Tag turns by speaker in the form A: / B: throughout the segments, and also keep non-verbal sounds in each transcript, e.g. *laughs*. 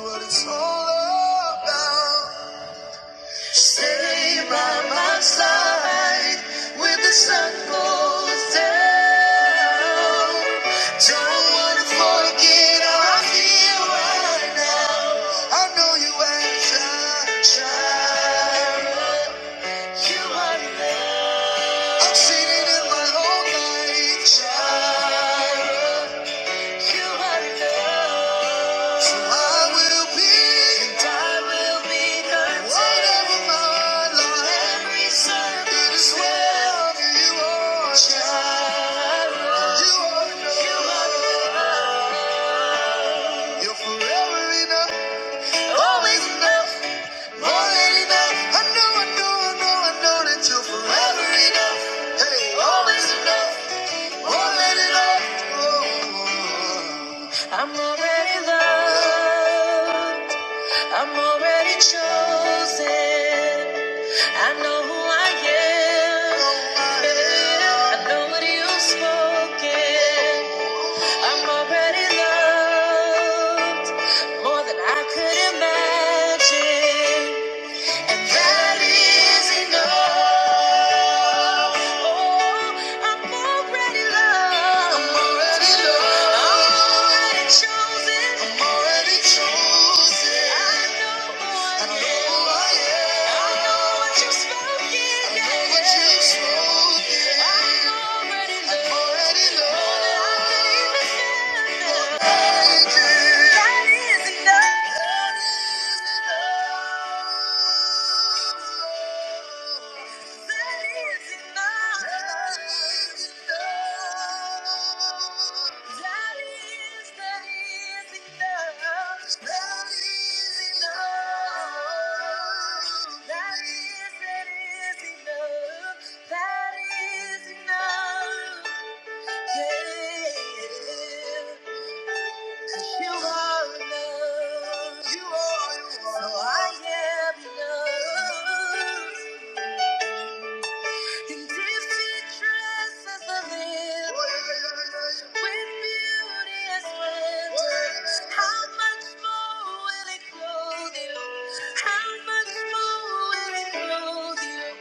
A: what it's all about. Stay by my side when the sun goes down. Don't wanna forget how I feel right now. I know you have tried. You are. i am sitting in my own life. Child. You are enough. So I will be. I will be Whatever my lot. Every circumstance. It is well. You are You are enough. You are enough. You're forever enough. Always enough. More than enough. I know, I know, I know, I know that you're forever enough. Hey, always enough. Already loved. Oh, I'm already loved. I'm already chosen. I know who I am. I know what you've spoken. I'm already loved more than I could imagine and that is enough. Oh, I'm already loved. I'm already loved. I'm already chosen. I'm already chosen. I know who I I know who I am. I know what you've spoken. I know what you've spoken. I'm already loved. I'm already loved. More than I could even fathom. That is enough. That is enough. That is enough. Yeah. 'Cause you are enough. You are enough. So I am enough. And if he dresses a little with beauty and splendor, how much more will it clothe you? How much more will it clothe you?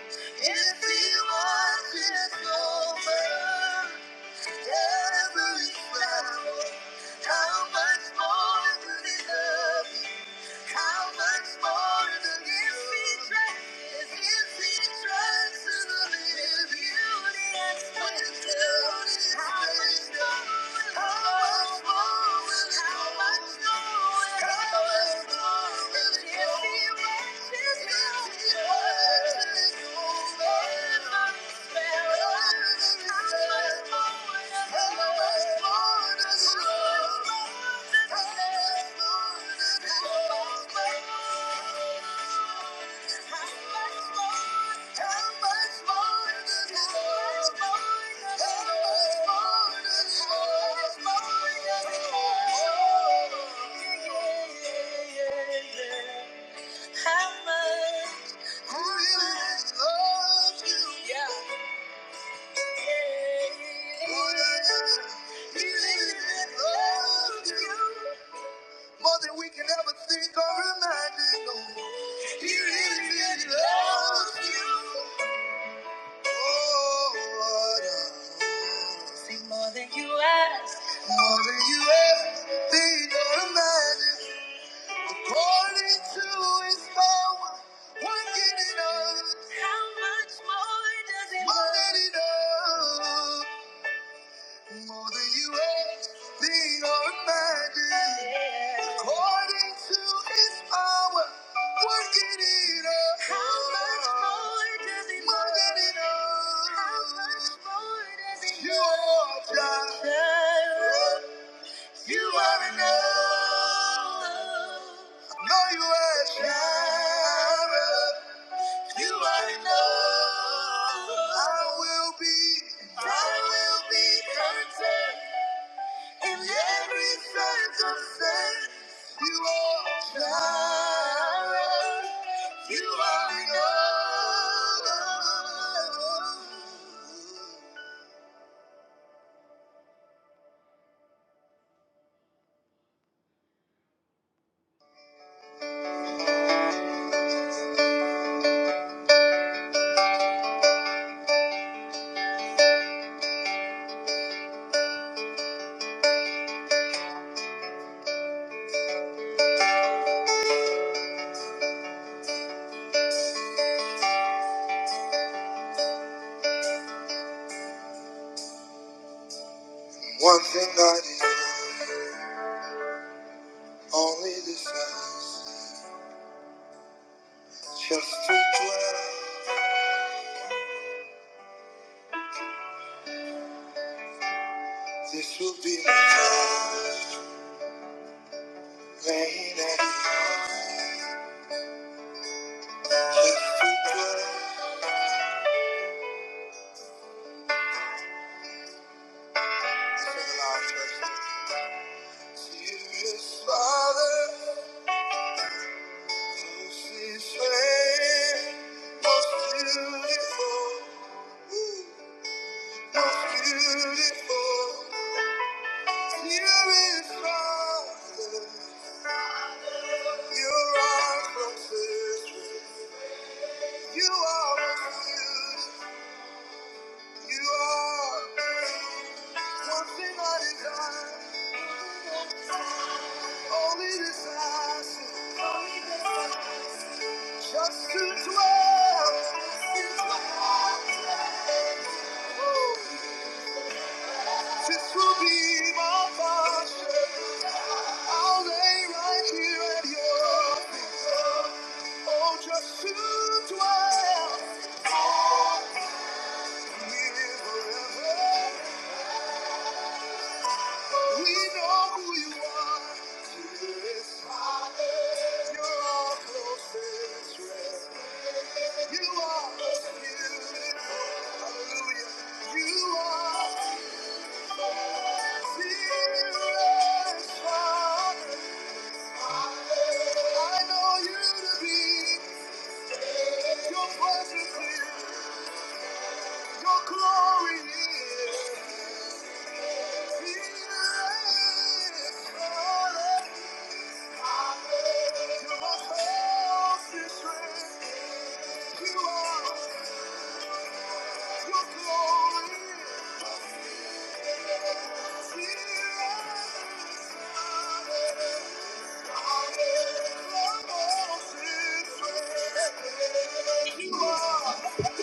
A: If he washes over. Every flower, how much more do they love you? How much more do his trust? Does his feet trust in How much more? How much? Who really loves you? Yeah. More than we can ever think or imagine. Oh, He really, really loves you. Oh, Lord. oh. See, more than you ask, more than you ever think or imagine. According to His power, working in us. How much more does He more want? than enough. More than you ask, think, or imagine. According to his power, working in us. How much more does He More than love? enough. How much more does it You love? are Jireh. You are enough. No, you are Jireh. You are enough. I will be, I will be content. In every circumstance, you are Jireh. You are enough. One thing I desire, only desire, just to dwell. This will be my time, laying at your feet, just to dwell. Sing aloud, church. Dearest Father. This is most beautiful, most beautiful. You is Father, you are closest. You are beautiful. You are one thing I desire, only desire just to dwell in your house. This will be my portion. I'll lay right here at your feet. Oh, just to dwell and live forever. We know who you are. Jesus, you're our closest friend. You are beautiful. Hallelujah. You are dearest Father. I know you to be your presence. here. Your glory is here. Your house is rent. You are. Your glory is here. Your house is rent. You are.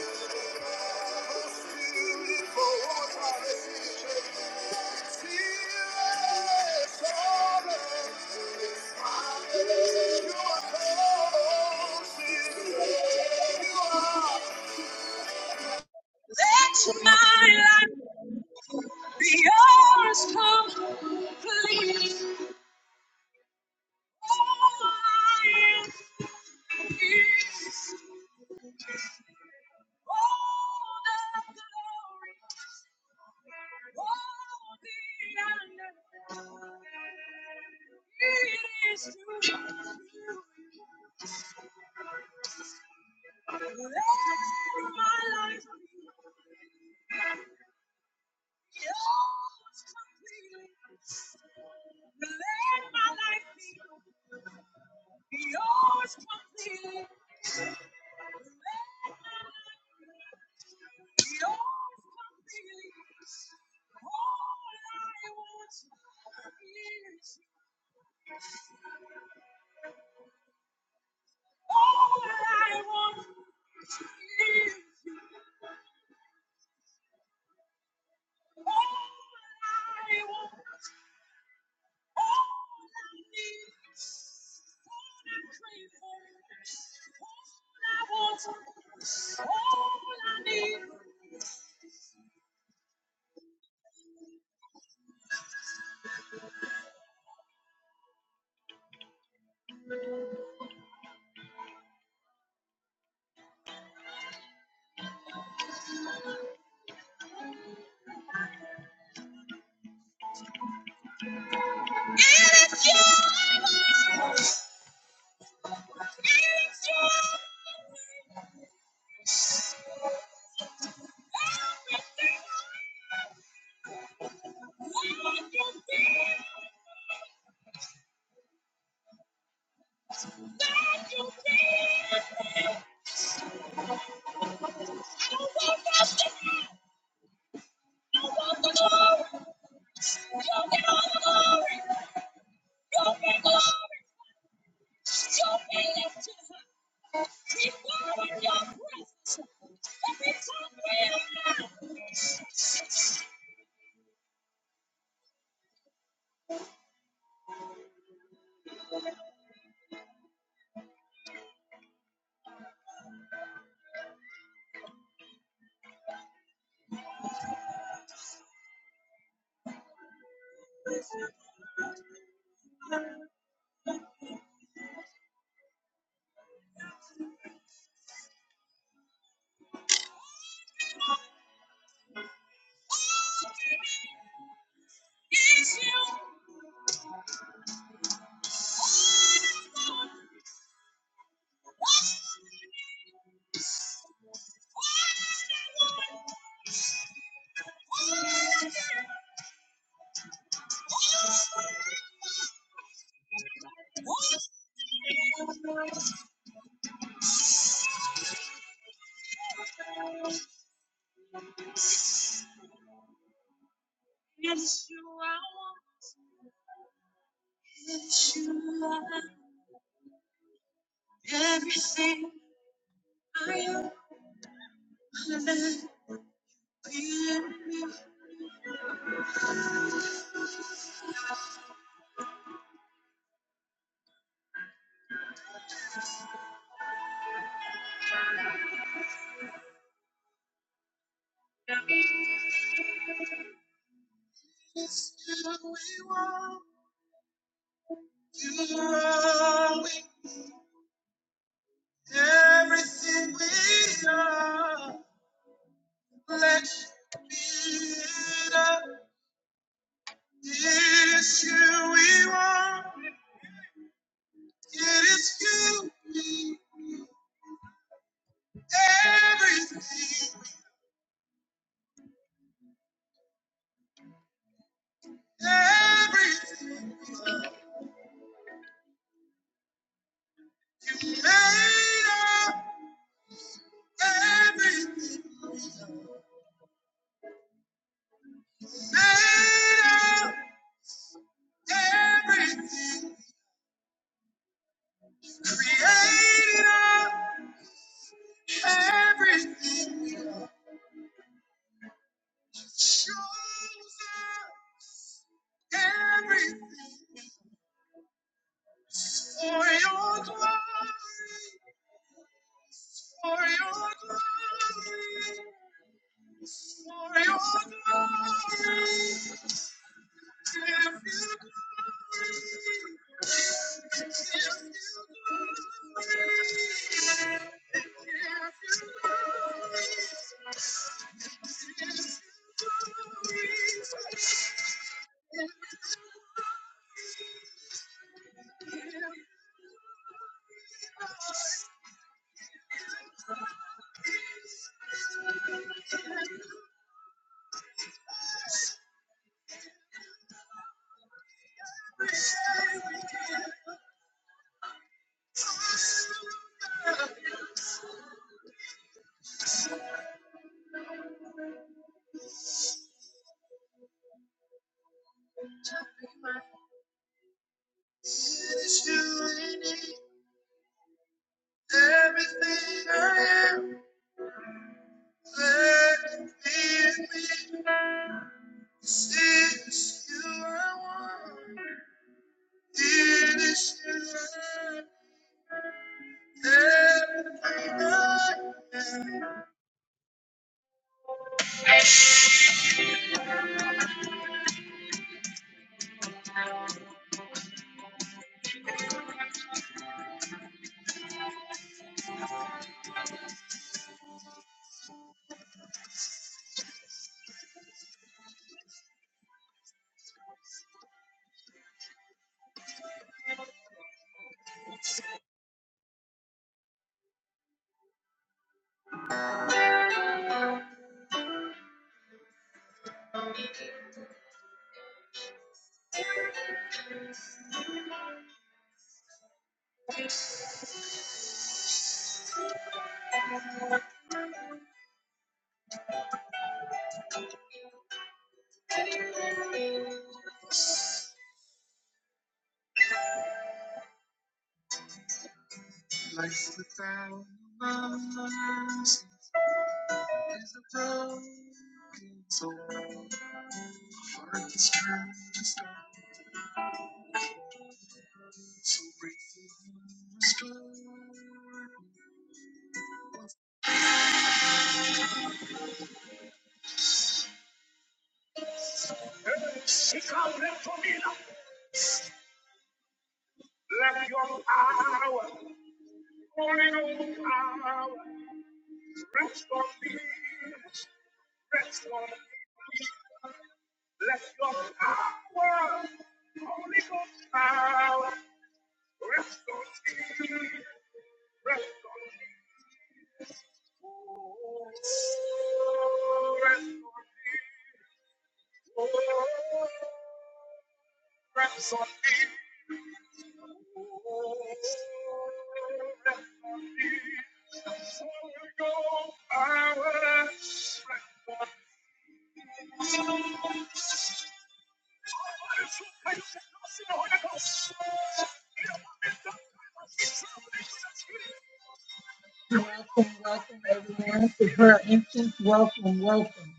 B: Welcome, welcome everyone to her entrance. Welcome, welcome,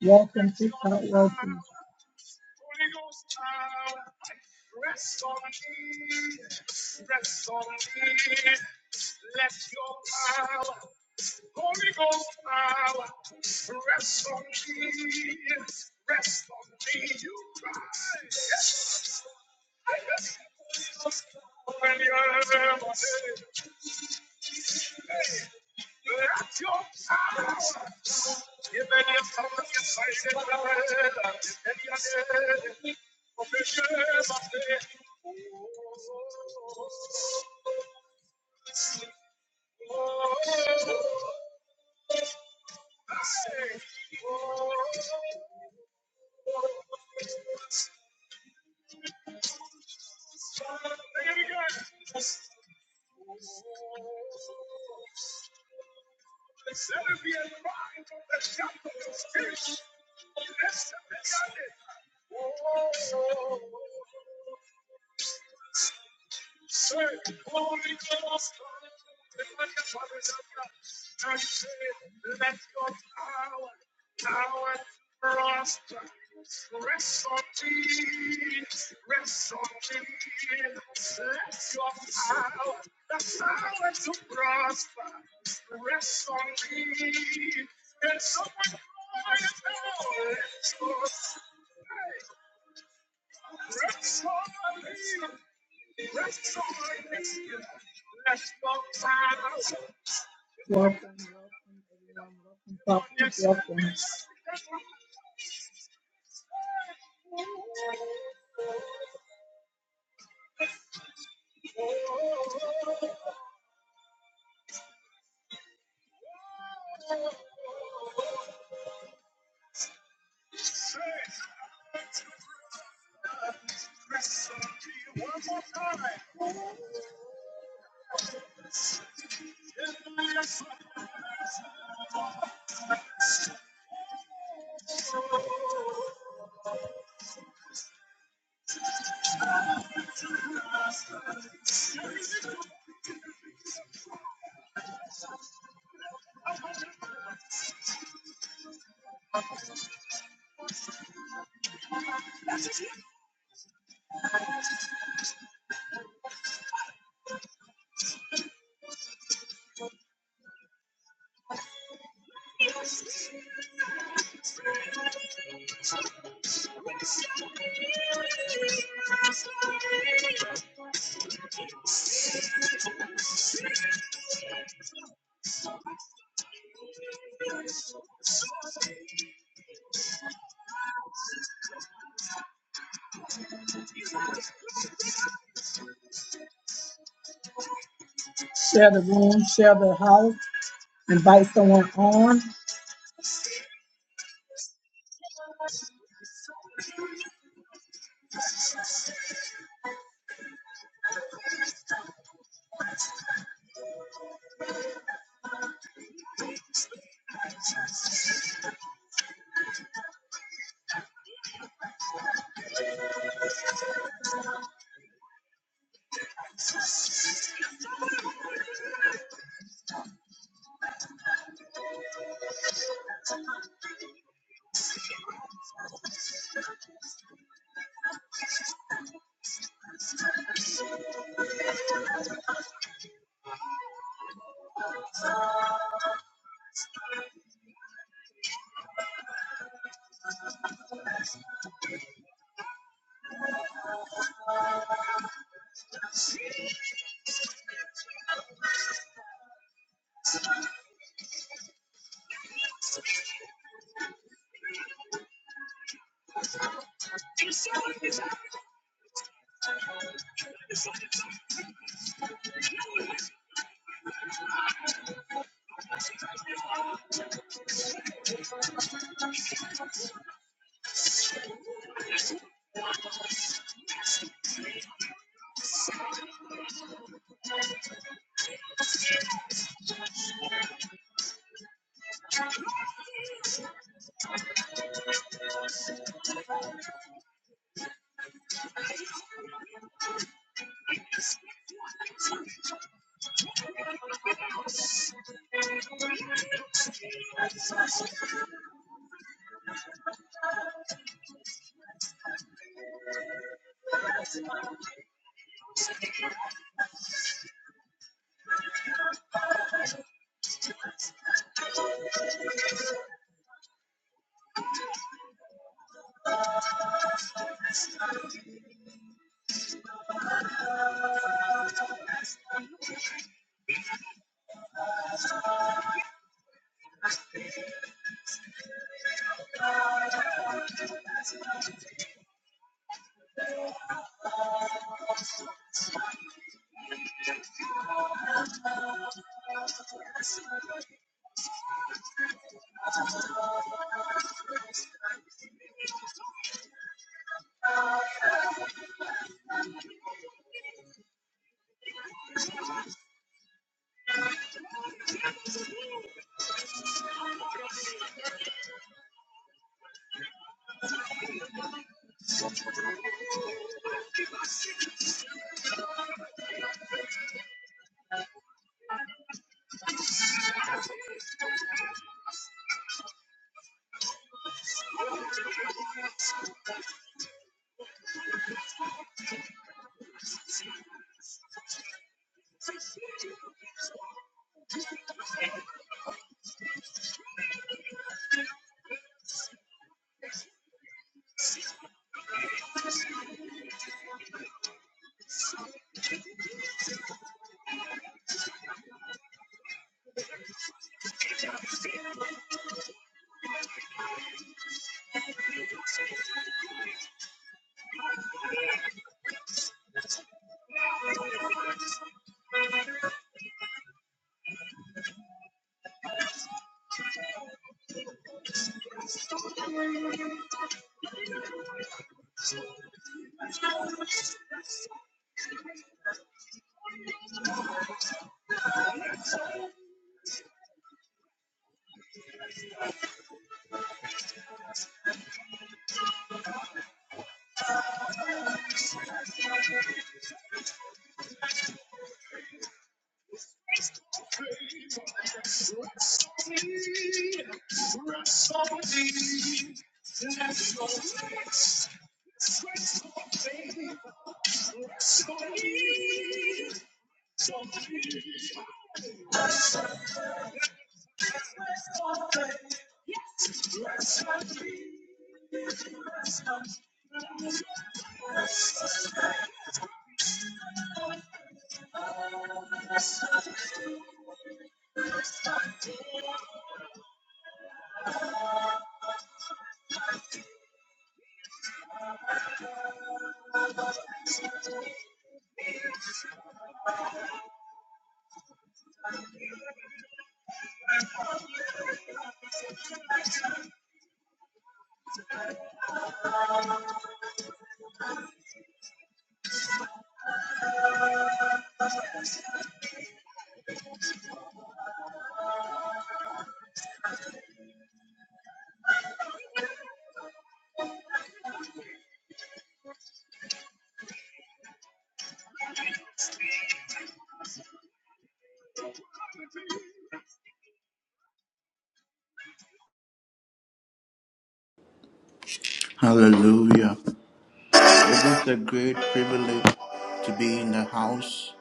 B: welcome to Talk Welcome, welcome to Talk Yes. Welcome. Share the room, share the house, invite someone on.
A: Hallelujah. It is a great privilege to be in the house.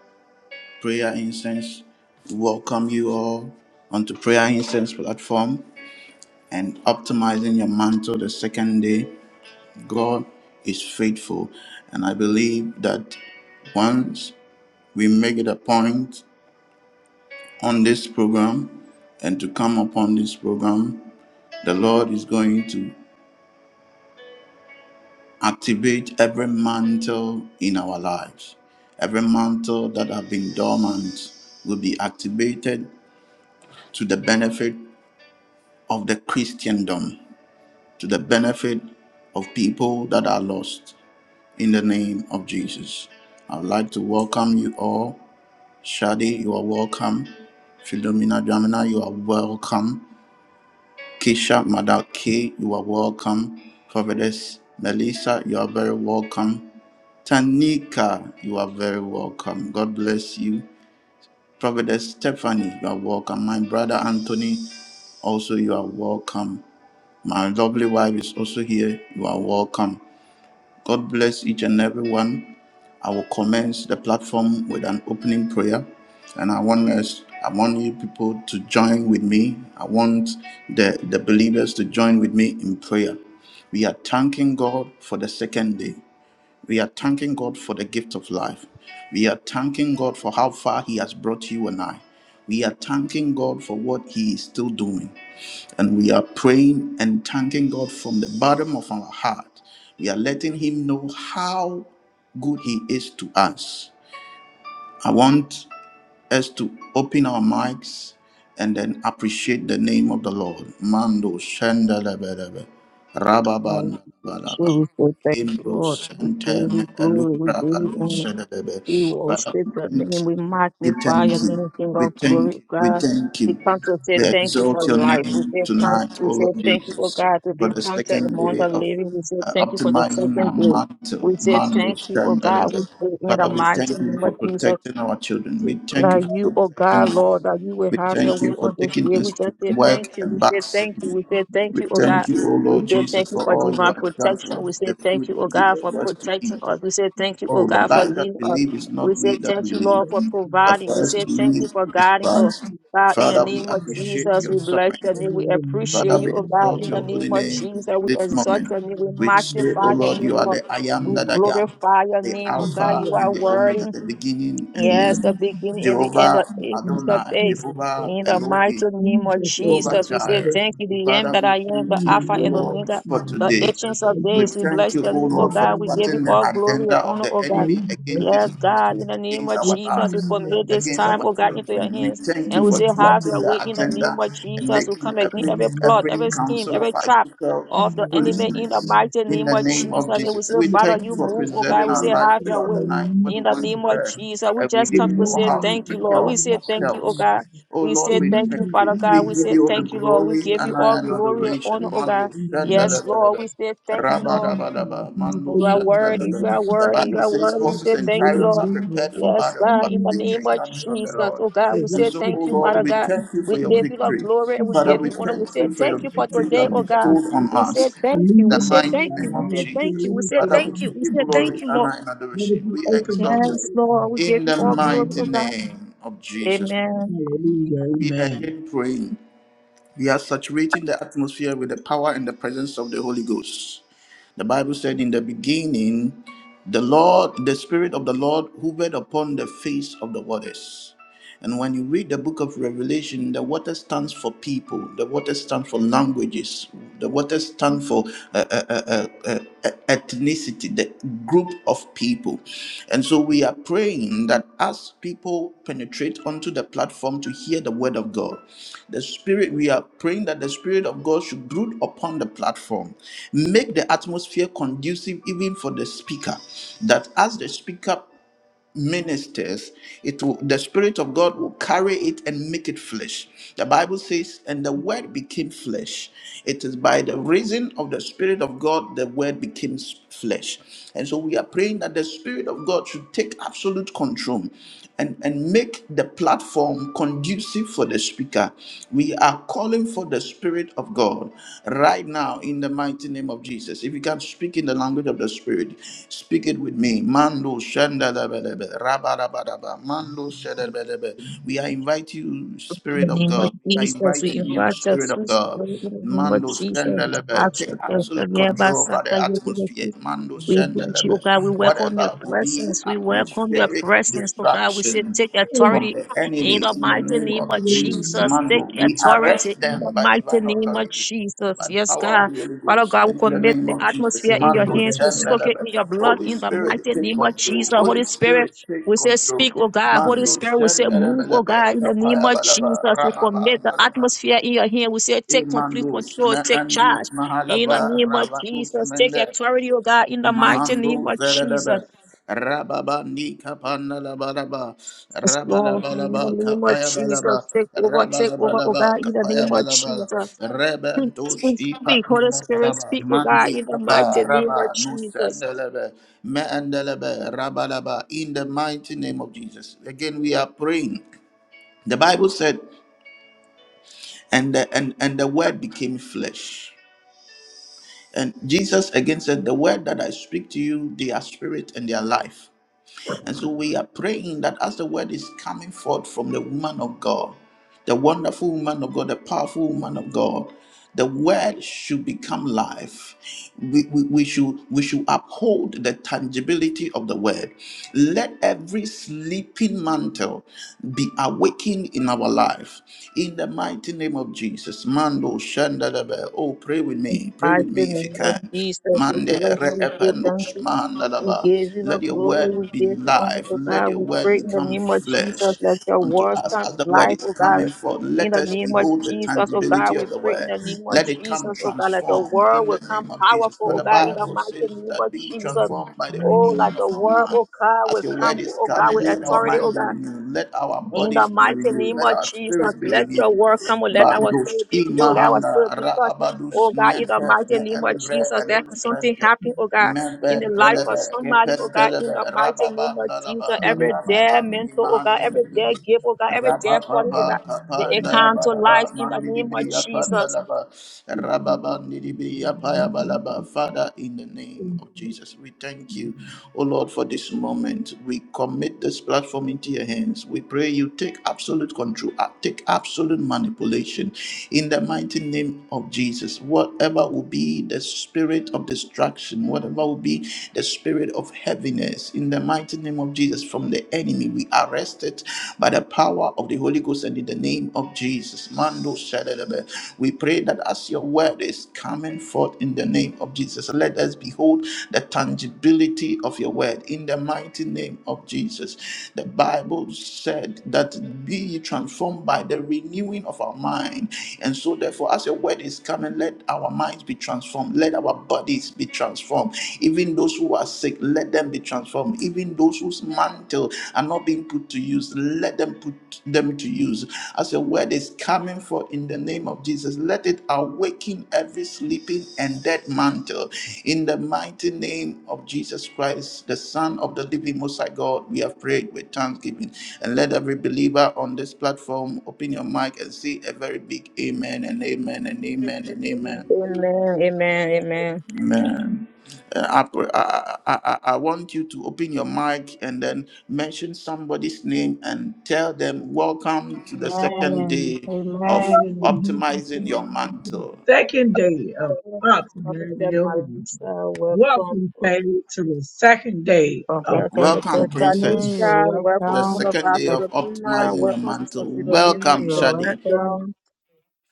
A: Prayer Incense welcome you all onto Prayer Incense platform and optimizing your mantle the second day. God is faithful, and I believe that once we make it a point on this program and to come upon this program, the Lord is going to activate every mantle in our lives. Every mantle that have been dormant will be activated to the benefit of the Christendom, to the benefit of people that are lost in the name of Jesus. I'd like to welcome you all Shadi, you are welcome. Philomena Dramina, you are welcome. Keisha Madaki, you are welcome. Providence Melissa, you are very welcome. Tanika, you are very welcome. God bless you. Providence Stephanie, you are welcome. My brother Anthony, also you are welcome. My lovely wife is also here. You are welcome. God bless each and every one. I will commence the platform with an opening prayer, and I want us, I want you people to join with me. I want the the believers to join with me in prayer. We are thanking God for the second day. We are thanking God for the gift of life. We are thanking God for how far He has brought you and I. We are thanking God for what He is still doing. And we are praying and thanking God from the bottom of our heart. We are letting Him know how good He is to us. I want us to open our mics and then appreciate the name of the Lord. Mando shendelebelebe,
C: Hallelujah.
A: rababan balaba.
C: Jesus, thank you,
A: Indo
C: Lord. We
A: sente
C: give
A: me
C: you glory. We give
A: elubra
C: you honor.
A: aluselebebe.
C: We
A: Father,
C: worship your name. We
A: we
C: magnify
A: thank
C: your name,
A: you.
C: King
A: We thank you. We
C: of
A: thank
C: glory,
A: you. We
C: God.
A: thank
C: We
A: you.
C: come to say
A: We
C: thank you for
A: exalt your
C: life. We
A: name
C: say, come
A: tonight,
C: to
A: O
C: say
A: Lord
C: thank you, oh
A: Jesus,
C: God, to
A: for
C: be
A: the
C: counted
A: second
C: among
A: day
C: the
A: of
C: living. We say
A: uh,
C: thank you for the
A: optimizing our
C: second day.
A: mantle,
C: We say
A: mando
C: thank you, oh God. We
A: shandalaba.
C: pray in the
A: Father, we
C: mighty
A: thank you
C: name
A: for
C: of Jesus.
A: protecting our children. We thank
C: Now
A: you for
C: you, oh
A: protecting
C: God,
A: us.
C: Lord, that you will
A: We
C: have your
A: thank
C: way
A: you for
C: on this
A: taking
C: day.
A: us
C: We
A: to
C: just say
A: work
C: thank you.
A: and
C: We
A: back
C: say thank you. We
A: safely.
C: say thank
A: We
C: you, oh
A: thank
C: God.
A: you, O
C: We
A: Lord
C: say thank
A: Jesus,
C: you
A: for
C: for
A: all you
C: divine
A: have done for
C: protection. We
A: us,
C: say
A: the food
C: thank you, oh
A: you
C: God,
A: give
C: for
A: to us to
C: protecting
A: eat.
C: us. We say thank you, oh
A: Oh, the
C: God, for
A: life that
C: leading
A: we
C: us.
A: live is
C: We
A: not
C: say
A: we that we
C: thank you,
A: live,
C: Lord, for
A: but
C: providing. We
A: for us to
C: say thank you
A: live
C: for
A: is
C: guiding us.
A: Christ.
C: God, in the
A: Father, we
C: name of
A: appreciate
C: Jesus,
A: your
C: we bless your
A: sovereignty.
C: name. We
A: Father,
C: appreciate you,
A: we
C: oh God.
A: exalt
C: In the
A: your
C: name
A: holy
C: of
A: name
C: Jesus, we
A: this
C: exalt
A: moment.
C: your name. We
A: We say, O
C: magnify your
A: Lord,
C: name,
A: you are
C: Lord.
A: the I am
C: We
A: that I am,
C: glorify your
A: the
C: name, oh God.
A: Alpha
C: You are
A: and the Omega,
C: worthy.
A: the beginning and the
C: Yes,
A: end.
C: the beginning and the end
A: Jehovah
C: of ancient of
A: Adonai,
C: days.
A: Jehovah
C: In the
A: Elohim,
C: mighty name of
A: Jehovah
C: Jesus, we say
A: Jireh.
C: thank you, the end
A: Father,
C: that
A: we
C: I am, the
A: thank
B: in the
A: you,
C: Alpha
A: O
C: and
B: name of
A: Lord,
C: Omega,
A: for
B: Jesus.
C: the
B: God.
A: today.
C: ancient of
B: May
A: We
B: you
C: days. We
B: keep
A: thank
C: bless
A: you,
C: the
B: them
A: O
C: name, of
B: in
A: Lord,
B: the
A: for
C: God. We
B: name of
C: give you
A: thwarting the
C: all
B: Jesus.
C: glory
A: agenda
C: and
A: of
C: honor,
A: the
C: oh
B: May
C: God.
A: enemy
B: you bless
A: against
C: Yes,
A: this
B: them.
A: ministry,
C: God, in the name
A: against
C: of
B: Your
A: our
C: Jesus, we
A: lives,
B: enemy will
C: commit
B: be
C: this
A: against
B: right
C: time,
A: our
C: oh God,
B: in
C: into your
A: children. We
C: hands.
A: thank you
C: And we
A: for
B: the
C: say, have
A: thwarting
C: your
B: name of
A: the
C: way in the name
A: agenda
C: of
A: and
C: Jesus. We
A: making
C: come against
B: Jesus.
A: every
C: every
B: Hallelujah.
C: plot,
A: every
C: every scheme,
A: counsel of
C: every trap
A: our
C: of the
B: Hallelujah.
C: enemy in the
A: foolishness.
C: mighty
A: In
C: name
A: the
C: of
B: Hallelujah.
A: name of
C: Jesus. And we say,
A: Jesus, we
B: Your
C: Father,
A: thank you
C: you
A: for
B: enemy
C: move,
B: will
C: oh
B: keep
C: God.
A: preserving
C: We
A: our
C: say,
B: them in
A: life
C: have your
A: throughout
B: the
A: the
C: way.
A: night when
B: name
A: we
C: In the
B: of
A: went to
C: name of
B: Jesus.
A: bed
C: Jesus, we
A: and we
C: just
B: The
C: come
A: didn't
C: to
A: know
C: say
B: name
A: how
B: of
A: to
C: thank you,
B: Jesus I
A: take
C: Lord.
A: care
C: We
A: of
B: will
C: say
B: not be
C: thank you, oh
B: found.
A: ourselves.
C: God.
A: Oh
C: We
B: The
A: Lord,
C: say
A: we
B: name
C: thank
A: thank
C: you,
B: of
C: Father
A: you. We
C: God.
B: angel
C: We
B: will
A: give
C: say
A: you
B: not
A: all the
B: be
C: thank you, Lord. We
A: glory,
B: found.
C: give you
A: honor,
C: all
A: and
B: First, I
C: glory and honor,
B: will
A: adoration.
B: give
C: oh
B: them
C: God.
A: Mando
B: in the name of
C: Yes, Lord. We
A: shandalabadaba.
C: say thank you, Lord.
A: Rabadabadaba. Mando
C: You are worthy. You are
A: shandalaba. The
C: worthy. You
A: Bible
C: are
A: says
C: worthy. We
A: horses
C: say
A: and
C: thank you,
A: chariots
C: Lord.
A: are prepared for
C: Yes,
A: battle,
C: God.
A: but
C: In the
A: victory
C: name of
A: comes from the
C: Jesus,
A: Lord.
C: oh God, we
A: And
C: say
A: so, oh
C: thank you,
A: Lord,
C: Father
A: we
C: God.
A: thank you for
C: We
A: your
C: give you the
A: victory.
C: glory and we
A: Father,
C: give
A: we
C: you honor. We
A: thank
C: say
A: you for your
C: thank you for
A: victory you
C: today,
A: have
C: oh God.
A: bestowed on
C: We say
A: us. In
C: thank you.
A: the
C: We say
A: mighty
C: thank you.
A: name
C: We
A: of
C: say thank
A: Jesus.
C: you. We say
A: Father, we
C: thank you.
A: give
C: We
A: you
C: say
A: glory,
C: thank you, Lord.
A: honor, and adoration. We exalt you
C: Yes, Lord, we give
A: in
C: you
A: the
C: all glory,
A: mighty
C: O God.
A: name of Jesus.
C: Amen.
B: Hallelujah.
A: We are
B: Amen.
A: again praying. We are saturating the atmosphere with the power and the presence of the Holy Ghost. The Bible said, In the beginning, the Lord, the Spirit of the Lord hovered upon the face of the waters. And when you read the book of Revelation, the water stands for people, the water stands for languages, the water stands for uh, uh, uh, uh, uh, uh, ethnicity, the group of people. And so we are praying that as people penetrate onto the platform to hear the word of God, the Spirit, we are praying that the Spirit of God should brood upon the platform, make the atmosphere conducive even for the speaker, that as the speaker ministers it will the spirit of god will carry it and make it flesh the bible says and the word became flesh it is by the reason of the spirit of god the word became s- flesh and so we are praying that the spirit of god should take absolute control and, and make the platform conducive for the speaker. We are calling for the spirit Spirit of God right now in the mighty name of Jesus. If you can speak in the language of the Spirit, speak it with me. Mando shandalabadaba, rabadabadaba, mando shadabadaba. We are inviting you,
C: In the
A: Spirit of
C: name of
A: God. I
C: Jesus,
A: invite
C: we
A: you,
C: invite your
A: Spirit of
C: sweet
A: God.
C: spirit in the name of
A: Mando
C: Jesus.
A: Shandelebe,
C: Ask
A: take
C: your
A: absolute
C: blessing. Yeah, by
A: control over the atmosphere. Mando
C: We bless you, oh
A: Shandelebe,
C: God. We welcome your
A: whatever will be
C: presence. We welcome your
A: atmospheric
C: presence, oh God. We say,
A: distraction
C: take
A: from
C: authority
A: the
C: in
A: enemy
C: the
A: in the
C: mighty
A: name
C: name
A: of
C: of
A: Jesus.
C: Jesus. Take
A: Mando, we
C: authority
A: arrest
C: in the
A: them by
C: mighty
A: divine
C: name of
A: authority,
C: Jesus.
A: by the
C: Yes,
A: power of
C: God.
A: the Holy
C: Father
A: Ghost,
C: God, we
A: and in the
C: commit
A: name
C: the
A: of Jesus.
B: So
C: atmosphere in your
A: Mando,
C: hands. We soak it in
A: Shendelebe.
C: your blood
A: Holy
C: in the
A: Spirit,
C: mighty
A: take
C: name of Jesus.
A: control.
C: Holy
A: Holy Spirit,
C: Spirit,
A: take
C: we say,
A: control.
C: speak, oh God. Holy
A: Mando,
C: Spirit, we say, move, oh God,
A: Shendelebelebe.
C: in the name of
A: Kapayabalaba,
C: Jesus. We
A: Rababa,
C: commit the
A: Nadaba.
C: atmosphere in your hand. We say, take complete
A: Imandos,
C: control, take
A: Mehandi,
C: charge. In the
A: Mahalaba,
C: name of
A: Rabadus,
C: Jesus, take
A: Mende,
C: authority, oh God, in the mighty name
A: Mando
C: of Jesus.
A: Zalaba Rababa Nika Pandalabalaba
C: Yes, Lord, in the
A: Rabalabalaba
C: name of
A: Kapaya
C: Jesus,
A: Balaba
C: take over, take over, oh God,
A: Rabalabalaba
C: in the
A: Kapaya
C: name of
A: Balaba
C: Jesus. Speak,
A: Rebentos
C: speak,
A: Ipa
C: speak, Holy Spirit, speak,
A: Nalabalaba
C: oh God,
A: Mandi
C: in the
A: Kapa
C: mighty name of
A: Rabba
C: Jesus.
A: nusendelebe, meendelebe, Rabalaba in the mighty name of Jesus. Again we are praying. The Bible said and the and, and the word became flesh. And Jesus again said, The word that I speak to you, they are spirit and they are life. And so we are praying that as the word is coming forth from the woman of God, the wonderful woman of God, the powerful woman of God, the word should become life. We, we, we should we should uphold the tangibility of the word. Let every sleeping mantle be awakened in our life. In the mighty name of Jesus. Mando Shandadabe. Oh, pray with me. Pray
C: Mighty
A: with me if you
C: name of
A: can.
C: Jesus, we
A: Mande
C: bless you, we thank
A: reepenus
C: you, We
A: mahandalaba.
C: give you the
A: Let your
C: glory. We
A: word be
C: give you honor,
A: life.
C: oh
A: Let
C: God.
A: your
C: We
A: word
C: pray in the
A: become
C: name of Jesus.
A: flesh
C: Let your
A: unto
C: words
A: us
C: come
A: as the
C: to
A: word
C: life,
A: is
C: oh God.
A: coming forth.
C: In
A: Let
C: the
A: us
C: name of
A: behold the
C: Jesus, oh God,
A: tangibility
C: we
A: of the
C: pray in
A: word.
C: the name of
A: Let it come
C: Jesus, oh God, let the
A: transformed
C: word
A: in
C: will
A: the
C: come
A: name of Jesus. For
C: powerful, oh
A: the
C: God, in the
A: Bible says
C: mighty name
A: that
C: of
A: be
C: Jesus.
A: transformed by the
C: Oh, let
A: renewing
C: the
A: of our
C: word,
A: mind.
C: oh God, will
A: As your
C: come,
A: word is
C: oh God,
A: coming,
C: with
A: let our
C: authority, oh
A: mind be
C: God.
A: renewed, let our
C: In the
A: bodies be
C: mighty
A: renewed,
C: name
A: let
C: of
A: our
C: Jesus,
A: spirits be
C: let your
A: renewed.
C: word come. Let our
A: Bandus
C: soul be filled. Let our
A: imahanda
C: spirit be touched.
A: raabadus
C: Oh God, in the
A: nente
C: mighty
A: me
C: name of
A: elivre
C: Jesus, let
A: elus
C: something happen, oh God, in the
A: Meben
C: life of
A: telebe,
C: somebody, oh
A: kepen
C: God, in
A: telebe,
C: the mighty name
A: rababam
C: of Jesus.
A: nalaba,
C: Every day
A: rababam ni
C: mental, oh God,
A: mahandi
C: every
A: bibi,
C: day give, oh God, every day calling, oh God,
A: rabababa,
C: may
A: kapan
C: it come to
A: dayaba
C: life
A: yaba,
C: in the
A: mandi
C: name of
A: bibri yapan
C: Jesus.
A: nalaba, rababam ni bibri yapaya balaba. Father, in the name of Jesus, we thank you, O Lord, for this moment. We commit this platform into your hands. We pray you take absolute control, uh, take absolute manipulation. In the mighty name of Jesus, whatever will be the spirit of of destruction, whatever will be the spirit of heaviness, in the mighty name of Jesus, from the enemy, we arrest it by the power of the Holy Ghost and in the name of Jesus. Mando Shaddai. We pray that as your word is coming forth in the name of Jesus, let us behold the tangibility of your word in the mighty name of Jesus. The Bible said that be ye transformed by the renewing of our mind. And so, therefore, as your word is coming, let our minds be transformed transformed. Let our bodies be transformed. Even those who are sick, let them be transformed. Even those whose mantle are not being put to use, let them put them to use. As a word is coming forth in the name of Jesus, let it awaken every sleeping and dead mantle. In the mighty name of Jesus Christ, the Son of the living Most High God, we have prayed with thanksgiving. And let every believer on this platform open your mic and say a very big amen and amen and amen and amen.
C: Amen, amen, amen.
A: Amen. Uh, I, I, I I want you to open your mic and then mention somebody's name and tell them, Welcome to the second
D: Amen.
A: day of
D: Amen.
A: optimizing your mantle.
B: Second day of
C: Prophet
B: October.
C: Melissa, welcome.
B: Welcome, Faye, to the second day of
D: Prophetess
C: Sister
A: Welcome,
D: Stephanie,
A: Princess,
D: you're
C: Tanisha,
A: to the
C: welcome
D: welcome.
C: woman of
A: second
C: God,
A: day of
D: Patricia,
C: Philomena,
A: optimizing your
C: welcome Sister
A: mantle.
C: Philomena,
A: Welcome,
C: Philo
D: you're
A: Shadi.
D: welcome.
C: Anthony,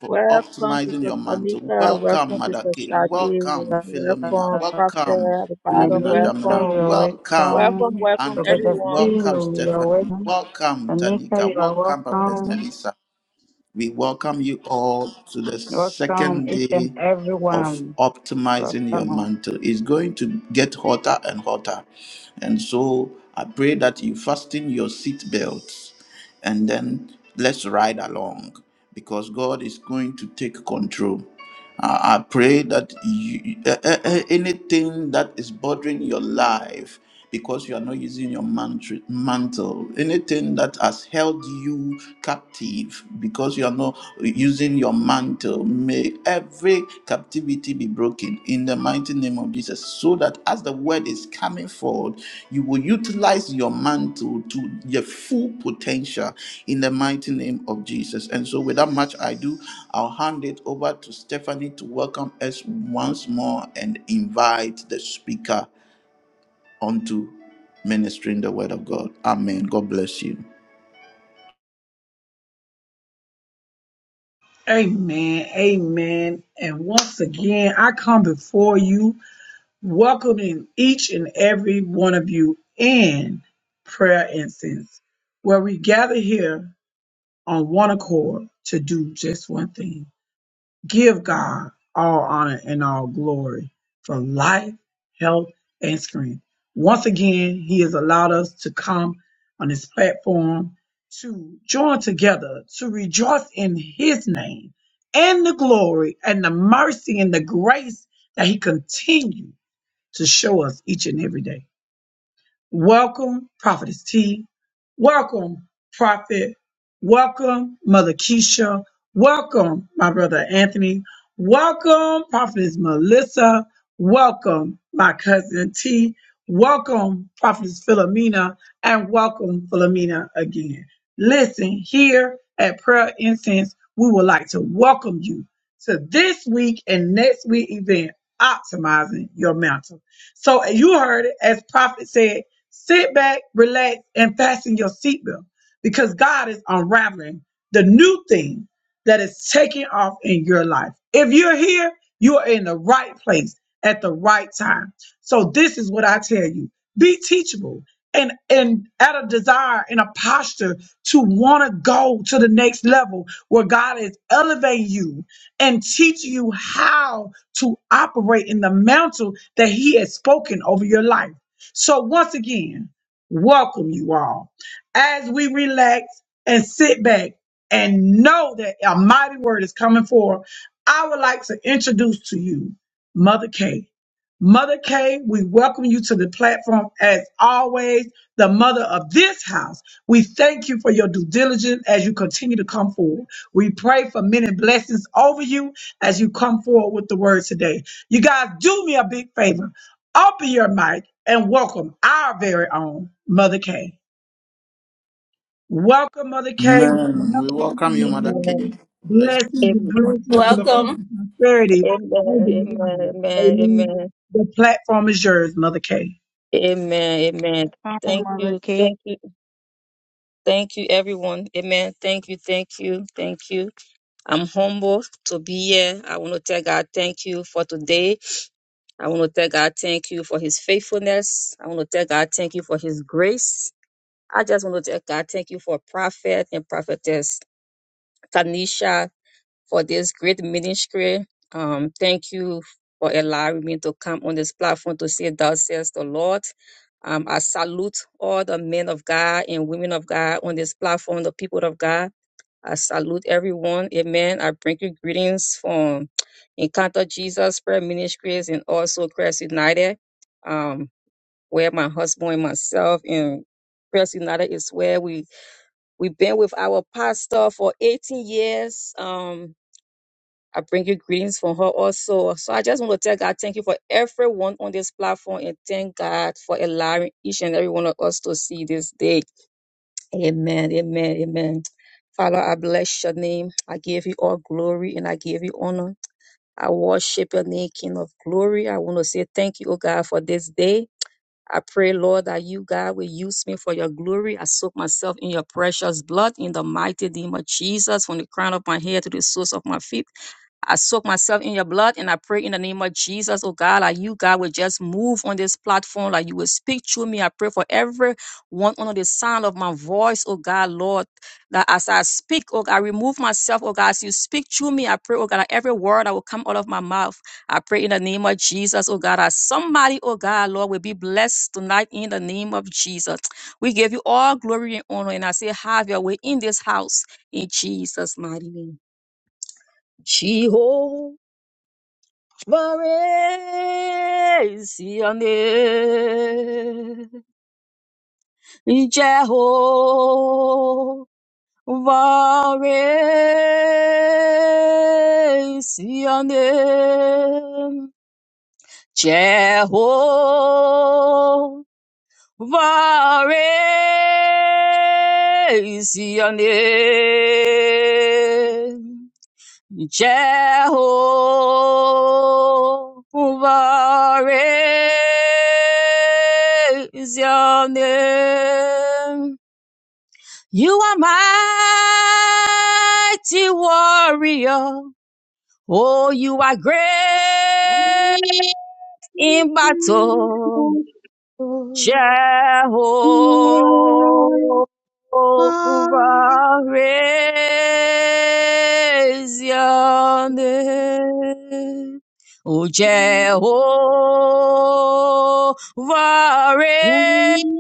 A: for
C: welcome
A: optimizing
C: Sister
A: your mantle.
C: Tanika,
A: Welcome,
C: welcome
A: Mother
C: Sister
A: K.
C: Shadi,
A: Welcome, Philomena.
C: welcome
D: Uh,
C: Prophet
A: Welcome,
C: at the bottom,
A: Philomena
D: Melissa,
A: Jamina.
C: welcome,
D: you're
A: Welcome,
C: welcome,
D: welcome.
C: welcome
D: Roberta
A: Anthony.
C: everyone.
A: Welcome,
D: Silo, you're
A: Stephanie.
D: welcome.
A: Welcome,
D: Anika,
A: Tanika.
D: you are
A: Welcome, Prophet
D: welcome.
A: Melissa. We welcome you all to the
D: Welcome,
A: second
D: each and
A: day of
D: everyone.
A: optimizing your
D: Welcome.
A: mantle. It's going to get hotter and hotter. And so I pray that you fasten your seat belts and then let's ride along because God is going to take control. I I pray that you, a- a- a- anything that is bothering your life because you are not using your mantri- mantle, anything that has held you captive because you are not using your mantle, may every captivity be broken in the the mighty name of Jesus, so that as the word is coming forward, you will utilize your mantle to your full potential in the mighty name of Jesus. And so, without much ado, I'll hand it over to Stephanie to welcome us once more and invite the speaker onto ministering the word of God. Amen. God bless you.
B: Amen, Amen. And once again, I come before you, welcoming each and every one of you in prayer incense, where we gather here on one accord to do just one thing. Give God all honor and all glory for life, health, and strength. Once again, He has allowed us to come on this platform to join together to rejoice in His name and the glory and the mercy and the grace that He continues to show us each and every day. Welcome, Prophetess T. Welcome, Prophet. Welcome, Mother Keisha. Welcome, my brother Anthony. Welcome, Prophetess Melissa. Welcome, my cousin T. Welcome, Prophetess Philomena. And welcome, Philomena, again. Listen, here at Prayer Incense, we would like to welcome you to this week and next week event, Optimizing Your Mental. So you heard it, as Prophet said, Sit back, relax, and fasten your seatbelt because God is unraveling the new thing that is taking off in your life. If you're here, you are in the right place at the right time. So this is what I tell you. Be teachable and and at a desire and a posture to want to go to the next level where God is elevating you and teach you how to operate in the mantle that he has spoken over your life. So, once again, welcome you all as we relax and sit back and know that a mighty word is coming forth. I would like to introduce to you Mother K. Mother K, we welcome you to the platform as always, the mother of this house. We thank you for your due diligence as you continue to come forward. We pray for many blessings over you as you come forward with the word today. You guys, do me a big favor Open your mic and welcome our very own Mother K. Welcome, Mother K. We
A: Amen.
B: love
A: We
B: you.
A: welcome you,
B: We
A: Mother
B: love
C: Amen.
A: K.
B: you.
A: Bless.
B: Blessings and
C: Amen.
B: blessings and peace
E: Welcome.
B: and prosperity
C: Amen.
B: over your life.
C: Amen.
B: Amen.
C: Amen.
B: The platform is yours, Mother K.
C: Amen. Amen.
D: Come,
C: Thank
D: Mother
C: you.
D: Kay.
C: Thank you. Thank you, everyone. Amen. Thank you. Thank you. Thank you. I'm humbled to be here. I want to tell God thank you for today. I want to tell God thank you for his faithfulness. I want to tell God thank you for his grace. I just want to tell God thank you for prophet and prophetess Tanisha for this great ministry. Um, thank you for allowing me to come on this platform to say thus says the Lord. Um, I salute all the men of God and women of God on this platform, the people of God. I salute everyone. Amen. I bring you greetings from Encounter Jesus Prayer Ministries and also Christ United, um, where my husband and myself and Christ United is where we we've been with our pastor for 18 years. Um, I bring you greetings from her also. So I just want to tell God thank you for everyone on this platform and thank God for allowing each and every one of us to see this day. Amen, amen, amen. Father, I bless your name. I give you all glory and I give you honor. I worship your name, King of glory. I want to say thank you, oh God, for this day. I pray, Lord, that you, God, will use me for your glory. I soak myself in your precious blood in the mighty name of Jesus, from the crown of my head to the soles of my feet. I soak myself in your blood and I pray in the name of Jesus, oh God, like you, God, will just move on this platform, like you will speak through me. I pray for everyone under the sound of my voice, oh God, Lord, that as I speak, oh God, I remove myself, oh God, as you speak through me, I pray, oh God, that every word that will come out of my mouth, I pray in the name of Jesus, oh God, that somebody, oh God, Lord, will be blessed tonight in the name of Jesus. We give you all glory and honor, and I say, have your way in this house in Jesus' mighty name. Jehovah. Glory is your name, Jehovah is your name, Jehovah is your name. Jehovah is your name. You are mighty warrior. Oh, you are great in battle. Jehovah
D: You are
C: is your name. Oh, Jehovah
D: Amen.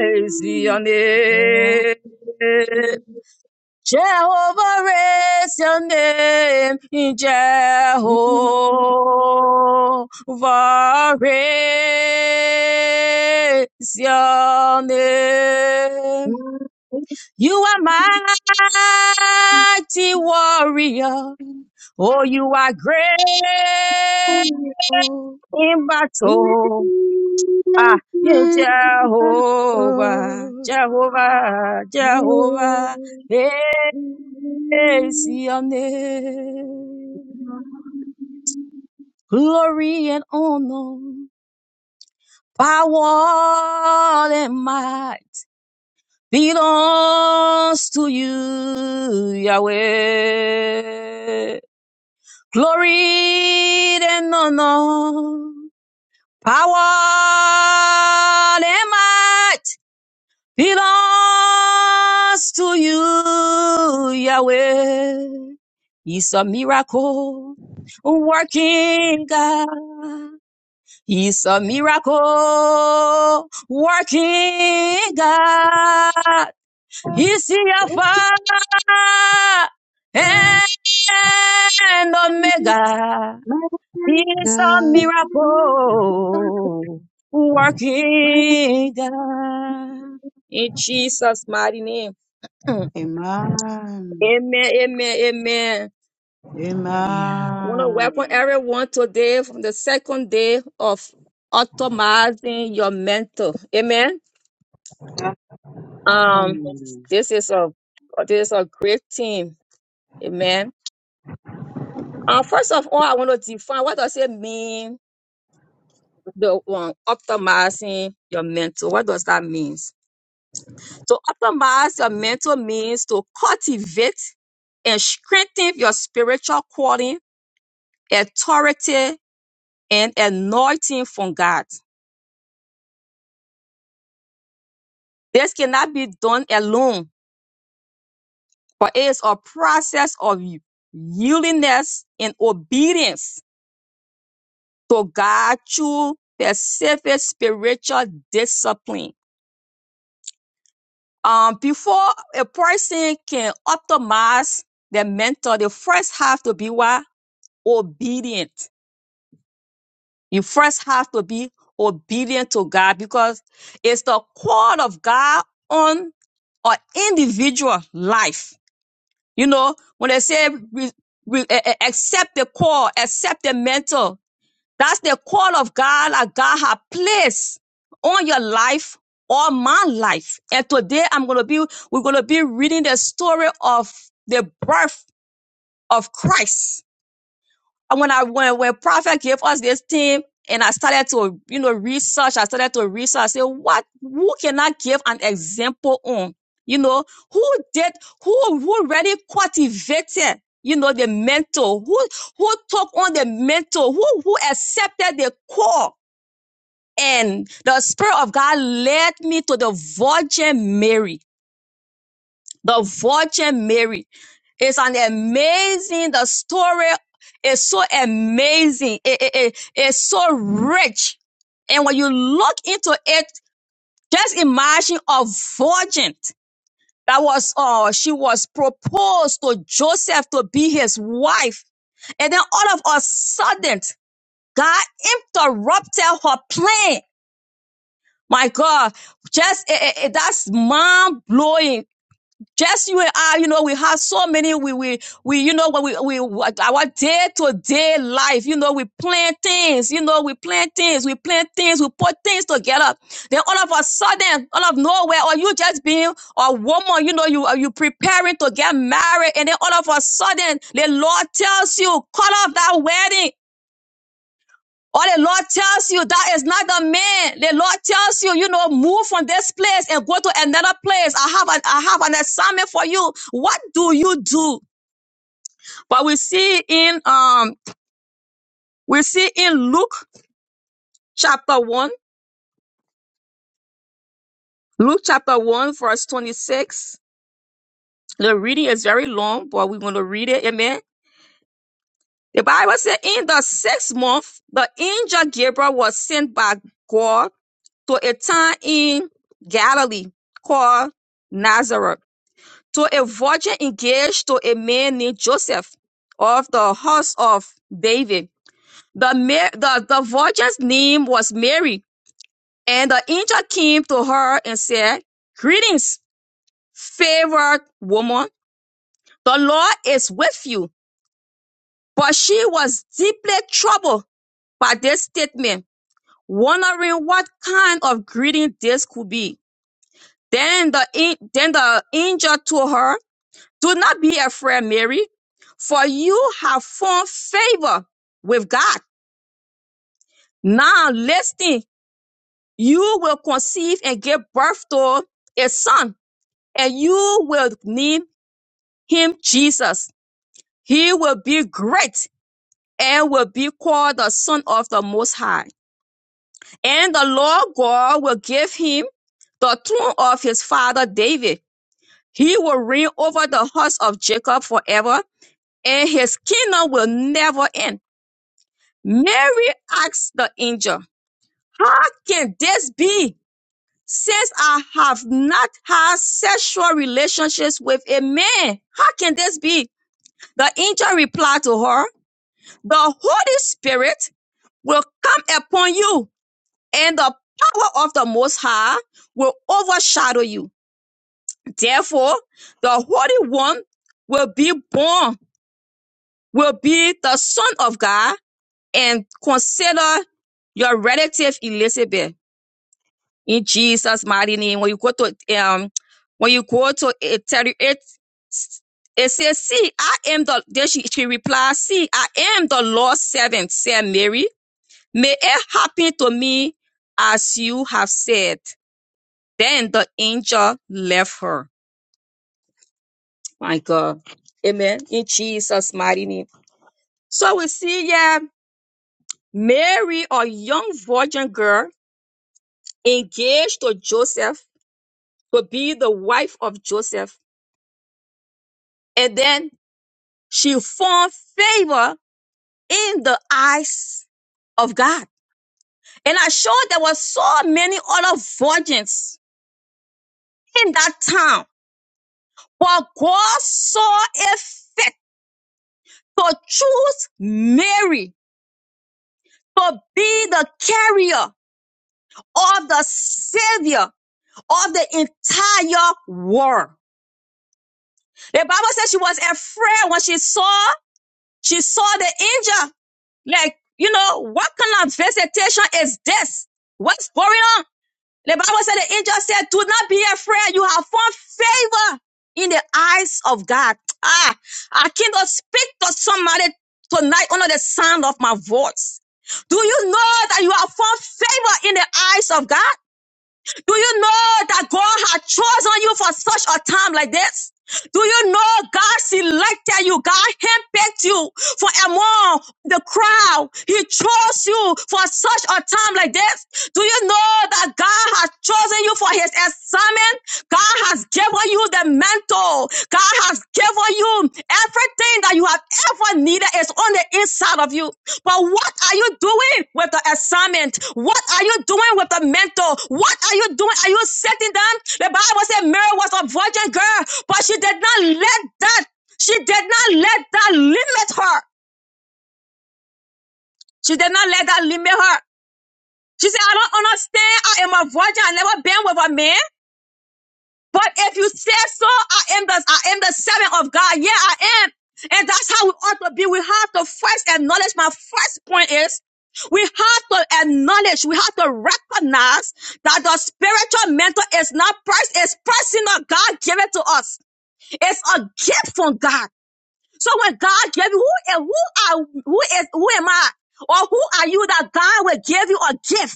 C: is your name. Jehovah is your name, Jehovah is your name. You are mighty warrior, oh you are great in battle. Ah, you Jehovah, Jehovah, Jehovah. Hey. praise your name. Glory and honor, power and might belongs to you, Yahweh. Glory and honor, power and might belongs to you, Yahweh. He's a miracle working God. He's a miracle working God. He's your Alpha and Omega. He's a miracle working God. In Jesus' mighty name. *clears throat* Amen,
D: Amen.
C: amen, amen. I
B: Man,
C: want to welcome everyone today from the second day of optimizing your mental. Amen. Um, this is a this is a great team. Amen. Uh, first of all, I want to define what does it mean the um, optimizing your mental. What does that mean? to optimize your mental means to cultivate and strengthen your spiritual calling, authority, and anointing from God. This cannot be done alone, but it is a process of y- yieldingness and obedience to God through specific spiritual discipline. Um, before a person can optimize their mental, they first have to be what? Obedient You first have to be obedient to God because it's the call of God on our individual life. You know, when they say re, re- eh, eh, accept the call, accept the mentor, that's the call of God that God has placed on your life or my life. And today I'm going to be, we're going to be reading the story of the birth of Christ and when I when, when Prophet gave us this team and I started to, you know, research, I started to research, I said, what who can I give an example on? You know, who did who who really cultivated, you know, the mentor, who who took on the mentor, who who accepted the call. And the Spirit of God led me to the Virgin Mary the Virgin Mary. It's an amazing, the story is so amazing. It, it, it- it's so rich. And when you look into it, just imagine a virgin that was, uh, she was proposed to Joseph to be his wife. And then all of a sudden, God interrupted her plan. My God, just it, it, it- that's mind blowing Just you and I, you know, we have so many, we, we, we, you know, when we, we, what- our day to day life, you know, we plan things, you know, we plan things, we plan things, we put things together. Then all of a sudden, all of nowhere, or you just being a woman, you know, you are you preparing to get married, and then all of a sudden, the Lord tells you, cut off that wedding. Or the Lord tells you that is not a man. The Lord tells you, you know, move from this place and go to another place. I have an I have an assignment for you. What do you do? But we see in um we see in Luke chapter one, Luke chapter one, verse twenty-six. The reading is very long, but we're going to read it. Amen. The Bible says, in the sixth month, the angel Gabriel was sent by God to a town in Galilee called Nazareth to a virgin engaged to a man named Joseph of the house of David. The, ma- the, the virgin's name was Mary, and the angel came to her and said, Greetings, favored woman. The Lord is with you. But she was deeply troubled by this statement, wondering what kind of greeting this could be. Then the, an- then the angel told her Do not be afraid, Mary, for you have found favor with God. Now, listen, you will conceive and give birth to a son, and you will name him Jesus. He will be great and will be called the Son of the Most High. And the Lord God will give him the throne of his father David. He will reign over the house of Jacob forever, and his kingdom will never end Mary asked the angel, How can this be since I have not had sexual relationships with a man? How can this be? The angel replied to her, The Holy Spirit will come upon you and the power of the Most High will overshadow you. Therefore, the Holy One will be born, will be the Son of God and consider your relative Elizabeth In Jesus' mighty name. When you go to um, when you go to eh, thirty-eight, it says, "See, I am the." Then she she replies, "See, I am the Lord's servant," said Mary. "May it happen to me as you have said." Then the angel left her. My God, Amen. In Jesus' mighty name. So we see, yeah, Mary, a young virgin girl, engaged to Joseph to be the wife of Joseph, and then She found favor in the eyes of God. And I'm sure there were so many other virgins in that town, but God saw a fit to choose Mary to be the carrier of the savior of the entire world. The Bible says she was afraid when she saw, she saw the angel. Like, you know, what kind of visitation is this? What's going on? The Bible said the angel said, Do not be afraid. You have found favor in the eyes of God. Ah, I came to speak to somebody tonight under the sound of my voice. Do you know that you have found favor in the eyes of God? Do you know that God had chosen you for such a time like this? Do you know God selected you? God handpicked you for among the crowd. He chose you for such a time like this. Do you know that God has chosen you for his assignment? God has given you the mantle. God has given you Everything that you have ever needed is on the inside of you. But what are you doing with the assignment? What are you doing with the mentor? What are you doing? Are you sitting down? The Bible said Mary was a virgin girl, but she did not let that, she did not let that limit her. She did not let that limit her. She said, I don't understand. I am a virgin. I never been with a man. But if you say so, I am the I am the servant of God. Yeah, I am. And that's how we ought to be. We have to first acknowledge. My first point is we have to acknowledge, we have to recognize that the spiritual mentor is not price, it's personal. God gave it to us. It's a gift from God. So when God gave you, who, who are who is who am I? Or who are you that God will give you a gift?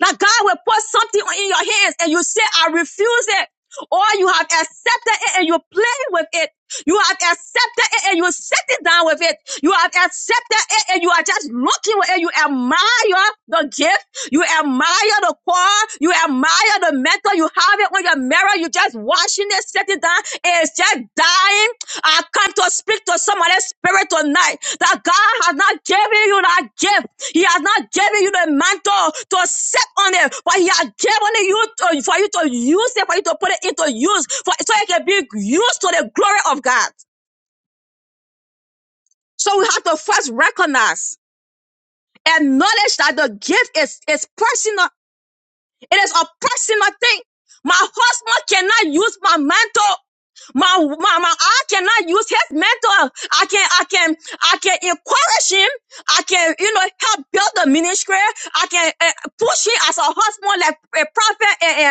C: That God will put something in your hands and you say, I refuse it. Or you have accepted it and you play with it. You have accepted it and you sit it down with it. You have accepted it and you are just looking with it. You admire the gift. You admire the call. You admire the mentor. You have it on your marriage. You just washing it, sitting down, and it's just dying. I come to speak to somebody's spirit tonight that God has not given you that gift. He has not given you the mantle to sit on it, but He has given it you to, for you to use it, for you to put it into use, for, so it can be used to the glory of God. So we have to first recognize, acknowledge that the gift is, is personal It is oppressing my thing. My husband cannot use my mantle. My, my, my, I cannot use his mentor. I can, I can, I can encourage him. I can, you know, help build the ministry. I can uh, push him as a husband, like a prophet, uh,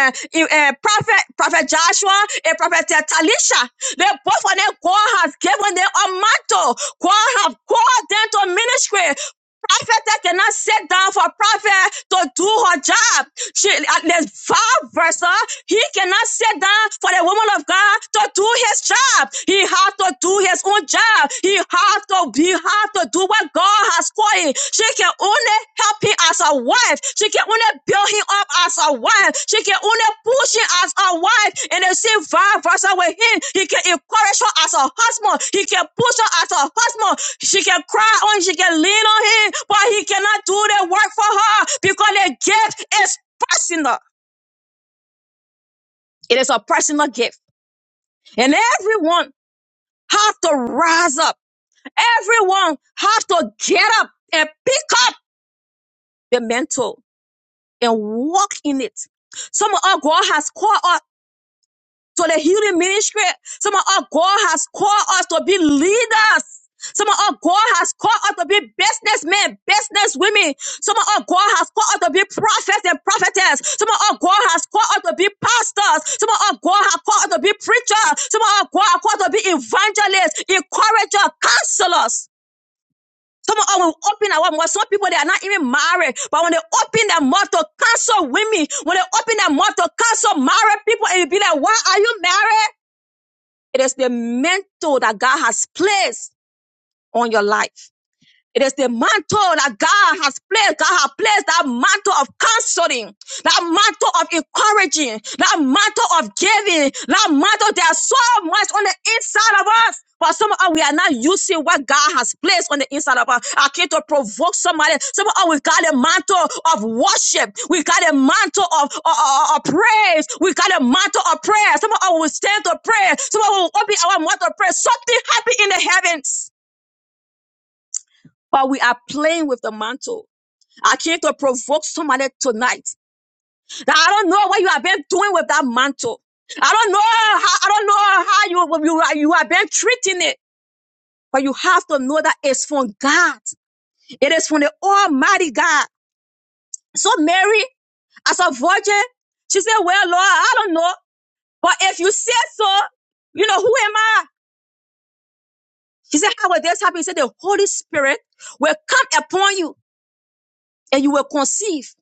C: uh, uh, prophet, prophet Joshua, and prophet Talisha. They both of them, God has given them a mantle. God have called them to ministry prophet cannot sit down for prophet to do her job. She, at the vice versa, he cannot sit down for the woman of God to do his job. He had to do his own job. He had to, he had to do what God has called him. She can only help him as a woman wife. She una building up as a wife. She can una pushing as a wife. And if she vice versa with him, he can encourage her as a husband. He can push her as a husband. She can cry on, she can lean on him, but he cannot do the work for her because the gift is personal. It is a personal gift. And everyone have to rise up. Everyone have to get up and pick up the mantle and walk in it. Some of us, God has called us to the healing ministry. Some of our God has called us to be leaders. Some of our God has called us to be businessmen, businesswomen. Some of our God has called us to be prophets and prophetess. Some of our God has called us to be pastors. Some of our God has called us to be preachers. Some of our God has called us to be evangelists, encouragers, counselors. Some of us will open our mouth. Some people they are not even married, but when they open their mouth to counsel women, when they open their mouth to counsel married people, and you be like, "Why are you married?" It is the mantle that God has placed on your life. It is the mantle that God has placed. God has placed that mantle of counseling, that mantle of encouraging, that mantle of giving, that mantle. There's so much on the inside of us. But some of us, we are not using what God has placed on the inside of us. I came to provoke somebody. Some of us, we got a mantle of worship. We got a mantle of, of, of- of praise. We got a mantle of prayer. Some of us will stand to pray. Some of us will open our mouth to pray. Something happened in the heavens but we are playing with the mantle. I came to provoke somebody tonight that I don't know what you have been doing with that mantle. I don't know how, I don't know how you, you, are- you have been treating it, but you have to know that it's from God. It is from the Almighty God. So Mary, as a virgin, she said, well, Lord, I don't know, but if you say so, you know, who am I? She said, how will this happen? He said, the Holy Spirit will come upon you and you will conceive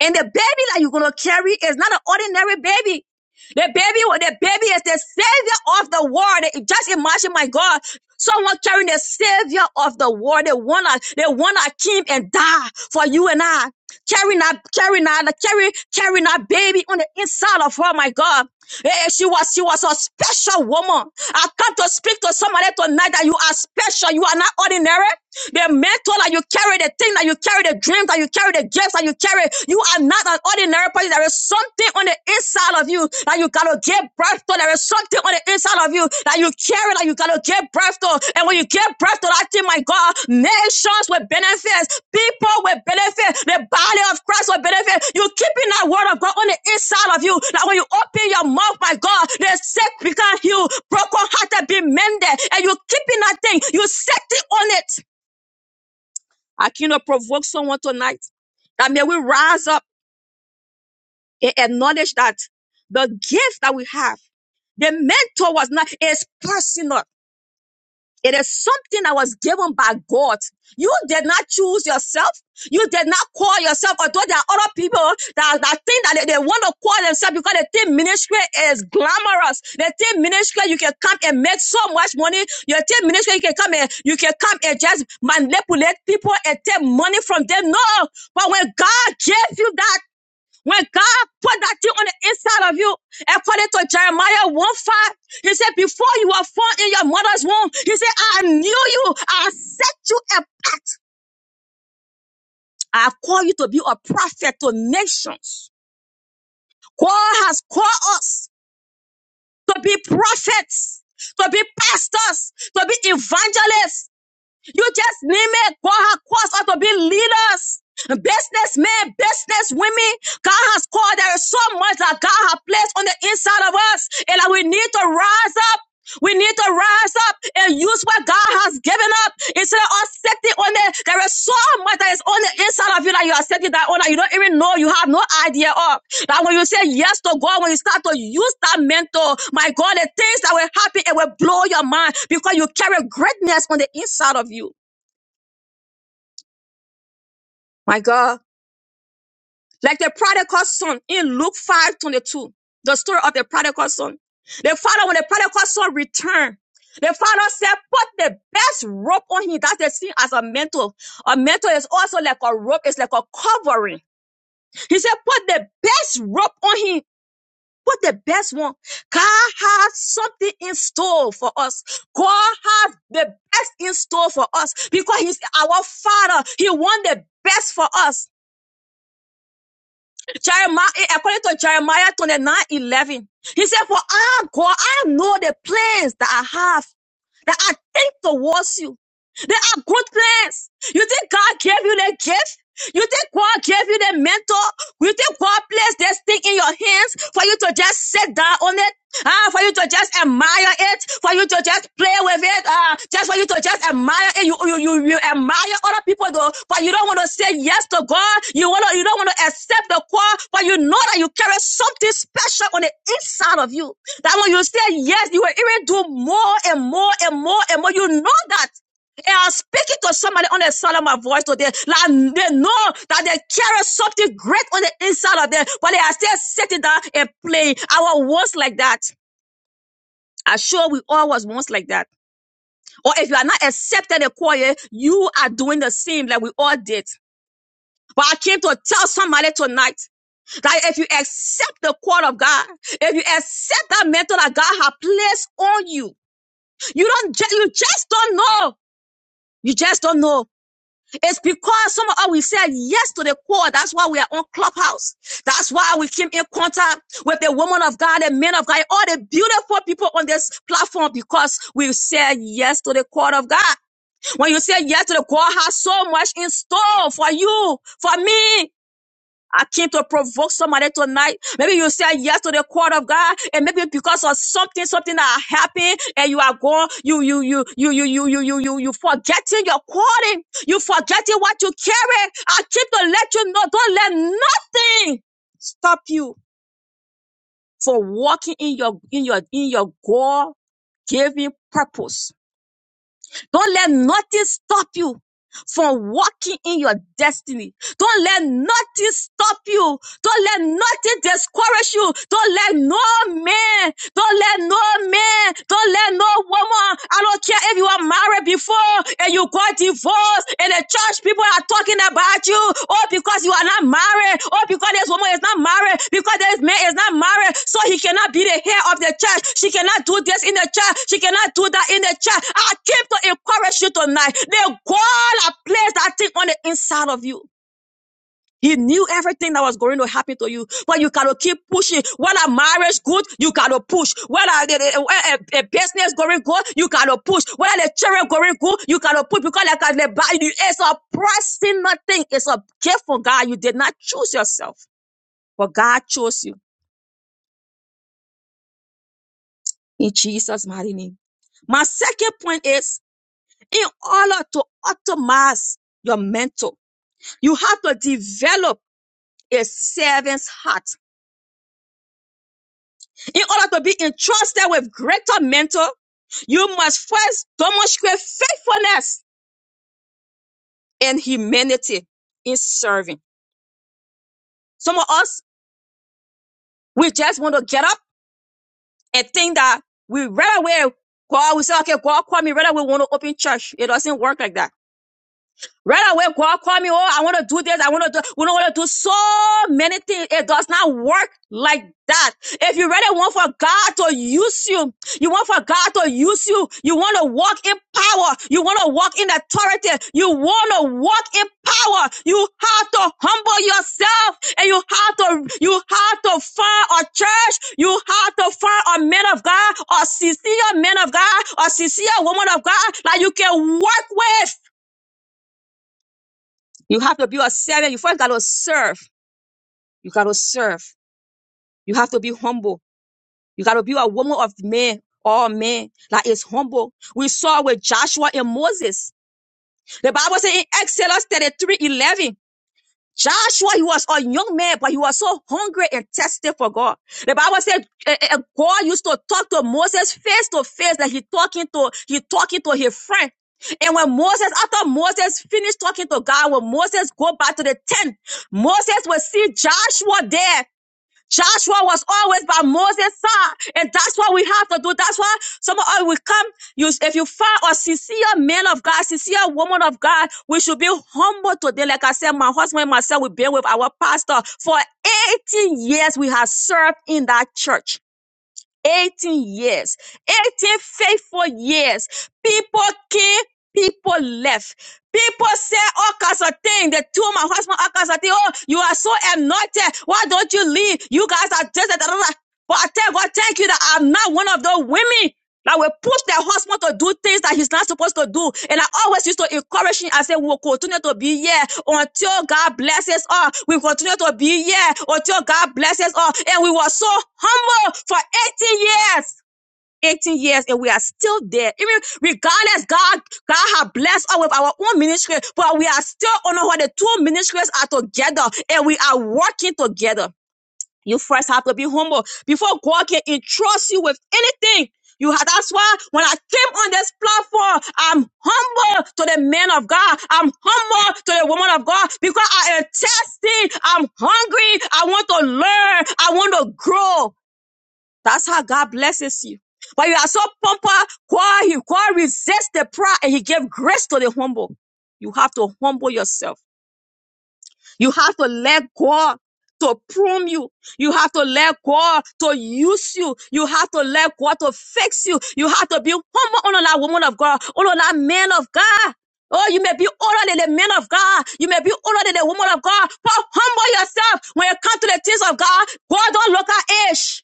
C: And the baby that you're gonna carry is not an ordinary baby. The baby, the baby is the savior of the world. Just imagine, my God, someone carrying the savior of the world, the one that, the one that came and died for you and I. Carrying that, carrying that, carry, carrying that baby on the inside of her, my God. Eh, eh, she was, she was a special woman. I come to speak to somebody tonight that you are special. You are not ordinary. The mantle that you carry, the thing that you carry, the dreams that you carry, the gifts that you carry carry. You are not an ordinary person. There is something on the inside of you that you gotta give birth to. There is something on the inside of you that you carry that you gotta give birth to. And when you give birth to that thing, my God, nations will benefit, people will benefit, the body of Christ will benefit. You keeping that word of God on the inside of you. That when you open your mouth, my God, the sick become healed, broken hearted be mended, and you keeping that thing. You set it on it. I cannot provoke someone tonight. That may we rise up he acknowledged that the gift that we have, the mentor was not, it's personal. It is something that was given by God. You did not choose yourself. You did not call yourself, although there are other people that, that think that they, they want to call themselves because they think ministry is glamorous. They think ministry you can come and make so much money. You think ministry you can come and you can come and just manipulate people and take money from them. No, but when God gave you that. When God put that thing on the inside of you, according to Jeremiah 1 5, he said, Before you were formed in your mother's womb, he said, I knew you, I set you apart. I called you to be a prophet to nations. God has called us to be prophets, to be pastors, to be evangelists. You just name it. God has caused us to be leaders, businessmen, business women. God has called. There is so much that God has placed on the inside of us, and that we need to rise up. We need to rise up and use what God has given up. It's are sitting on it. There is so much that is on the inside of you that you are setting that on that you don't even know. You have no idea of that when you say yes to God, when you start to use that mentor, my God, the things that will happen, it will blow your mind because you carry greatness on the inside of you. My God. Like the prodigal son in Luke 5:22, the story of the prodigal son. The father, when the prodigal son returned, the father said, put the best robe on him. That's the thing as a mantle. A mantle is also like a robe. It's like a covering. He said, put the best robe on him. Put the best one. God has something in store for us. God has the best in store for us because he's our father. He wants the best for us. Jeremiah, eh, according to Jeremiah 29 11, he said, For I, God, I know the plans that I have, that I think towards you. They are good plans. You think God gave you the gift? You think God gave you the mentor? You think God placed this thing in your hands for you to just sit down on it? Ah, for you to just admire it, for you to just play with it, ah, just for you to just admire it. You you you, you admire other people though, but you don't want to say yes to God. You want to you don't want to accept the call, but you know that you carry something special on the inside of you. That when you say yes, you will even do more and more and more and more. You know that. I am speaking to somebody on the side of my voice today. Like they know that they carry something great on the inside of them, but they are still sitting down and playing. I was once like that. I'm sure we all was once like that. Or if you are not accepted the choir, you are doing the same like we all did. But I came to tell somebody tonight that if you accept the call of God, if you accept that mentor that God has placed on you, you don't ju- you just don't know. You just don't know. It's because some of us we said yes to the call. That's why we are on Clubhouse. That's why we came in contact with the woman of God, the men of God, all the beautiful people on this platform because we said yes to the call of God. When you say yes to the call, has so much in store for you, for me. I came to provoke somebody tonight. Maybe you said yes to the word of God, and maybe because of something, something that happened, and you are gone, you you you you you you you you you you forgetting your calling, you forgetting what you carry. I came to let you know, don't let nothing stop you for walking in your in your in your God given purpose. Don't let nothing stop you from walking in your destiny. Don't let nothing stop you. Don't let nothing discourage you. Don't let no man, don't let no man, don't let no woman. I don't care if you are married before and you got divorced and the church people are talking about you. Oh, because you are not married. Oh, because this woman is not married. Because this man is not married. So he cannot be the head of the church. She cannot do this in the church. She cannot do that in the church. I came to encourage you tonight. The God has placed that thing on the inside of you. He knew everything that was going to happen to you, but you gotta keep pushing. Whether marriage good, you gotta push. Whether a, a, a business going good, you gotta push. Whether the children going good, you gotta push because like I the Bible, it's a pressing nothing. It's a gift from God. You did not choose yourself, but God chose you in Jesus' mighty name. My second point is in order to optimize your mental, you have to develop a servant's heart. In order to be entrusted with greater mentor, you must first demonstrate faithfulness and humanity in serving. Some of us, we just want to get up and think that we right away, God will say, okay, God call me right away, want to open church. It doesn't work like that. Right away, God call me, oh, I want to do this, I want to do, we don't want to do so many things. It does not work like that. If you really want for God to use you, you want for God to use you, you want to walk in power, you want to walk in authority, you want to walk in power, you have to humble yourself and you have to, you have to find a church, you have to find a man of God, a sincere man of God, a sincere woman of God that you can work with. You have to be a servant. You first got to serve. You got to serve. You have to be humble. You got to be a woman of men. All men that is humble. We saw with Joshua and Moses. The Bible says in Exodus 33:11. Joshua, he was a young man, but he was so hungry and thirsty for God. The Bible said eh, eh, eh, God used to talk to Moses face to face, like he talking to he talking to his friend. And when Moses, after Moses finished talking to God, when Moses go back to the tent, Moses will see Joshua there. Joshua was always by Moses' side, and that's what we have to do. That's why some of us will come. You, if you find a sincere man of God, sincere woman of God, we should be humble today. Like I said, my husband and myself, we've been with our pastor for 18 years. We have served in that church. 18 years, 18 faithful years. People came, people left. People say all kinds of things. They told my husband all kinds of things. Oh, you are so anointed. Why don't you leave? You guys are just. da, But I tell God, thank you that I'm not one of those women. That will push their husband to do things that he's not supposed to do. And I always used to encourage him. I say, we will continue to be here until God blesses us. We will continue to be here until God blesses us. And we were so humble for 18 years. 18 years and we are still there. Even regardless, God, God has blessed us with our own ministry, but we are still on how the two ministries are together and we are working together. You first have to be humble before God can entrust you with anything. You have, that's why when I came on this platform, I'm humble to the man of God. I'm humble to the woman of God because I am testing. I'm hungry. I want to learn. I want to grow. That's how God blesses you. But you are so pumper, God, he, God resists the proud and he gives grace to the humble. You have to humble yourself. You have to let God to prune you. You have to let God to use you. You have to let God to fix you. You have to be humble under that woman of God, under that man of God. Oh, you may be older than the man of God. You may be older than the woman of God. But humble yourself when you come to the things of God. God don't look at age.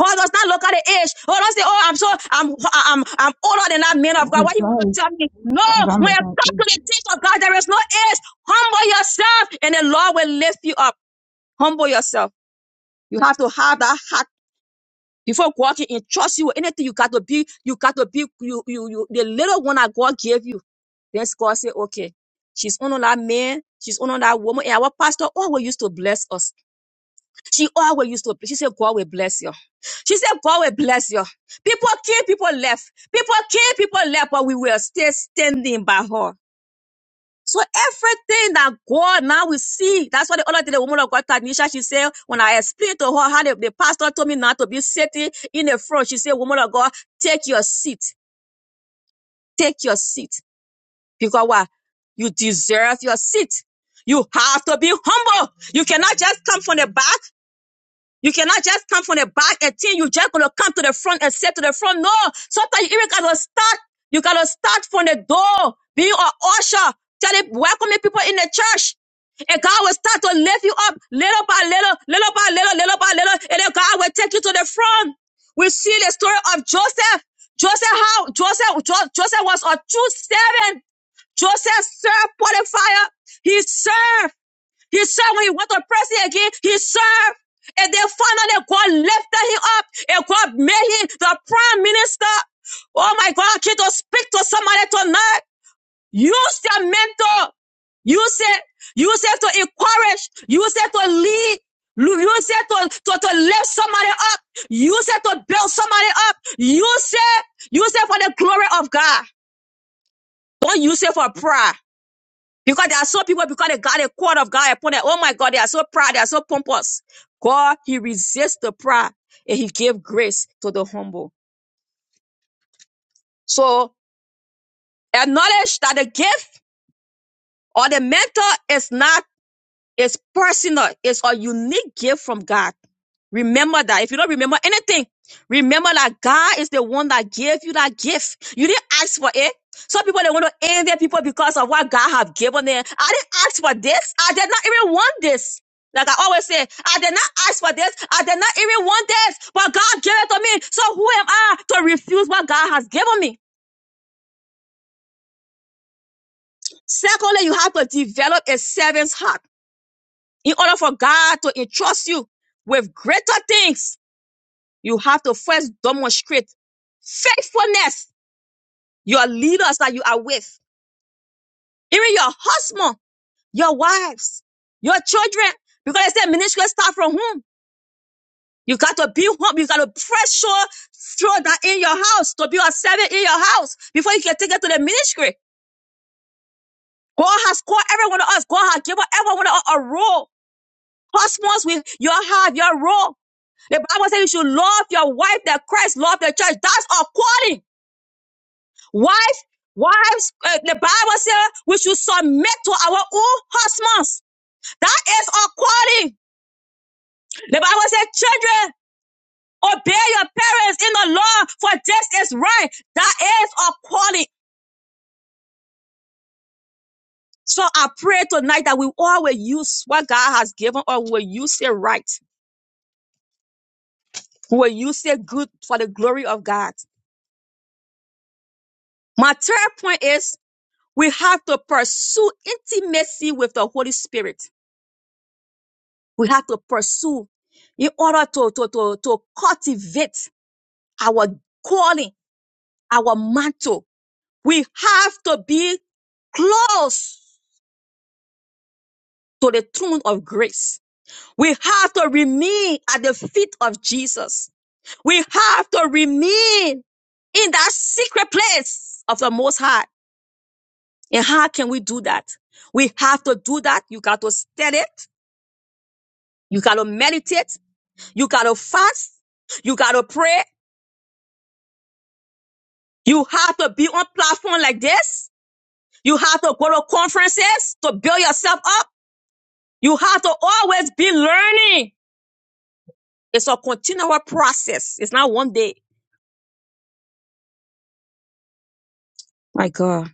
C: God does not look at the age. Oh, don't say, oh, I'm so, I'm, I'm, I'm older than that man of God.
F: He
C: What you want to
F: played.
C: tell me? No,
F: I was
C: when you
F: almost on
C: come
F: three.
C: to the things of God, there is no age. Humble yourself and the Lord will lift you up. Humble yourself. You have to have that heart before God can entrust you with anything. You got to be, you got to be, you, you, you, the little one that God gave you. Then God said, okay, she's on that man. She's on that woman. And our pastor always used to bless us. She always used to, she said, God will bless you. She said, God will bless you. People came, people left. People came, people left, but we were still standing by her. So everything that God now we see, that's why the other day the woman of God, Tanisha, she said, when I explained to her how the, the pastor told me not to be sitting in the front, she said, woman of God, take your seat. Take your seat. Because what You deserve your seat. You have to be humble. You cannot just come from the back. You cannot just come from the back and think you just gonna come to the front and sit to the front. No, sometimes you even gotta start. You gotta start from the door, being an usher, telling welcoming people in the church. And God will start to lift you up little by little, little by little, little by little, and then God will take you to the front. We see the story of Joseph. Joseph, how Joseph, Jo- Joseph was a true servant. Joseph served Potiphar. He served. He said when he went to prison again, he served. And then finally God lifted him up and God made him the prime minister. Oh my God, I came to speak to somebody tonight. Use your mentor. Use it. Use it to encourage. Use it to lead. Lu- Use it to, to, to lift somebody up. Use it to build somebody up. Use it. Use it for the glory of God. Don't use it for pride. Because there are some people, because they got a quote of God upon them, oh my God, they are so proud, they are so pompous. God, He resists the proud and He gives grace to the humble. So acknowledge that the gift or the mentor is not It's personal. It's a unique gift from God. Remember that. If you don't remember anything, remember that God is the one that gave you that gift. You didn't ask for it. Some people they want to end their people because of what God have given them. I didn't ask for this. I did not even want this. Like I always say, I did not ask for this. I did not even want this, but God gave it to me. So who am I to refuse what God has given me? Secondly, you have to develop a servant's heart. In order for God to entrust you with greater things, you have to first demonstrate faithfulness, your leaders that you are with, even your husband, your wives, your children. Because they say ministry start from home. You got to be home. You got to pressure throw that in your house to be a servant in your house before you can take it to the ministry. God has called every one of us. God has given every one of us a role husbands with your heart, your role. The Bible says you should love your wife that Christ loved the church. That's our calling. Wife, wives, uh, the Bible says we should submit to our own husbands. That is our calling. The Bible says, children, obey your parents in the law, for this is right. That is our calling. So I pray tonight that we all will use what God has given us. We will use it right. We will use it good for the glory of God. My third point is We have to pursue intimacy with the Holy Spirit. We have to pursue in order to, to, to, to cultivate our calling, our mantle. We have to be close to the throne of grace. We have to remain at the feet of Jesus. We have to remain in that secret place of the Most High. And how can we do that? We have to do that. You got to study it. You got to meditate. You gotta fast. You gotta pray. You have to be on platform like this. You have to go to conferences to build yourself up. You have to always be learning. It's a continual process. It's not one day. My God.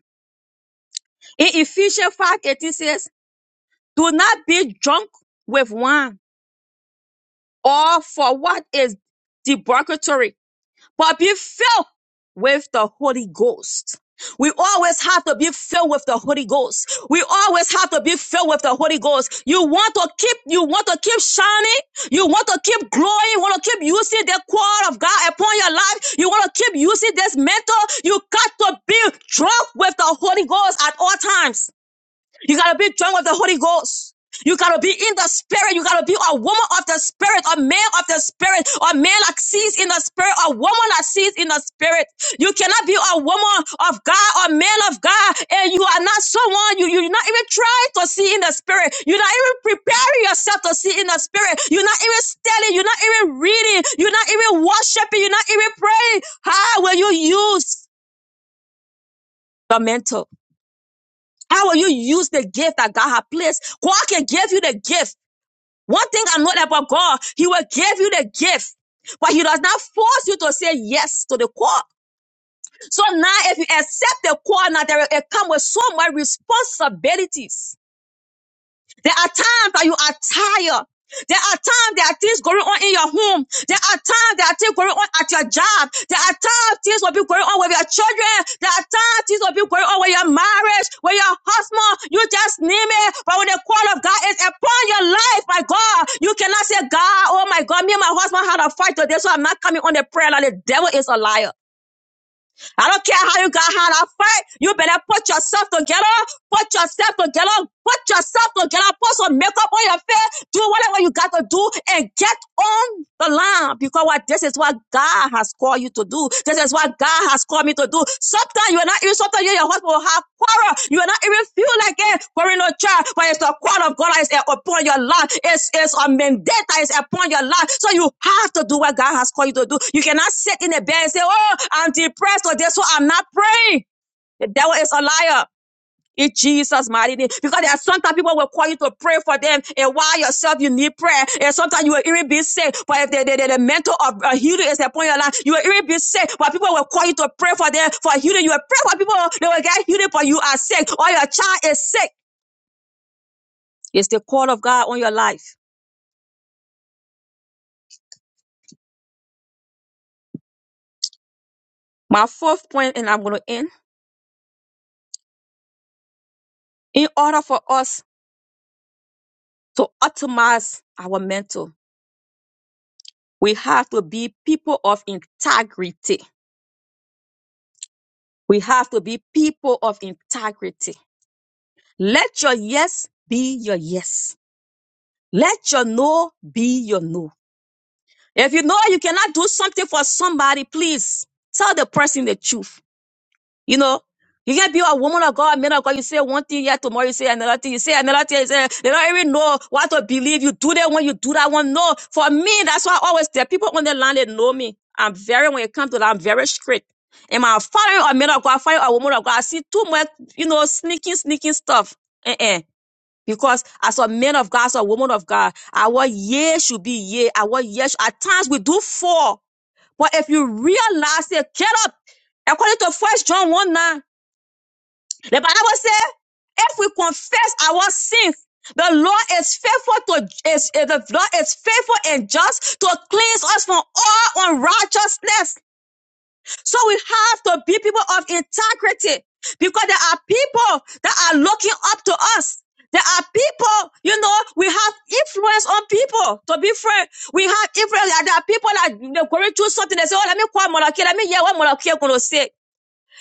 C: In Ephesians 5 18 says, Do not be drunk with wine or for what is debauchery, but be filled with the Holy Ghost. We always have to be filled with the Holy Ghost. We always have to be filled with the Holy Ghost. You want to keep, you want to keep shining. You want to keep growing. You want to keep using the core of God upon your life. You want to keep using this mentor. You got to be drunk with the Holy Ghost at all times. You gotta be drunk with the Holy Ghost. You gotta be in the spirit. You gotta be a woman of the spirit, a man of the spirit, a man that sees in the spirit, a woman that sees in the spirit. You cannot be a woman of God, a man of God, and you are not someone, you, you're not even trying to see in the spirit. You're not even preparing yourself to see in the spirit. You're not even studying. You're not even reading. You're not even worshiping. You're not even praying. How will you use the mental? How will you use the gift that God has placed? God can give you the gift. One thing I know about God, He will give you the gift, but He does not force you to say yes to the call. So now, if you accept the call, now there will- it comes with so much responsibilities. There are times that you are tired. There are times there are things going on in your home. There are times there are things going on at your job. There are times things will be going on with your children. There are times things will be going on with your marriage, with your husband. You just name it. But when the call of God is upon your life, my God, you cannot say, God, oh my God, me and my husband had a fight today, so I'm not coming on the prayer line. The devil is a liar. I don't care how you got how to fight. You better put yourself together. Put yourself together. Put yourself together. Put some makeup on your face. Do whatever you got to do and get on the line because what this is what God has called you to do. This is what God has called me to do. Sometimes you are not even, sometimes you and your husband will have quarrel. You will not even feel like it quarrel no child, but it's the call of God that is upon your life. It's, it's a mandate that is upon your life. So you have to do what God has called you to do. You cannot sit in the bed and say, Oh, I'm depressed or this, so I'm not praying. The devil is a liar in Jesus' mighty name. Because there are sometimes people will call you to pray for them, and while yourself you need prayer, and sometimes you will even be sick. But if the, the, the, the mental of uh, healing is upon your life, you will even be sick. But people will call you to pray for them for healing. You will pray for people, they will get healing, but you are sick, or your child is sick. It's the call of God on your life. My fourth point, and I'm going to end. In order for us to optimize our mental, we have to be people of integrity. We have to be people of integrity. Let your yes be your yes. Let your no be your no. If you know you cannot do something for somebody, please tell the person the truth. You know, you can't be a woman of God, man of God. You say one thing, yet tomorrow you say another thing. You say another thing. You say, they don't even know what to believe. You do that one, you do that one. No, for me, that's why I always tell people on the land, they know me. I'm very, when it comes to that, I'm very strict. And my following a man of God, following a woman of God, I see too much, you know, sneaking, sneaking stuff. Uh-uh. Because as a man of God, as a woman of God, our yes should be yes, Our yes. at times we do fall. But if you realize it, get up. According to First John 1 9, the Bible says, if we confess our sins, the Lord is faithful to is, is- the Lord is faithful and just to cleanse us from all unrighteousness. So we have to be people of integrity because there are people that are looking up to us. There are people, you know, we have influence on people. To be frank, we have influence. Like there are people that they're going through something. They say, "Oh, let me call Monarchy. Let me hear what Monarchy going to say."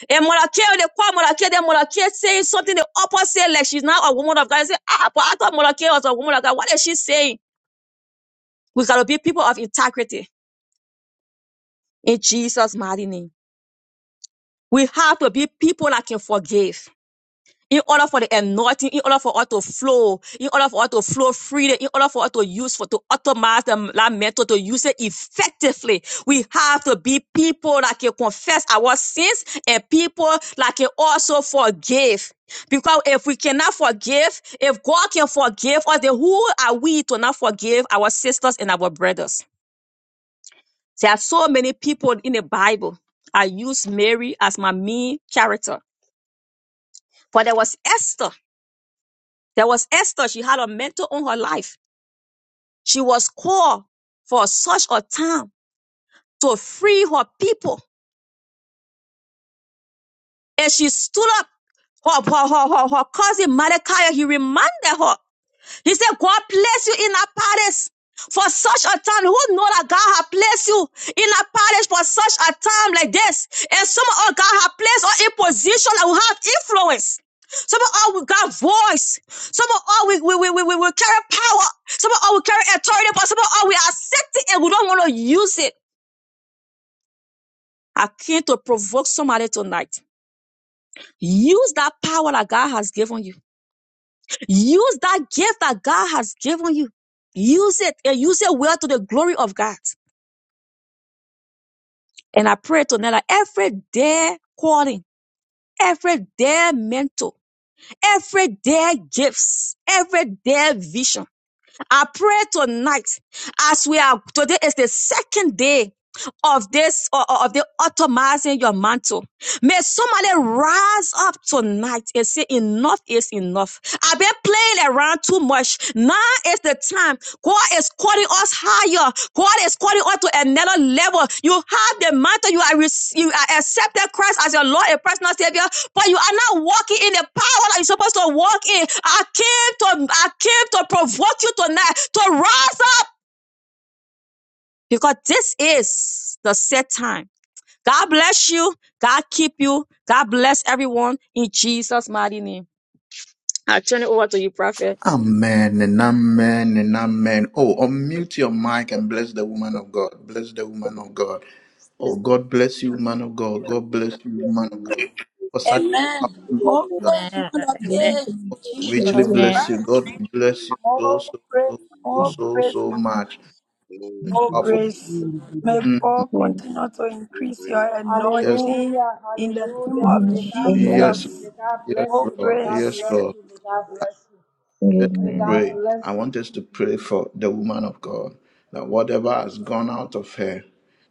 C: And Monarchy, they call Monarchy. Then Monarchy saying something the opposite, like she's not a woman of God. They say, "Ah, but I thought Monarchy was a woman of God. What is she saying?" We gotta be people of integrity in Jesus' mighty name. We have to be people that can forgive. in order for the anointing, in order for us to flow, in order for us to flow freely, in order for us to use for to automate the lamento, to use it effectively, we have to be people that can confess our sins and people that can also forgive. Because if we cannot forgive, if God can forgive us, then who are we to not forgive our sisters and our brothers? There are so many people in the Bible. I use Mary as my main character, but there was Esther. There was Esther. She had a mentor on her life. She was called for such a time to free her people. And she stood up. Her, her, her, her, her cousin Mordecai, he reminded her. He said, God placed you in a palace for such a time. Who know that God has placed you in a palace for such a time like this? And some of us, God has placed us in position that will have influence. Some of us, we got voice. Some of us, we, we, we, we, we carry power. Some of us, we carry authority, but some of us, we accept it and we don't want to use it. I came to provoke somebody tonight. Use that power that God has given you Use that gift that God has given you. Use it and use it well to the glory of God. And I pray tonight that every day calling, every day mentor, every day gifts, every day vision I pray tonight as we are today is the second day of this or of the automizing your mantle. May somebody rise up tonight and say enough is enough. I've been playing around too much. Now is the time. God is calling us higher. God is calling us to another level. You have the mantle. You are rec- you are accepted Christ as your Lord and personal Savior but you are not walking in the power that you're supposed to walk in. I came to I came to provoke you tonight to rise up because this is the set time. God bless you. God keep you. God bless everyone in Jesus' mighty name. I turn it over to you, Prophet.
A: Amen and amen and amen. Oh, unmute your mic and bless the woman of God. Bless the woman of God. Oh, God bless you, man of God. God bless you, man of God. For such a
G: Amen.
A: powerful
G: More
A: message,
G: praise, more than praise,
A: I richly
G: Jesus
H: Glory,
A: bless you. God
G: Christ.
A: bless you so,
G: More
A: so,
G: praise,
A: so, so,
G: more
A: so,
G: praise,
A: so
G: Mama.
A: much.
H: glory,
G: More
H: glory,
A: Powerful.
G: grace. May
A: Mm,
G: God continue to increase your
H: glory,
A: yes,
G: anointing
I: Hallelujah,
G: in the name
I: hallelujah.
G: of
I: May
C: Amen.
I: God bless
A: yes,
C: Amen.
I: you,
H: glory.
G: Jesus.
I: may God
A: yes,
I: bless
G: More
I: you, may
A: Lord.
I: God
G: grace.
A: Yes,
I: bless
A: Lord.
I: you, may God bless you,
A: us to
I: may God
C: Amen.
A: pray.
I: bless
A: I
I: you.
A: want us to
I: In
A: pray for
I: Jesus'
A: the
I: name.
A: woman of God that whatever has gone out of her,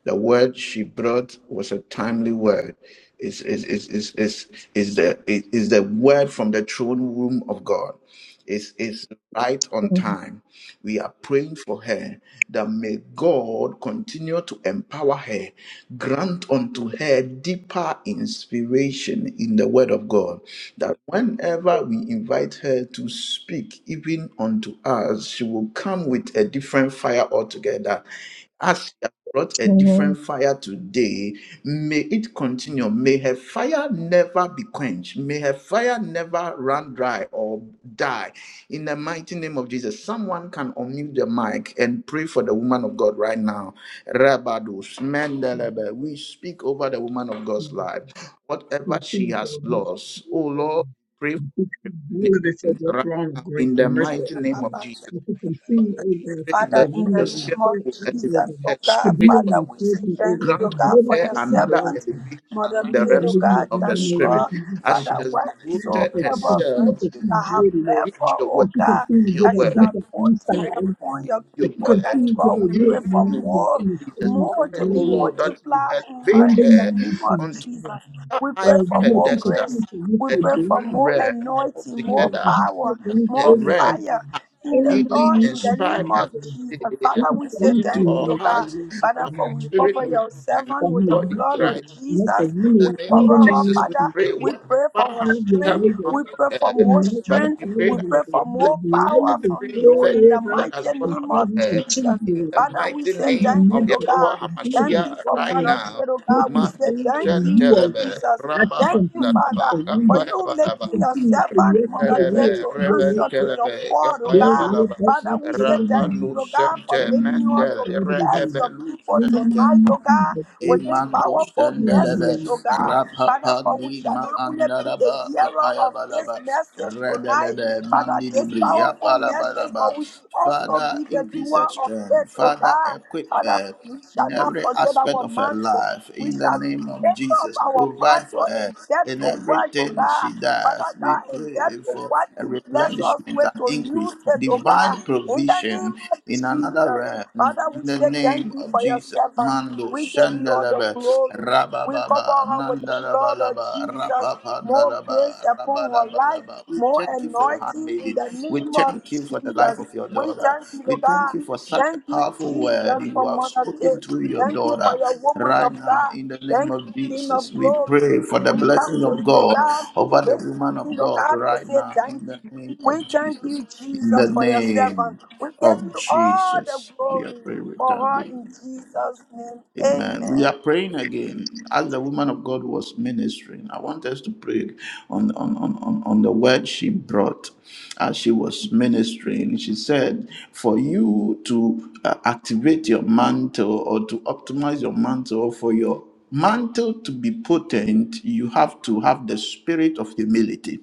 A: the word she brought was a timely word. Is is is is is is the is the word from the throne room of God. Is is right on time. We are praying for her that may God continue to empower her, grant unto her deeper inspiration in the word of God that whenever we invite her to speak, even unto us, she will come with a different fire altogether. As she has brought a
C: Amen.
A: different fire today, may it continue. May her fire never be quenched. May her fire never run dry or die. In the mighty name of Jesus, someone can unmute the mic and pray for the woman of God right now. Rabados, Mendelebe, we speak over the woman of
B: she
A: God's
B: will
A: life whatever she
B: continue to
A: has
B: renew her
A: lost. Oh
B: spirit
A: Lord, we pray for
B: and she keep boldly before
A: replenishment
B: your
A: right
B: throne of
A: now
B: grace
A: in the
B: and mercy,
A: mighty
B: O
A: name
B: God.
A: of Jesus.
B: And to
A: Father,
B: continue, O God,
A: we pray
B: to
G: Father,
A: that
G: in
A: you
G: the
B: surrender and
A: yourself
G: name of
B: serve,
A: will elevate
B: O
G: Jesus,
B: God,
G: oh
A: her
B: to
G: God,
B: be
A: spiritually.
G: Father,
B: in
G: we
B: your
G: say
B: presence, O
G: thank
B: God,
G: you, oh
B: to
A: Grant unto
B: be
G: God,
B: with
G: for
A: her
G: your
B: your
A: another
B: people, O
G: servant,
B: God.
A: elevation
G: Mother
A: in the
B: Lord,
G: Kate,
B: and
G: oh
A: realms of,
B: living it
G: God,
A: of
B: in
A: the
B: the
G: Daddy
B: name of
A: spirit
G: God,
B: Jesus,
A: as
B: oh
A: she
G: Father,
B: God.
A: has
B: Lord God,
A: devoted
B: that you
G: whatsoever
B: continue
A: herself
B: to
G: virtue
B: keep
G: that
A: to
G: have
B: worthy, Lord
G: left
B: God.
A: preach
G: for,
A: your word,
G: oh
B: That you
A: to
G: God,
A: speak
B: continue to
A: your
B: give
G: that
B: us
A: word,
G: you are
B: deeper
A: to
G: putting
B: insight,
A: dive
B: oh
A: deeper
G: upon
B: God.
A: into
G: your
A: your
B: That you
G: people,
A: word,
G: Daddy
B: continue
A: to
B: to give
G: God,
B: us
G: we pray
A: commune with
B: wisdom,
G: for
B: knowledge,
A: you, O
B: and
G: more,
A: Lord Jesus.
B: understanding of
G: more
A: We pray,
G: to
B: your
A: O
G: be
B: word,
A: Lord,
B: oh
A: that
B: God.
A: you
G: multiplied on her
A: elevate
B: In the
G: in
A: her.
G: the
B: name of
G: name of
A: unto
B: Jesus, Lord
G: Jesus.
B: God.
A: a
G: We
A: higher
G: pray
B: Lord,
G: for
B: you will
G: more
A: pedestal,
G: grace.
B: continue to lift
G: We
A: a
B: your
G: pray for
A: different
B: blessings
G: more
B: over
A: realm
B: God.
G: anointing,
B: Lord
G: more
B: God, that
A: altogether.
B: you
G: power,
B: put
A: As
B: them
A: a
G: more
B: over oh
A: realm
G: fire
B: God.
A: has
G: in
B: In
G: the
B: the
A: really
G: Lord,
B: name
G: in
B: of
G: the
A: inspired
G: name
B: Jesus,
A: us
G: of
B: Lord
G: Jesus.
B: God.
A: today and has
B: We
G: Father, we say
B: thank
A: spoken
B: you,
A: to
G: thank you,
A: our
B: Lord
G: Lord
B: God,
G: God.
A: hearts,
B: Lord God, for
G: Father,
A: our
B: your
G: for we
B: life,
A: spirit,
G: cover
A: mind,
B: oh
G: your
B: God.
A: and our
G: servant
B: For
G: with
B: your
G: the
A: bodies
B: life,
G: blood
B: oh
G: of
A: right
B: God. Let the
G: Jesus. We
A: in
B: memory
A: the name
B: in
G: cover
B: the
A: of
G: her,
B: name
A: Jesus,
B: of
A: we
G: Father.
B: Jesus,
A: pray
B: Lord
G: We pray
A: whatever
G: for her
B: have
A: has
B: your
A: come
G: strength.
B: way, O
A: out
G: We
A: of
B: God.
G: pray for
A: her,
G: more
B: Ignite my
A: Father,
G: strength.
A: we
B: fire, O
A: pray
G: We
A: that
G: pray
B: God.
A: you
G: for
B: Be a
G: more
A: replenish
G: power
B: blazing
G: from
B: fire,
A: every
G: you
A: virtue
G: in
B: O
G: the
B: God.
A: that has
G: mighty
A: gone
B: And
G: name
A: out
B: Father,
A: of
G: of
B: you
A: her.
B: can
G: Jesus.
B: change me,
A: In
B: O
A: the
G: Father,
B: God.
G: we
A: mighty
G: say
B: In her
A: name
G: thank you,
A: of
G: Lord
B: mental, O
A: Yeshua
G: God.
B: God. Be her
G: Thank
A: HaMashiach,
G: you for
B: heart,
A: right
B: O
G: Mother
B: God.
A: now,
G: Care, oh
B: Make
G: God. We
B: her
G: say
A: Mando
B: strong
G: thank
B: in
G: you,
B: you, O God.
A: Shentelebe,
G: Jesus.
B: As she
G: Thank
A: Rababa
G: you,
B: continues to
G: Father,
A: Nalaba,
G: for
B: surrender,
A: Kapaya
G: you
B: as she
A: Balaba,
G: making your
B: continues to
G: servant
B: yes to
G: Mother
B: your
G: Care
B: will,
A: Rebentelebe,
G: to
B: to your way,
G: answer
B: O God.
G: to your
A: Rebentelebe,
G: call, oh
B: Your
A: Kapaya
G: God.
B: will,
A: Balaba,
B: that,
G: Father,
B: that, that,
G: we
B: that,
G: say thank
B: that,
G: you,
A: Rapanu
G: oh God,
B: that,
G: for
A: Shente,
G: making us
B: that, that,
G: to
A: Mendele,
B: that, that, that,
G: bless
B: that.
G: your
A: Reebelu
G: people
A: Shente,
G: tonight, oh
B: In you. In the name
G: God,
B: of Jesus, O God.
G: with
B: In
G: this
A: Imando
G: powerful
B: the name of
A: Shandelebe
G: message, oh
B: Jesus.
G: God. Father,
A: Rapapa
G: for we shall
A: Lima
G: not only be the
A: Andaraba Kapaya
G: hearer of this
A: Balaba
G: message tonight,
A: Redelebe
G: Father,
A: Mandi
G: this
A: Dibri
G: powerful
A: Yapala
G: message,
A: Balaba
G: but we should also
A: Father
G: be the
A: increase her
G: doer of
A: strength
G: it, oh
A: Father
G: God.
A: equip
G: Father,
A: her
G: we shall
A: in
G: not
A: every
G: forget
A: aspect
G: our
A: of her
G: mantle.
A: life
G: We
A: in the
G: shall
A: name of
G: lift up
A: Jesus
G: our
A: provide for
G: mantle
A: her
G: and get
A: in
G: to work, oh
A: everything
G: God.
A: she does,
G: Father
A: we
G: God, and
A: pray
G: get to
A: for
G: what
A: a
G: you bless us
A: replenishment
G: with
A: and
G: to
A: increase,
G: use it, oh God.
A: divine
G: In the name
A: provision
G: of
A: in another
G: Jesus.
A: realm.
G: Father,
A: In
G: we
A: the
G: say thank
A: name
G: you
A: of
G: for your
A: Jesus,
G: servant.
A: Mando
G: We give you all the
A: Shandalaba
G: glory. We cover
A: Rabababa
G: her with the blood of
A: Nandalabalaba
G: Jesus. More grace
A: Rapapandalaba
G: upon her life,
A: Rabalabalaba. We
G: more
A: thank you for your
G: anointing in
A: handmaiden.
G: the
A: We
G: name of
A: thank you for the life
G: Jesus.
A: of your
G: We
A: daughter.
G: thank you,
A: We
G: Lord
A: thank
G: God.
A: you for such a
G: Thank you,
A: powerful word
G: Jesus, for
A: you have
G: Mother Kay.
A: spoken through your
G: Thank you for
A: daughter.
G: your woman
A: Right
G: of
A: now,
G: God.
A: in the name
G: Thank
A: of
G: you, King of
A: Jesus, we
G: Glory.
A: pray for the
G: We come
A: blessing
G: to
A: of
G: you, Lord
A: God
G: God,
A: over the
G: this
A: woman of
G: evening, Lord
A: God.
G: God, to
A: Right
G: say
A: now,
G: thank
A: in the
G: you.
A: name of
G: We thank you,
A: Jesus, in the
G: Jesus, for your servant.
A: name
G: We give
A: of
G: you all the
A: Jesus, we are
G: glory
A: praying with
G: for her
A: thanksgiving.
G: in Jesus' name.
A: Amen. We
G: Amen.
A: are praying again. As the woman of God was ministering, I want us to pray on, on, on, on on the word she brought as she was ministering. She said, For you to uh, activate your mantle or to optimize your mantle, for your mantle to be potent, you have to have the spirit of humility.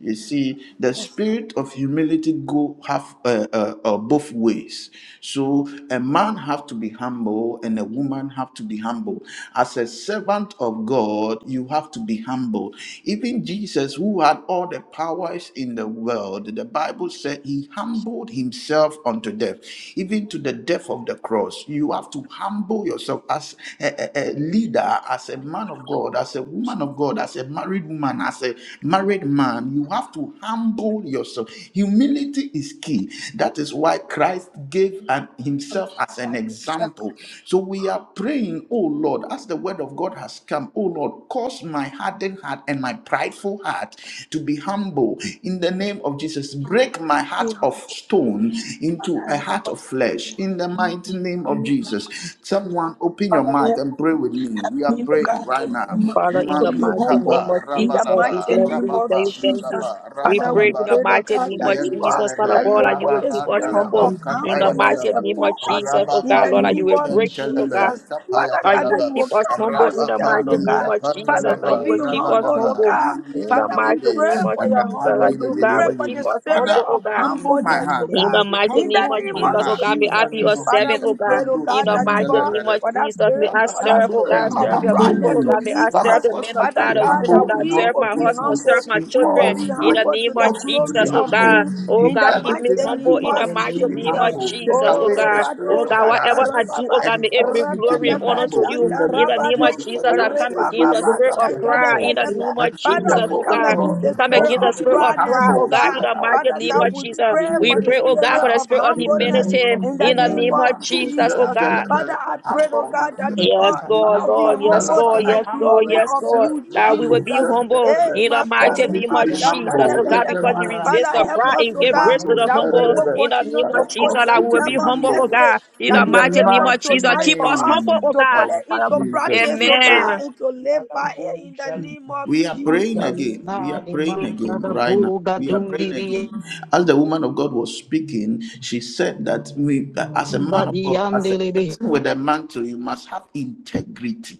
A: You see, the
G: Yes.
A: spirit of humility go have uh, uh, uh, both ways. So a man have to be humble and a woman have to be humble. As a servant of God, you have to be humble. Even Jesus, who had all the powers in the world, the Bible said he humbled himself unto death, even to the death of the cross. You have to humble yourself as a, a a leader, as a man of God. God, as a woman of God, as a married woman, as a married man, you have to humble yourself. Humility is key. That is why Christ gave an, himself as an example. So we are praying, oh Lord, as the word of God has come, oh Lord, cause my hardened heart and my prideful heart to be humble in the name of Jesus. Break my heart of stone into
G: Father,
A: a heart
G: help
A: of
G: us to be
A: flesh in the mighty name of
G: humble.
A: Jesus. Jesus. Someone open your
G: Father, help
A: mic and pray with me. We
G: Help
A: are
G: me, oh God,
A: praying
G: to
A: right
G: be,
A: now.
G: mu-
C: Father, in
G: to
C: the
G: be
A: Mandi
C: mighty
G: humble
C: name of
A: kapa
G: in the
C: Jesus, we
G: mighty
A: rabalaba
C: bless you.
G: name
C: We
G: of
C: tell
A: rababa
C: you thank you.
G: Jesus.
A: nalaba
C: We
G: Father,
C: pray
G: we
C: in the
G: pray, oh
A: rabalabalaba
C: mighty
G: God,
C: name
G: that
C: of
G: you, God,
C: Jesus, Father
G: that you
A: yentelebe
C: God,
G: will
C: that you
G: put
C: will
G: a
C: keep
A: rababa
C: us
G: spirit of
C: humble.
A: dalaba
C: In the
G: humbleness
C: mighty
A: kapayabalaba
C: name of
G: upon us
C: Jesus, oh
G: in
C: God,
G: the
A: rababa
C: Lord, that you
G: name
C: will
G: of
C: break me, oh God,
G: Jesus.
A: lushentelebe
G: Father
C: that
G: God,
C: you
G: that
C: will
A: kapayabalaba
G: you
C: keep
G: will
C: us
G: calm
C: humble.
G: us
C: In the
A: rababa
G: down,
C: mighty
G: oh
C: name
G: God.
C: of
G: Father,
C: Jesus, that
G: to
C: you
A: kapandalaba
G: be
C: will keep us
G: humble, oh
A: rabalaba
C: humble.
G: God.
A: mandi
C: In the
G: Father, we
C: mighty
A: libilibi
G: pray
C: name of
G: for your
C: Jesus, that
G: humbleness.
A: rapandi
C: you,
G: We
C: God,
G: pray
C: will
G: for
C: keep
G: the
A: libilibi.
C: us
G: spirit
C: humble,
A: Father,
C: oh
G: of
C: God.
A: humble my
G: humbleness, oh
A: heart.
D: Amen.
C: In
G: God.
C: the mighty
G: In
C: name
G: the
A: Humble
C: of
G: name
A: my
C: Jesus,
G: of
D: Aleluia,
C: oh
A: heart
C: God, may
A: in
C: I
A: the
G: Jesus.
C: be
A: name
C: a
A: of
G: Father,
C: servant,
A: Jesus.
C: oh
G: we
C: God.
G: pray, oh
C: In
G: God,
A: Mandos
C: the
G: that
A: and
G: you,
C: mighty
G: God,
C: name of
A: telebelebe.
G: for that
C: Jesus, may
G: spirit
A: Father,
C: I
G: for that
C: serve, oh
A: humble
G: spirit
C: God,
A: me,
G: of
C: serve your
A: humble
C: people,
G: pride
C: oh
G: to
C: God.
A: me.
C: May I
G: leave
A: Father,
C: serve
G: us,
C: the
A: cause
C: men
A: me
C: of
A: to
G: Father
C: God,
A: be
C: the
G: God,
C: women of
G: that
A: humble
C: God,
A: in
G: we
A: all
C: serve
G: will
C: my
G: be
C: husband, serve
G: humble.
A: circumstances,
C: my
A: in
G: We will
A: all
C: children.
G: be
C: In the
G: humble
A: situations.
C: name
G: to
C: of
G: the
A: Cause me to
G: glory
A: be
C: Jesus, oh
G: of
A: humble.
C: God.
G: you
C: Oh
G: in
A: In
G: the
C: God, keep me
A: everything
G: mighty
A: I
C: humble
A: do,
G: name
C: in the
G: of
A: cause me to
C: mighty
A: be
C: name of
G: Jesus.
A: humble. Take
C: Jesus,
G: Oh,
C: oh
A: away the
C: God. Oh
A: spirit
G: Rebado
A: of
C: God,
G: Shaka
C: whatever
A: pride
C: I do, oh
G: Rababa,
C: God, may
A: and
C: it
A: cause
C: bring
A: me to
C: glory
A: be
C: and
G: Rabadaba
C: honor to
A: humble
C: you.
A: in the
G: Shaka
C: In the
A: name of
C: name
G: Rabado,
C: of
A: Jesus. For the
C: Jesus, I
A: word
C: come
A: says, You
C: against the
A: will
G: Rebababa
A: lift
C: spirit
A: up
C: of
A: the
G: Shaka
C: pride. In
A: humble.
C: the
G: Dabadaba.
C: name of
A: And so,
G: Father,
C: Jesus,
G: we
C: oh
A: therefore,
G: come
A: oh
C: God.
G: against
C: We
G: the
A: Lord,
C: come
G: spirit
A: cause
C: against the
A: me
G: of
A: to be
C: spirit of
G: proudness,
C: pride,
G: oh
C: oh
A: humble
C: God,
A: so
G: God.
C: in
A: that
C: the
A: I will
C: mighty
G: Father
C: name
G: God,
C: of
A: lift
G: we
C: Jesus.
A: you, you
G: pray
A: will
C: We
G: for the
A: lift
C: pray,
A: me
C: oh God,
G: spirit
C: for the
A: up.
G: of
C: spirit of
A: In the
G: humbleness
A: name
C: humility
A: of
G: in the
D: Luna
C: in the
A: Jesus,
G: name
C: name
G: of
D: Moca,
C: of
A: Mando
C: Jesus, oh
G: Jesus.
C: God.
G: Father,
A: Shantelebele,
G: I pray, oh
A: humble
G: God, that the
A: myself.
C: Yes,
G: God,
C: Lord,
A: Ma-
G: I'll
D: em
G: be
C: Lord, yes,
G: humble
A: Bandalaba,
G: to
C: Lord,
A: I
D: Lucas,
G: the
C: yes, Lord,
A: humble
G: glory
C: yes,
G: of
C: Lord.
A: myself.
G: you,
C: That we
A: Mando
C: will be
G: Jesus.
C: humble
G: Hey,
A: Shantelebe,
C: in the mighty
A: cause me
D: Lunda,
C: name
A: to
G: Makariba
C: of
A: be
D: diante
G: Shaka,
D: do
C: Jesus,
G: da,
C: oh
A: humble.
G: da,
C: God,
A: In
G: da,
A: the
G: da.
C: because you
A: mighty
C: resist
A: name
D: raça,
C: the
G: Father,
A: of
G: help
C: pride
G: us,
C: and
A: Jesus,
G: oh
C: give
G: God,
C: grace to
A: Mando
C: the
G: that we
C: humble
G: will
A: Shantelebe,
C: in the
G: continue
C: name
G: to
C: of
A: Father,
C: Jesus.
G: put
A: cause
G: your
C: That
A: me
C: we will
A: to
C: be
A: be
G: seven
C: humble, oh
A: humble.
G: message
C: God, in
G: that
C: the
A: In the
G: you
C: mighty
G: gave
C: name
G: us
C: of
A: mighty
C: Jesus.
G: tonight
C: Keep
G: for
C: us
G: us
C: humble,
A: name
C: oh
G: to put
C: God.
A: of
G: it
C: Father,
G: into
A: Jesus,
G: practice,
A: we
G: oh
C: Amen.
A: pray.
G: God, and to live
D: cada
G: by it in the
D: boja,
G: name of
A: We are praying
G: Jesus.
A: again. We
D: Luna,
A: are praying
D: alemã,
A: again
D: cada
A: right now.
D: boga,
A: We are praying
D: dundiria,
A: again. As the woman of God was speaking, she said that we, as a man of God, as
D: diante
A: a
D: lebe,
A: person with a mantle, you must have integrity.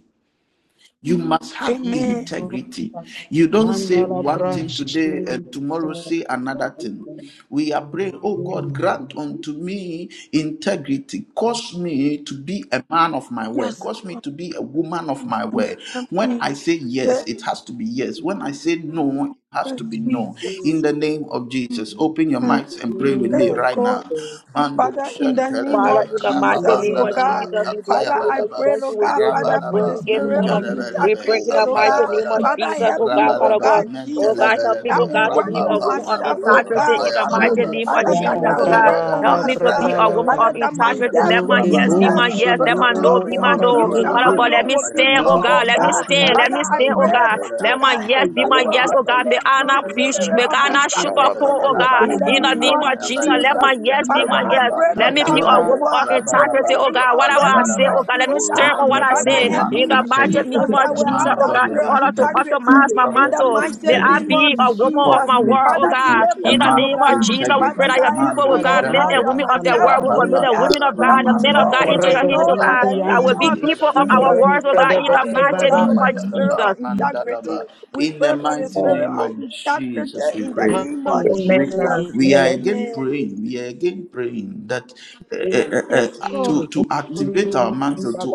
A: You must have
D: e
G: Amen.
A: integrity.
D: bruta,
A: You don't say
D: anda la
A: one thing today and tomorrow say another thing. We are praying, oh God, grant unto me integrity. Cause me to be a man of my word.
G: Yes,
A: Cause me
G: Lord.
A: to be a woman of my word. When
G: Amen.
A: I say yes,
G: Thank
A: it has to be yes. When
D: bracha,
A: I say no, has
G: you,
A: to be known. In
G: Jesus.
A: the name of Jesus, open your
G: Mm.
A: mics and pray with me
G: Thank
A: right
G: God.
A: now. Mando
G: Father, in the name
C: Father,
A: shantalaba,
G: of
C: in the mighty
G: Jesus,
C: name
G: oh
C: of
G: God,
A: rababandalaba,
C: Jesus, we bless
G: Father,
C: you, we
G: I
C: thank you,
A: kapayabalaba,
G: pray,
C: thank
G: oh
C: you, we
G: God,
C: give you
G: Father,
C: the
G: for
A: rabalaba,
C: glory,
G: the
C: we give you
G: spirit of
C: honor. We
A: mentalabalaba,
C: pray
G: integrity,
C: in the
G: oh
C: mighty
G: God.
C: name
H: Boshikalavada,
C: of
A: kapayabalaba,
G: Father,
C: Jesus,
G: help
C: oh God,
G: me, oh
C: Father
A: rabalaba,
G: God,
C: God. Oh
G: Jesus,
C: God, help me,
A: mentalabalaba,
G: that
C: oh
G: will
C: God, to
G: work
C: be
G: on
C: a
H: Lelea
C: woman of
H: Nanda,
G: myself,
A: rapapandalaba,
G: oh
C: integrity
G: God,
H: Atua
C: in the
G: Father.
C: mighty
A: kapayabalaba,
H: Sukola
C: name of
G: Father, God,
C: Jesus,
G: that
H: Apali,
C: oh
G: will
C: God.
G: work on
A: yantalabalaba,
C: Help me to be
G: myself.
C: a woman
A: rabalaba,
C: of
G: Father,
D: Gababradalaba,
G: that my
C: integrity.
A: mentalaba,
G: yes
C: Let
G: will
C: my
H: Benando
D: Luke
G: be
C: yes be
A: rabalaba,
C: my
G: yes
D: Bushi,
C: yes.
G: to
C: Let
G: the
C: my
H: Sotapira,
A: rabalaba,
C: no
G: glory
C: be my
G: of
D: Lumunda
C: no.
G: you
H: Invalindo
G: that
D: Dule,
C: Father
A: rabalaba,
G: my
C: God, let
G: no
C: me
G: will be
C: stand,
G: no,
C: oh
A: kapayabalaba,
G: oh
C: God, let me
H: Sotomantabaya,
G: God.
C: stand,
D: Dinasata,
C: let
G: Father,
C: me
G: I
C: stand,
A: kapayabalaba,
C: oh
H: Isolo
G: pray,
C: God. Let
G: Father
H: Equa
C: my
G: God,
H: Mata
C: yes be
G: that you
C: my
G: will
C: yes, oh
A: Mandalabalaba,
H: Asolete,
C: God. May
G: uplift
C: I
G: my
C: not preach,
A: Rabalaba,
G: spirit
C: may
G: of
C: I not shook or
A: Mentalaba,
C: cool,
G: integrity
C: oh God.
H: Mancalavadagado
G: in the
A: Rabalaba,
C: In the
G: name
C: name
G: of
C: of
H: Sotapire,
C: Jesus, let
A: Kapayabalaba,
C: my
G: Jesus.
C: yes
H: Meliada
C: be
G: Father,
C: my
G: I
C: yes.
A: Rabalaba,
G: pray, oh
C: Let
H: Atwata
C: me
G: God,
C: be a
G: that
A: Mentalaba,
G: you
H: Ragado
C: woman
G: God,
C: of
G: to
C: integrity,
A: Rabalaba,
H: Shavitade,
G: make
C: oh
G: me
C: God.
G: a
C: Whatever I
G: better
C: say,
A: Yalabalaba.
C: oh God,
G: person,
C: let me
G: oh
C: stand
G: God.
A: Cause
C: on
A: me
C: what I
A: to be
G: Father,
A: a
C: say.
G: help
A: man
C: In
H: Murukagadabayate,
A: of
G: me,
C: the mighty the
G: Jesus,
C: name
A: integrity,
C: of
G: I
A: a
G: will
C: Jesus,
A: man
G: have
A: of
C: oh
G: that
A: God
C: God, in
A: with
G: spirit
C: order to
G: of
A: integrity,
G: integrity
A: a
C: optimize my
G: in
A: prophet
G: the
A: with
C: mantle.
G: mighty
C: May I
G: name
A: integrity
C: be
G: of
C: a woman of
G: Jesus.
A: called
C: my
A: me to
C: word, oh
G: Father,
C: God.
A: be a
G: deliver
C: In the
G: me, oh
A: man
C: name
A: of
C: of
G: God.
C: Jesus, we pray
G: Father
A: integrity.
C: that your
G: God, help
C: people,
A: Mando
C: oh
G: me, oh
C: God, men
G: God,
A: Shempe,
C: and
G: that
C: women
G: my
C: of their
G: yes
D: Ragabanda,
C: word, we
G: will
C: commit
A: Rapapa,
G: be
C: the
G: yes,
C: women of
A: Dalaba,
G: that
C: God, the
G: my
D: Hanante,
C: men of
G: no
C: God
G: will
C: into
G: be
C: your
A: Papayaba,
C: hands,
G: no
C: oh
G: in
C: God.
G: the
A: Rabalaba,
C: That will
G: name
C: be
G: of
D: Rebomatianti,
C: people of
A: Mandalaba,
C: our
G: Jesus.
C: words, oh
D: Rente
C: God,
G: Father,
D: de
C: in
G: I
C: the
A: Rabalaba,
G: pray, oh
C: mighty
G: God,
C: name
D: Beshibaba,
G: for
C: of
G: the spirit
A: Papayabalaba,
C: Jesus.
G: of integrity.
A: Mandalaba.
G: We
A: In the
G: pray for
C: Yes,
G: the
A: mighty
C: Lord.
G: spirit
A: name
G: of
A: of
G: integrity
A: Jesus, we
G: in the name
A: pray
G: of
A: we,
C: Amen.
G: Jesus.
A: we are
D: Munda
A: again
G: Amen.
A: praying we are again praying that uh, uh,
G: Yes,
A: uh,
G: Lord.
A: to to activate our mantle to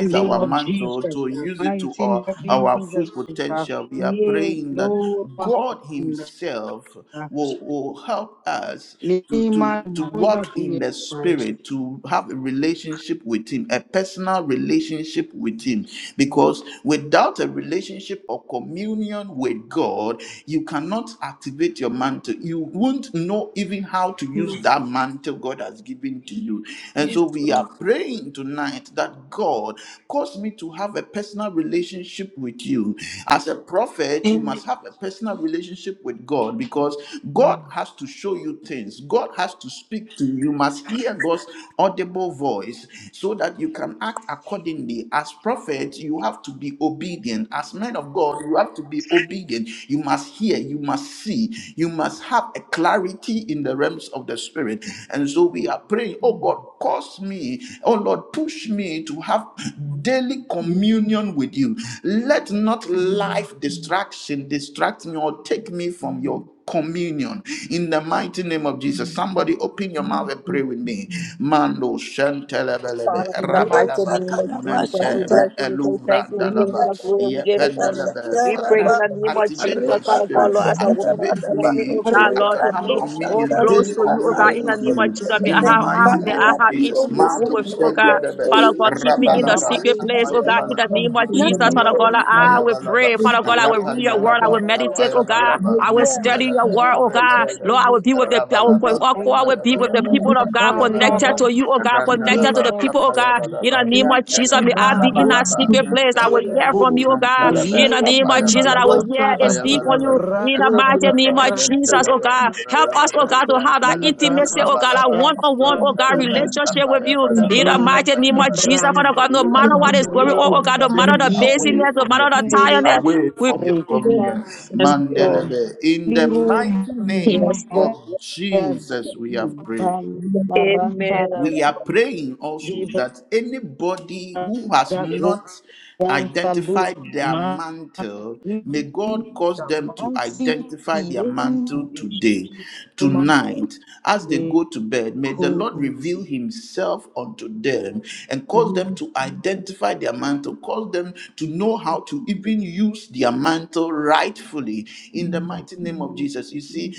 D: the name
A: our
D: of Jesus
A: mantle
D: Christ,
A: to
D: God.
A: use it to
D: mighty name
A: our
D: of
A: our full
D: Jesus Christ, God.
A: potential we are
D: yeah,
A: praying that
D: Lord, God.
A: god himself will, will help us to,
D: name
A: to,
D: of
A: to
D: wonder
A: walk in
D: Jesus
A: the
D: Christ.
A: spirit, to have a relationship with Him, a personal relationship with Him. Because without a relationship or communion with God, you cannot activate your mantle. You won't know even how to use that mantle God has given to you. And so we are praying tonight that God cause me to have have a personal relationship with you. As a prophet, you must have a personal relationship with God because God has to show you things. God has to speak to you. You must hear God's audible voice so that you can act accordingly. As prophets, you have to be obedient. As men of God, you have to be obedient. You must hear, you must see, you must have have a clarity in the realms of the spirit. And so we are praying, oh God, cause me, oh Lord, push me to have daily communion with you. Let not life distraction distract me or take me from your communion in the mighty name of Jesus. Somebody open your mouth and pray with me. Mando shentelebelebe
C: Father, in the mighty
A: rabadaba
C: name of Jesus, we
A: mente me
C: bless you. We say thank
A: eluvra
C: you. We give you
A: dalaba
G: Father,
C: the
G: I me,
C: glory. We
G: been,
C: give you honor.
A: yependalebe.
C: We pray in
A: Father,
C: the name of
A: Activate my
C: Jesus, Father God,
A: spirit,
C: Lord, as a woman of
A: activate
C: God, help me,
A: me
C: oh
D: Yes,
A: so
C: God,
A: I
D: God.
C: Lord,
A: can
C: to
A: have
C: be oh
A: communion,
C: close
A: daily
C: to you, oh God,
A: communion
C: in the
D: Yes,
H: Yuma
A: with
C: name
D: God.
C: of
A: you
C: Jesus. May I
A: in the
C: have, have
A: mighty
C: may
A: name
C: I
A: of
D: Mambo,
C: have
G: oh
A: Jesus.
C: intimacy
G: God, to
A: Mando
G: be
C: with
D: mambo,
C: you, oh God.
A: Shendebe,
G: close to
D: mambo.
C: Father
G: you
C: God, keep
G: in
C: me
G: the
C: in the
G: name of
A: Rabalaba,
C: secret
D: Rabu,
C: place,
G: Jesus.
C: oh God, in
D: ziki,
C: the
A: Tapayabalaba,
C: name of Jesus.
G: Nothing to
C: Father
D: kunde,
A: Mandalaba,
C: God,
D: kunde.
G: you.
C: like, I will
A: Tapayabalaba,
C: pray. Father God, I will read your
D: Wata,
C: word. I will
A: Rapandalaba,
D: tata,
C: meditate, oh God.
B: Make
A: Tapayabalaba,
C: I will
G: Well,
C: study your
A: Nantelebe,
C: word, oh God.
A: Rebelebe,
D: ya,
C: Lord, I will be with the, I will,
A: Rabalaba,
B: her
D: Liru
C: I will be with the
B: You
A: Tapayabalaba,
B: have
C: people
B: been
C: of
B: a
D: Mahazi
C: God,
B: faithful
A: Tapayabalaba,
C: connected
B: God.
C: to you, oh God,
B: You
C: connected to
A: Randalaba,
C: the people, oh God. In the
A: Tapayabalaba,
C: name of Jesus, may
A: Nantelebe,
C: I be in that secret
A: Rabalaba,
C: secret place. I will
A: Nantelebe,
C: hear from you, oh God.
A: Nantelebe,
C: In the name of Jesus, I will
A: Tapayabalaba.
C: hear and see from
A: Apayabalaba,
C: you. In the mighty
A: Rabalaba,
C: name of Jesus, oh
A: Mentalaba,
C: God. Help us, oh
A: Rabalaba,
C: God, to have that
A: Mentalaba,
C: intimacy, oh God, that
A: Rabalaba,
C: one-on-one, oh God,
A: Yapalaba,
C: relationship with you. In
A: Apayabalaba,
C: the mighty name of Jesus,
A: Apayabalaba.
C: Father God, no
A: Let
C: matter
B: have
C: what
A: not
C: is
A: the
C: going on, oh
A: world
C: God, no
A: take
C: matter the
A: me
B: never
A: away
C: busyness, no
A: from
C: matter
A: your
C: the
A: feet,
B: faithful
C: tiredness,
A: away
C: we
A: from your
B: God
A: communion.
B: for
C: yes,
B: me.
C: Lord.
A: Mandelebe, in the mighty
B: You
C: Yes,
A: name
C: Lord.
A: of
B: are faithful to
A: Jesus, we
B: me.
A: have prayed
H: Thank
B: You are
D: Balarata
B: faithful to me. You are
C: Amen.
A: we are praying also that anybody who has
H: you.
A: not
D: Zagontalu
A: identified their mantle, may God cause them to
D: Mashamansi
A: identify their mantle
D: English
A: today, tonight, as they go to bed. May the Lord reveal
D: Cozy.
A: Himself unto them and cause them to identify their mantle, cause them to know how to even use their mantle rightfully in the mighty mighty name of Jesus. You see,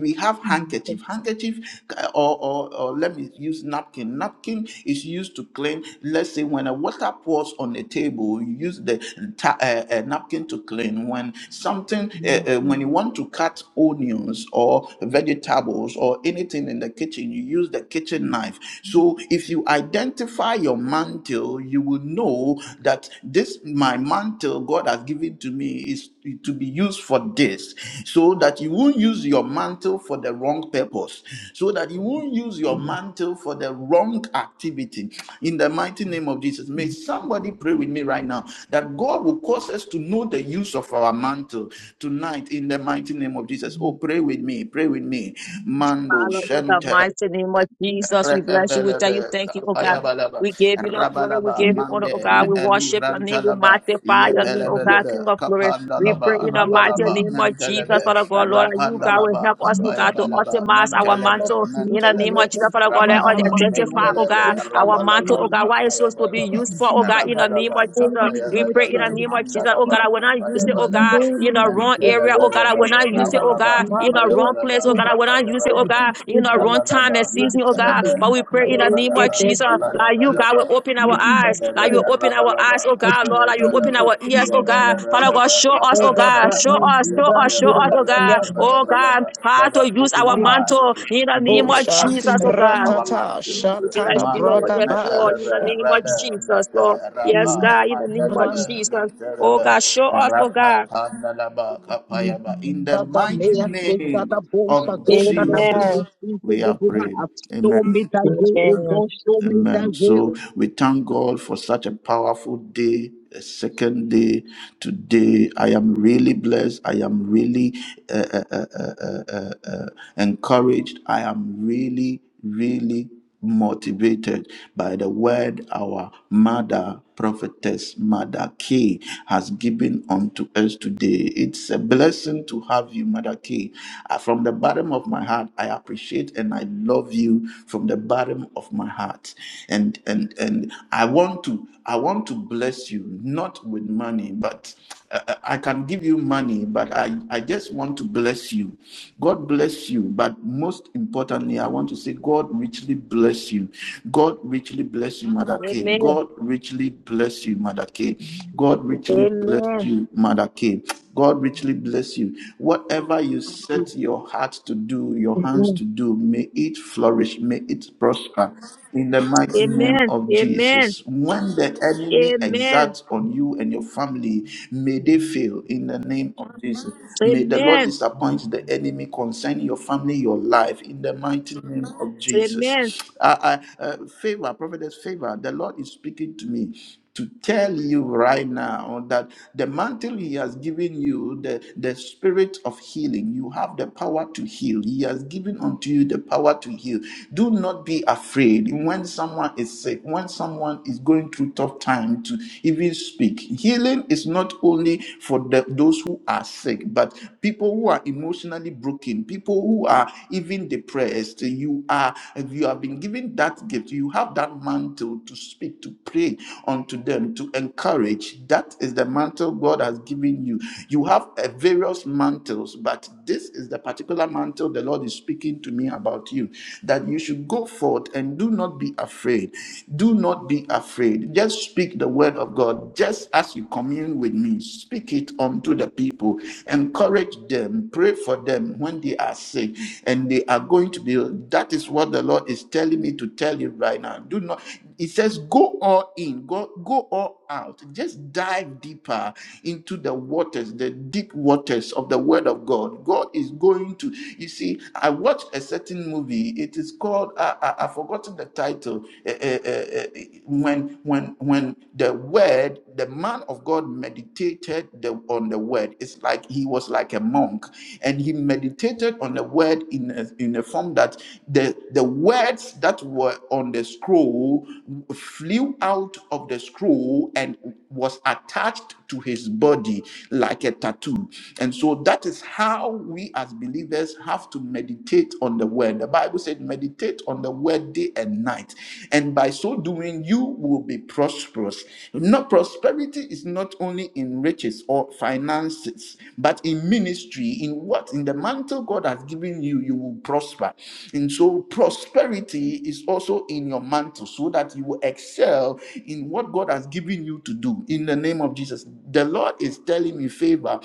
A: we have handkerchief, handkerchief, uh, or, or or let me use napkin. Napkin is used to clean. Let's say when a water pours on a table, you use the ta- uh, uh, napkin to clean. When something, uh, uh, when you want to cut onions or vegetables or anything in the kitchen, you use the kitchen knife. So if you identify your mantle, you will know that this my mantle God has given to me is to be used for this, so that you won't use your mantle for the wrong purpose, so that you won't use your mantle for the wrong activity. In the mighty name of Jesus, may somebody pray with me right now that God will cause us to know the use of our mantle tonight. In the mighty name of Jesus, oh, pray with me, pray with me, Mando
C: Father, in the
A: Shente.
C: mighty name of Jesus, we bless you. We tell
A: Rebelebe,
C: you thank you, oh God.
A: Payabalaba,
C: We give you the glory. We
A: Rabalaba,
C: give you honor, oh
A: Mande,
C: God. We
A: Meelu
C: worship your name. We
A: Vrantalaba,
C: magnify your name, oh God, King
A: Yepelebelebe,
C: of glory. We pray
A: Kapandalaba,
C: in the
B: faithful to
C: mighty
A: Rabalaba,
C: name of
B: me.
C: Jesus,
A: Mentelebe,
C: Father God, Lord, that you, God, will
A: Rapandalaba,
C: help us, oh
B: Thank
C: God, to
A: Payabalaba,
C: optimize our
A: Mentelebe,
C: mantle. In the name
A: Mentelebe,
C: of Jesus, Father God,
D: Of
C: let
D: my
C: us
A: Rabalaba,
D: month of life,
C: identify, oh
A: Mendelebe,
C: God,
D: only
C: our
D: good
C: mantle,
A: Rabalaba,
C: oh God, why it's supposed to be
A: Payabalaba,
C: useful, oh God, in the name
A: Rabalaba,
C: of Jesus. We pray in
A: Payabalaba,
C: the name of
D: to
C: Jesus, oh
A: Mandalaba,
C: God, I will not use it, oh God,
A: Payabalaba,
C: in
D: only
C: the
D: what
C: wrong area,
D: to
C: oh God, I
A: Mentelebelebe,
C: will not use it, oh
A: Rabalaba,
C: God, in the wrong wrong place,
A: Payabalaba,
C: oh God. I will not use it, oh God,
A: Payabalaba,
C: in a wrong time and
A: Rabalaba,
C: season, oh God.
A: Matalaba,
C: But we pray in the name of
A: Papalabalaba,
C: Jesus, like you, God,
A: Rabalabalaba,
C: will open our eyes,
A: Mentalaba,
C: like you open our
A: Rabalaba,
C: eyes, oh God, Lord, like you open
A: Papalabalaba,
C: our ears, oh God. Father God,
A: Yabalabalaba,
C: show us, oh God,
D: Egaba,
C: show
A: Papalabalaba,
C: us, show us, show us, oh
A: Yapalabalaba,
C: God,
D: Ranturia,
C: oh
A: Papalabalaba.
C: God, how
A: Father,
C: to use
A: open
C: our
A: our eyes
C: mantle
A: to
C: in the
A: know
C: name
A: the
C: of
D: Busha,
C: Jesus, oh
A: function of
C: God.
A: our
D: Ratata,
A: mantles.
C: We bless
D: Shatada
C: you, Lord,
A: Mande,
C: yes,
D: Bragaba,
C: Lord, in
A: Me'elebe,
C: the name of
A: Rebe,
C: Jesus,
A: Mepe,
C: Lord. Yes,
A: Rapa,
C: God, in the name of
D: Randa
A: Mandalebe,
C: Jesus. Oh
A: Mentalebe,
C: God, show us, oh
A: Rapa,
C: God.
A: Pandalaba, Papayaba. In the
D: da
A: mighty
D: Mea, Senta
A: name
D: da Bolsa,
A: of
D: Gonda da Brio,
A: Jesus.
C: Amen.
D: Sinto
A: We
D: de
A: have
D: Buha,
A: prayed. Amen.
D: show me thy way, O
C: Amen.
D: God, show me thy
A: Amen.
D: way,
A: So
D: O
A: we thank God for such a powerful day, a second day today. I am really blessed. I am really uh, uh, uh, uh, uh, uh, uh, encouraged. I am really, really motivated by the word our mother prophetess mother k has given unto us today it's a blessing to have you mother k Uh, from the bottom of my heart i appreciate appreciate and I love you from the bottom of my heart. And and and I want to I want to bless you not with money, but uh, uh, I can give you money, but I, I just want to bless you. God bless you. But most importantly, I want to say, God richly bless you. God richly bless you, Mother K.
C: Amen.
A: God richly bless you, Mother K. God richly bless
C: Amen.
A: you, Mother K. God richly bless you. What whatever you set your heart to do, your hands
C: Yes.
A: to do, may it flourish, may it prosper in the mighty name
C: Amen.
A: of
C: Amen.
A: Jesus. When the enemy
C: Amen.
A: exacts on you and your family, may they fail in the name of Jesus. May the Lord
C: Amen.
A: disappoint the enemy concerning your family, your life, in the mighty name of Jesus.
C: Amen.
A: Uh, uh, uh, favor, prophetess favor, the Lord is speaking to me to tell you right now that the mantle he has given you the, the spirit of healing you have the power to heal he has given unto you the power to heal do not be afraid when someone is sick when someone is going through tough time to even speak healing is not only for the, those who are sick but people who are emotionally broken people who are even depressed you are you have been given that gift you have have that mantle to speak, to pray unto them, to encourage. That is the mantle God has given you. You have uh, various mantles, but this is the particular mantle the Lord is speaking to me about you. That you should go forth and do not be afraid. Do not be afraid. Just speak the word of God, just as you commune with me. Speak it unto the people. Encourage them. Pray for them when they are sick and they are going to be. That is what the Lord is telling me to tell you right now. Do not, it says, go all in, go, go all out. Just dive deeper into the waters, the deep waters of the Word of God. God is going to, you see, I watched a certain movie. It is called, I, I, I've forgotten the title. Eh, eh, eh, eh, when, when, when the Word, the man of God meditated the, on the Word, it's like he was like a monk and he meditated meditated on the word in a, in a form that the, the words that were on the scroll flew out of the scroll and was attached to his body like a tattoo. And so that is how we as believers have to meditate on the word. The Bible said, meditate on the word day and night. And by so doing, you will be prosperous. Not prosperity is not only in riches or finances, things. But in ministry, in what in the mantle God has given you, you will prosper. And so prosperity is also in your mantle so that you will excel in what God has given you to do in the name of Jesus. The Lord is telling me favor.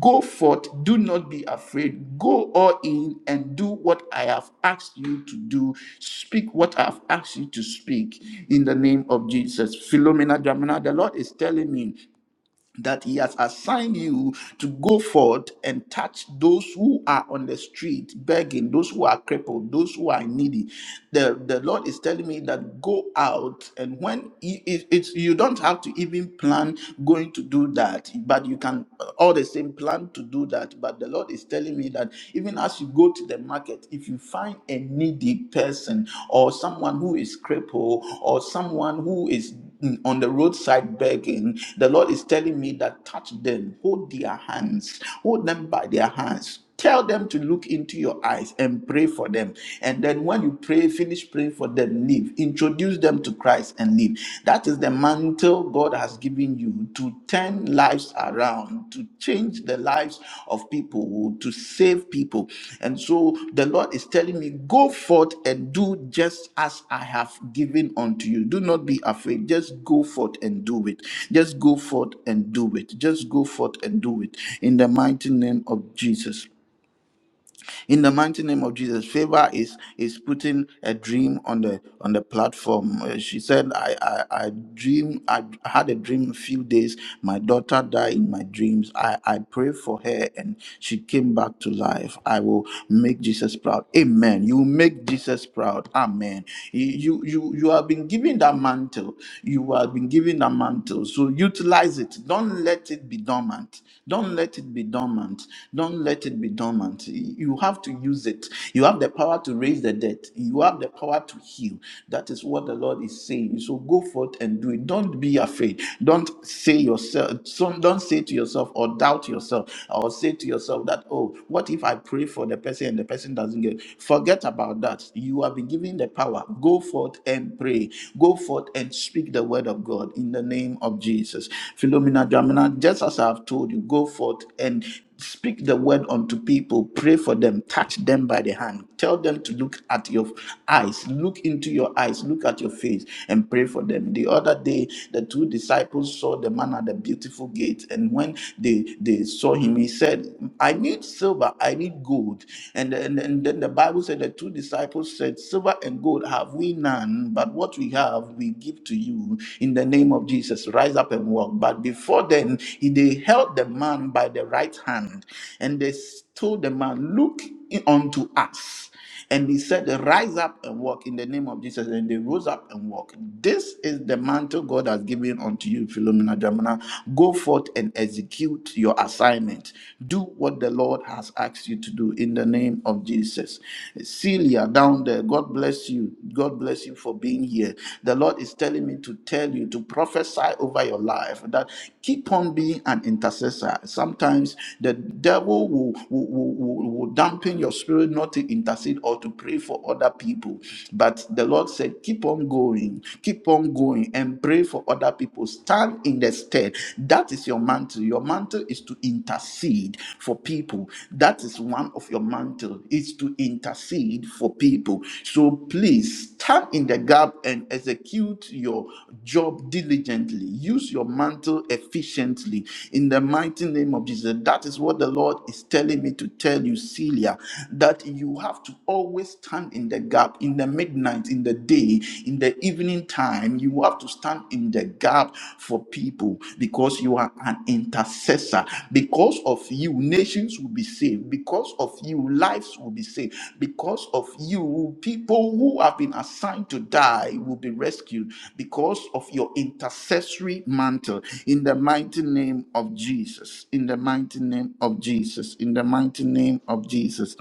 A: Go forth, do not be afraid. Go all in and do what I have asked you to do. Speak what I have asked you to speak in the name of Jesus. Philomena Dramina, the Lord is telling me that he has assigned you to go forth and touch those who are on the street begging those who are crippled those who are needy the, the lord is telling me that go out and when it- it- it's you don't have to even plan going to do that but you can all the same plan to do that but the lord is telling me that even as you go to the market if you find a needy person or someone who is crippled or someone who is on the roadside begging, the Lord is telling me that touch them, hold their hands, hold them by their hands. Tell them to look into your eyes and pray for them. And then when you pray, finish praying for them, leave. Introduce them to Christ and leave. That is the mantle God has given you to turn lives lives around, to change the lives of people, to save people. And so the Lord is telling me, go forth and do just as I have given unto you. Do not be afraid. Just go forth and do it. Just go forth and do it. Just go forth and do it. In the mighty name of Jesus in the mighty name of jesus favor is is putting a dream on the on the platform Uh, she said i i, I dream i had a dream a few days my daughter died in my dreams i i prayed for her and she came back to life i will make jesus proud amen you will make jesus proud amen you you you you have been given that mantle you have been given that mantle so utilize it don't let it be dormant dormant. Don't let it be dormant. Don't let it be dormant. You have to use it. You have the power to raise the dead. You have the power to heal. That is what the Lord is saying. So go forth and do it. Don't be afraid. Don't say yourself. so- Don't say to yourself or doubt yourself or say to yourself that oh, what if I pray for the person and the person doesn't get? it?" Forget about that. You have been given the power. Go forth and pray. Go forth and speak Speak the word of God in the name of Jesus. Philomena Dramina, just as I have told you, go forth and speak the word unto people pray for them touch them by the hand tell them to look at your eyes look into your eyes look at your face and pray for them the other day the two disciples saw the man at the beautiful gate and when they they saw him he said i need silver i need gold and and, and then the bible said the two disciples disciples said, Silver and gold have we none, but what we have we give to you in the name of Jesus. Rise up and walk. But before then, he- they held the man by the right hand and they s- told the man, Look unto us. And he said, Rise up and walk in the name of Jesus. And they rose up and walked. This is the mantle God has given unto you, Philomena Jamina. Go forth and execute your assignment. Do what what the Lord has asked you to do in the name of Jesus. Celia down there, God bless you. God bless you for being here. The Lord is telling me to tell you to prophesy over your life that keep on being an intercessor. Sometimes the devil will, will, will, will will dampen your spirit not to intercede or to pray for other people. But the Lord said, keep on going, keep on going and pray for other people. Stand in in the stead. That is your mantle. Your mantle is to intercede for people. That is one of your mantle is to intercede for people. So please stand in the gap and execute your job diligently. Use your mantle efficiently in the mighty name of Jesus. That is what the Lord is telling me to tell you, Celia, that you have to always stand in the gap in the midnight, in the day day, in the evening time, you have to stand in the gap for people because you are an intercessor. Because of you, nations will be saved. Because of you, lives will be saved. Because of you, people who have been assigned to die will be rescued because of your intercessory mantle. In the mighty name of Jesus. In the mighty name of Jesus. In the mighty name of Jesus.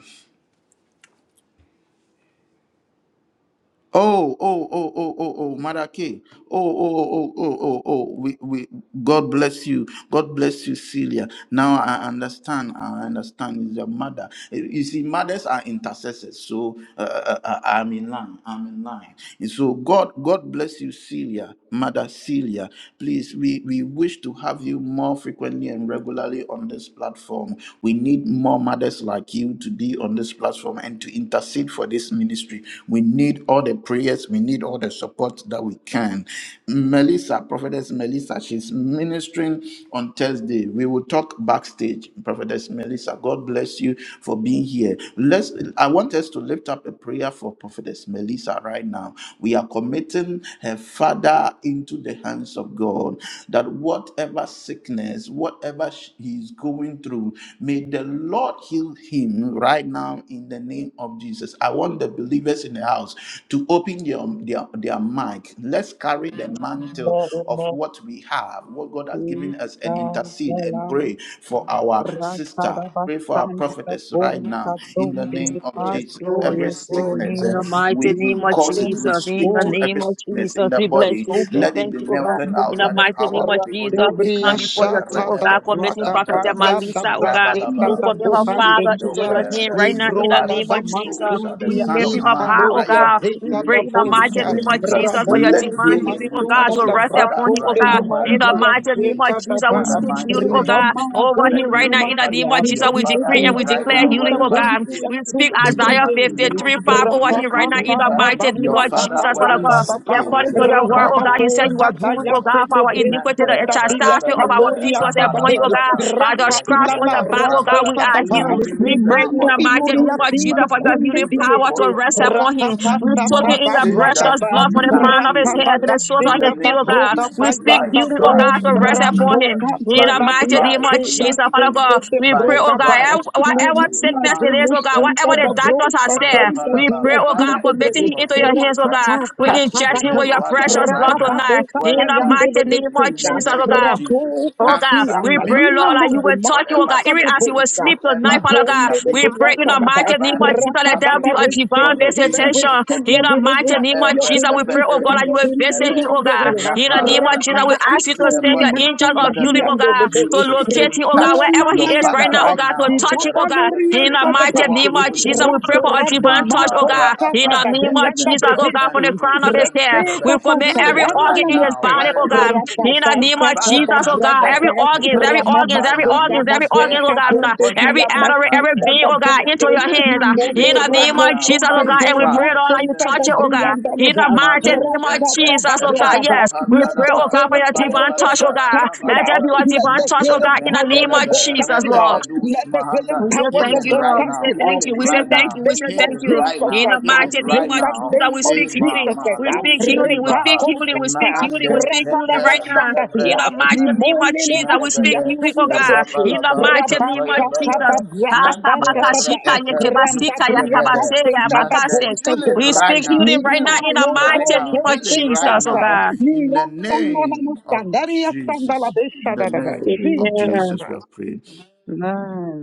A: Oh, oh, oh, oh, oh, oh, Madake. Oh, oh, oh, oh, oh, oh, oh. We, we, God bless you. God bless you, Celia. Now I understand. I understand. It's your mother. Eh, You see, mothers are intercessors. So uh, uh, uh, uh, I'm in line. I'm in line. And so God, God bless you, Celia, Mother Celia. Please, we, we wish to have you more frequently and regularly on this platform. We need more mothers like you to be on this platform and to to intercede for this ministry. We need all the prayers, we need all the support that we can. Melissa, Prophetess Melissa, she's ministering on Thursday. We will talk backstage. Prophetess Melissa, God bless you for being here. Let's I want us to lift up a prayer for Prophetess Melissa right now. We are committing her father into the hands of God. That whatever sickness, whatever sh- he's going through, may the Lord. Lord heal him right now in the name of Jesus. I want the believers in the house to open their, their, their mic. Let's carry the mantle
C: Yeah,
A: of
C: Amen.
A: what we have, what God has given us, and intercede and
D: Sintadela,
A: pray for our sister.
D: Ratada
A: Pray for our
D: Bastanta da
A: prophetess right
B: you.
A: now
D: Bolsa,
A: in the
D: Donde
B: Thank
A: name of
D: Repas,
C: Yes,
A: Jesus
C: Lord.
D: Donde
A: every
C: Yes, Lord.
A: sickness.
C: In
A: eh,
C: the
D: Bronsa,
C: mighty
A: We, we
C: name of
A: cause it.
C: Jesus.
D: Licristende,
A: We
C: In
A: speak
C: the
A: to every
C: name of
A: sickness in
C: Jesus.
A: the
C: We bless
A: body.
C: you. We say
A: Let it
C: thank
A: be
C: you, oh God.
A: melted
D: Rabu
C: In
A: out
C: the
A: by the
C: mighty
A: power
C: name of
A: of the
C: Jesus,
A: Holy
C: we
A: Ghost.
C: come
D: Rakubriya
A: Mente,
C: before your
A: re-
C: throne,
D: shata
C: oh
D: da
C: God,
A: ebe, du-
C: committing
D: braga
A: santa,
C: Prophet
A: laba,
D: baya da
C: Malisa, oh
A: raba,
C: God,
D: braseta
C: who
D: da
A: laba.
C: commit
A: We
C: her
A: speak
D: buhande
C: father
A: the
C: into
D: gia
C: your
A: word.
C: hand
A: Uh,
C: right now
A: The
C: in the
D: libronda
A: Bible
C: name
D: da
C: of
A: says, So
C: Jesus.
A: shall the
C: We
D: matundia
A: Son of
C: lifting
D: i
C: up
A: Man
C: high, oh
A: rise
D: caloria
A: up
C: God.
A: with
C: We
D: zeta
A: healing
C: pray
D: da
C: in the
A: in his
C: mighty
D: bosha
C: name of
A: wings. Uh,
C: Jesus for your
A: Let
D: rabomboze
C: divine healing, oh
A: healing
C: God,
D: matunda
A: touch
C: to
D: da
A: your
C: rest
A: Father
C: upon him, oh
A: right
D: bragonde
C: God.
D: le
A: now,
C: In the
A: wherever
D: mazia
A: he
C: mighty name of
A: is.
D: zeta da
C: Jesus, we
D: ba
A: In the
C: speak
A: mighty
C: healing, oh
A: name of
C: God,
A: Jesus,
D: ribama
C: over
A: let
C: him
D: goli
C: right now.
A: healing
C: In the
A: touch
C: name
D: rumatia
C: of Jesus,
A: your
C: we
D: di
A: Father
C: decree and we
D: bebele
A: right
C: declare
A: now,
C: healing,
D: runda
C: oh
A: wherever he
C: God.
D: bonte ya
C: We
A: is
C: speak
D: tunde
A: in the
C: Isaiah
A: mighty
C: 53,
A: name
D: brillante
A: of
C: 5
A: Jesus.
C: over
A: Let
C: him right now. In
A: healing
D: rapatata
C: the
A: touch
D: da
C: mighty name
A: your
C: of
D: brata pa
A: father
C: Jesus, Father
A: wherever
C: God.
A: he
D: ya
C: Yeah, according
A: is
C: to your word,
A: right
C: oh God,
A: now
C: you
A: in
C: said
A: the
C: you were
D: Rabababota
A: mighty
C: bruised,
A: name
C: oh
A: of
D: tayante
C: God, for
D: de
A: Jesus.
C: our iniquity, the
D: bresunda dia
C: chastisement of our peace
D: caloria
C: was upon
D: tatape.
C: you, oh God. By the
D: Ranta
C: scratch on
D: ilana
C: your back, oh God, we
D: rasteta
C: are
A: We
D: baba.
A: won't
C: healed. We
A: believe the
C: pray in
D: Mimando
C: the
A: report of the
C: mighty name
D: iluria
A: doctors,
C: of
A: but
D: dime
C: Jesus for
A: we will
C: your
D: kunde
C: healing
A: believe the
C: power
D: diente.
A: report
C: to
A: of
C: rest
A: God.
C: upon him.
A: And
C: We soak it
A: God
C: in your
A: says that
C: precious
D: Rapapapapababradaba,
C: blood
A: we
C: from the
A: are
C: crown of his head to
A: healed
C: the source of
A: in the
C: his feet,
A: name
C: oh
D: rapababashibababrokapalyandabro,
A: of
C: God. We
A: Jesus. By
C: speak
A: his
C: beauty, oh God,
A: stripes
C: to
A: we
C: rest
A: are
B: you.
C: upon
A: healed.
C: him. In
A: By
C: the
A: his
C: mighty name of
A: stripes we
C: Jesus,
A: are
C: Father
A: healed.
C: God, we
A: By
C: pray,
A: his
C: oh God,
D: ratokantodadiazebrestetebrokaba,
A: stripes
C: ev-
A: we are
C: whatever
A: healed.
C: sickness it is,
A: Mando
C: oh God, whatever the
A: shentelebe,
C: doctors have said, we
A: merapalaba.
C: pray, oh God,
A: Father,
C: for
A: in the
D: numazimushintadabrostatontadiazidebre,
C: making him
A: name of
C: into your hands,
A: Jesus,
C: oh
A: uh,
C: God. We
A: touch
C: inject him
A: her
C: with your
A: father
C: precious blood
A: right now,
C: tonight. In the
D: rapatatatadaba,
A: wherever he
D: Mandele
C: mighty name
A: is,
C: of
A: in
D: Besuda,
A: the
C: Jesus, oh
A: name of
C: God.
D: Rabo
A: Jesus.
C: Oh God,
A: Cancer,
C: we
D: Pasianda,
A: melt
C: pray,
D: Lina
C: Lord, that
A: out
C: you
A: uh,
D: Nandi,
C: will touch you, oh
A: whatever
C: God,
D: Masita
C: even
D: the
C: as you
A: sickness,
C: will
D: Boda,
C: sleep tonight,
A: whatever
C: Father God.
D: Libonde the
C: We pray
A: disability,
C: in
D: Boyata
C: the mighty
D: Nabas,
A: whatever
C: name of
A: he's
C: Jesus that
D: Raka
C: there
A: suffering
D: Baba,
C: be a
A: in his
D: receive
C: divine
D: your
A: body, in
D: healing,
A: the
C: visitation.
A: name
D: receive
A: of
C: In
D: your
C: the
D: healing,
A: Jesus.
C: mighty
A: Na-
C: name
D: receive
C: of
D: your
A: ere-
C: Jesus, we
D: healing,
A: ebe-
C: pray, oh God,
D: receive
C: that you
D: your
C: will
A: erush-
D: healing,
C: visit him,
A: nebe-
D: receive
C: oh
D: your
C: God.
A: rapa-
D: healing.
A: ra-
C: In the
A: ah,
C: name of
A: ra-
C: Jesus,
A: We
C: we
D: Rampada
A: speak
C: ask you
A: to
C: to
A: the
D: Asone
C: send your
A: body
C: angels
D: Masunda
A: in
C: of
A: the
C: healing, oh
A: name
D: Biande
C: God,
A: of
D: Lebe,
C: to
A: Jesus.
C: locate him,
A: We
C: oh God,
A: touch
D: Rechuna
C: wherever he
A: your
C: is right
A: father
D: Mayanta,
C: now, oh
A: right
C: God, to
D: the
A: now in
C: touch
A: the
C: him, oh
A: realms of
C: God.
A: the
D: Babalorian
C: In
A: spirit
C: the
A: by the
C: mighty
A: power of
C: name
A: the
D: Federation,
C: of
A: Holy
C: Jesus, we
A: Ghost.
D: Rabdo
C: pray for a
D: Rabdo
C: divine touch, oh
A: Manda
D: Mako
C: God. In
D: Shaka
C: the
A: Raapa
C: name of
D: Babrianda
C: Jesus.
A: Leebe
C: Jesus, oh God, from the
D: Brehesi,
A: Leentu
C: crown of his hair,
D: Rekte
C: We
A: Shentelebe.
C: commit every
A: Healing
D: Tatayana
C: organ
A: right
C: in his
A: now,
D: Lamasta,
C: body, oh
A: wherever Deborah
C: God. In
A: is.
C: the
D: Rapata
C: name of
D: Shaka
A: Father,
C: Jesus, oh
A: touch
C: God, every
D: Babragata,
A: her.
C: organs,
A: Touch
C: every
A: him
C: organs,
D: Ramama
A: right
C: every
A: now. We
D: Seka
C: organs, every
A: use
C: organ,
A: her
C: oh
D: Babosha
C: God,
A: as a
C: nah,
D: Konde
A: point of
C: every
D: Dia
C: artery,
A: contact
C: every
D: Masita
A: and
C: vein,
A: we
C: oh
A: decree
C: God,
A: and
C: into
D: Babonde,
C: your
A: declare
C: hands. ah. In
D: Nimone
A: healing
C: the name
A: right
C: of
D: Romo
A: now
C: Jesus, oh
D: Konde
A: by
C: God,
A: his
D: De
C: and we pray,
A: stripes
C: Lord, that
A: in
C: you
A: the
D: Masita
C: touch
A: name
C: it,
A: of
C: oh God.
D: Babrianda
A: Jesus.
C: In the mighty
D: Lada,
A: Mando
C: name of
A: Shente,
D: Rapata
C: Jesus, oh God,
D: Babragata,
C: yes. We
D: let
C: pray,
D: the
C: oh
A: Rapapandalaba,
C: God, for your
D: Philip power
C: divine
D: of
C: touch,
D: God
C: oh
A: Tapayabalaba,
C: God.
D: touch you
C: Let
D: now.
C: there be
A: Rabalaba,
C: your
D: Let
C: divine
D: the
C: touch, oh
A: Mente-
D: healing
C: God, in the
D: power of
C: name of
D: God
A: mentelebe,
D: touch
C: Jesus,
D: you
C: Lord.
D: now.
A: re'ebedus
D: Let the healing
A: mahanda.
C: We say
D: power
C: thank
D: of
A: Healing
C: you,
D: God
A: right
C: Lord. We
D: touch
C: say
A: now,
D: you now.
C: thank you.
A: healing
C: We
D: In
C: say
A: right
D: the
C: thank
A: now,
C: you. We say
D: name of
C: thank
A: healing
C: you.
A: right
D: Jesus
C: In the
A: now,
D: Christ. ah.
C: mighty
A: healing
C: name
A: right
D: In
C: of
D: the
A: now.
C: Jesus,
D: name
C: we
D: of
C: speak
A: E Ema
D: Jesus
C: healing.
D: Christ.
C: We
D: ah.
C: speak
A: malus
C: healing. We speak
A: ibaha,
C: healing. We
A: na
C: speak
D: Rebakosata.
C: healing. We
A: ande
C: speak healing
A: tepe
C: right
A: le
C: now.
A: ebre,
C: In
D: Repadabashandasia.
C: the mighty
A: ema
C: name of
A: lus
C: Jesus,
A: me
C: we
D: Limonelemosia.
C: speak
A: evede,
C: healing, oh God.
D: Dundaboshe.
C: In the
A: rabalaba,
C: mighty name of Jesus.
A: tepayabalaba, nante
D: Rabashatadabrakapatata.
C: Kasabakashika
A: re'epe nus
C: yekebasika
A: kevede,
C: yakabaseya bakase.
A: nante. Healing
C: We
D: Ramdabriakastetadabonsegunda.
A: right
C: speak
A: now,
C: healing right now
A: healing
C: in the
A: right
C: mighty
A: now,
C: name of
A: healing right
C: Jesus, oh
A: now,
C: God.
A: in
D: Nimalorokosetafa.
A: the name of Jesus. In the name of
D: Jesus
C: Amen.
A: Jesus, we
D: Christ.
A: have prayed.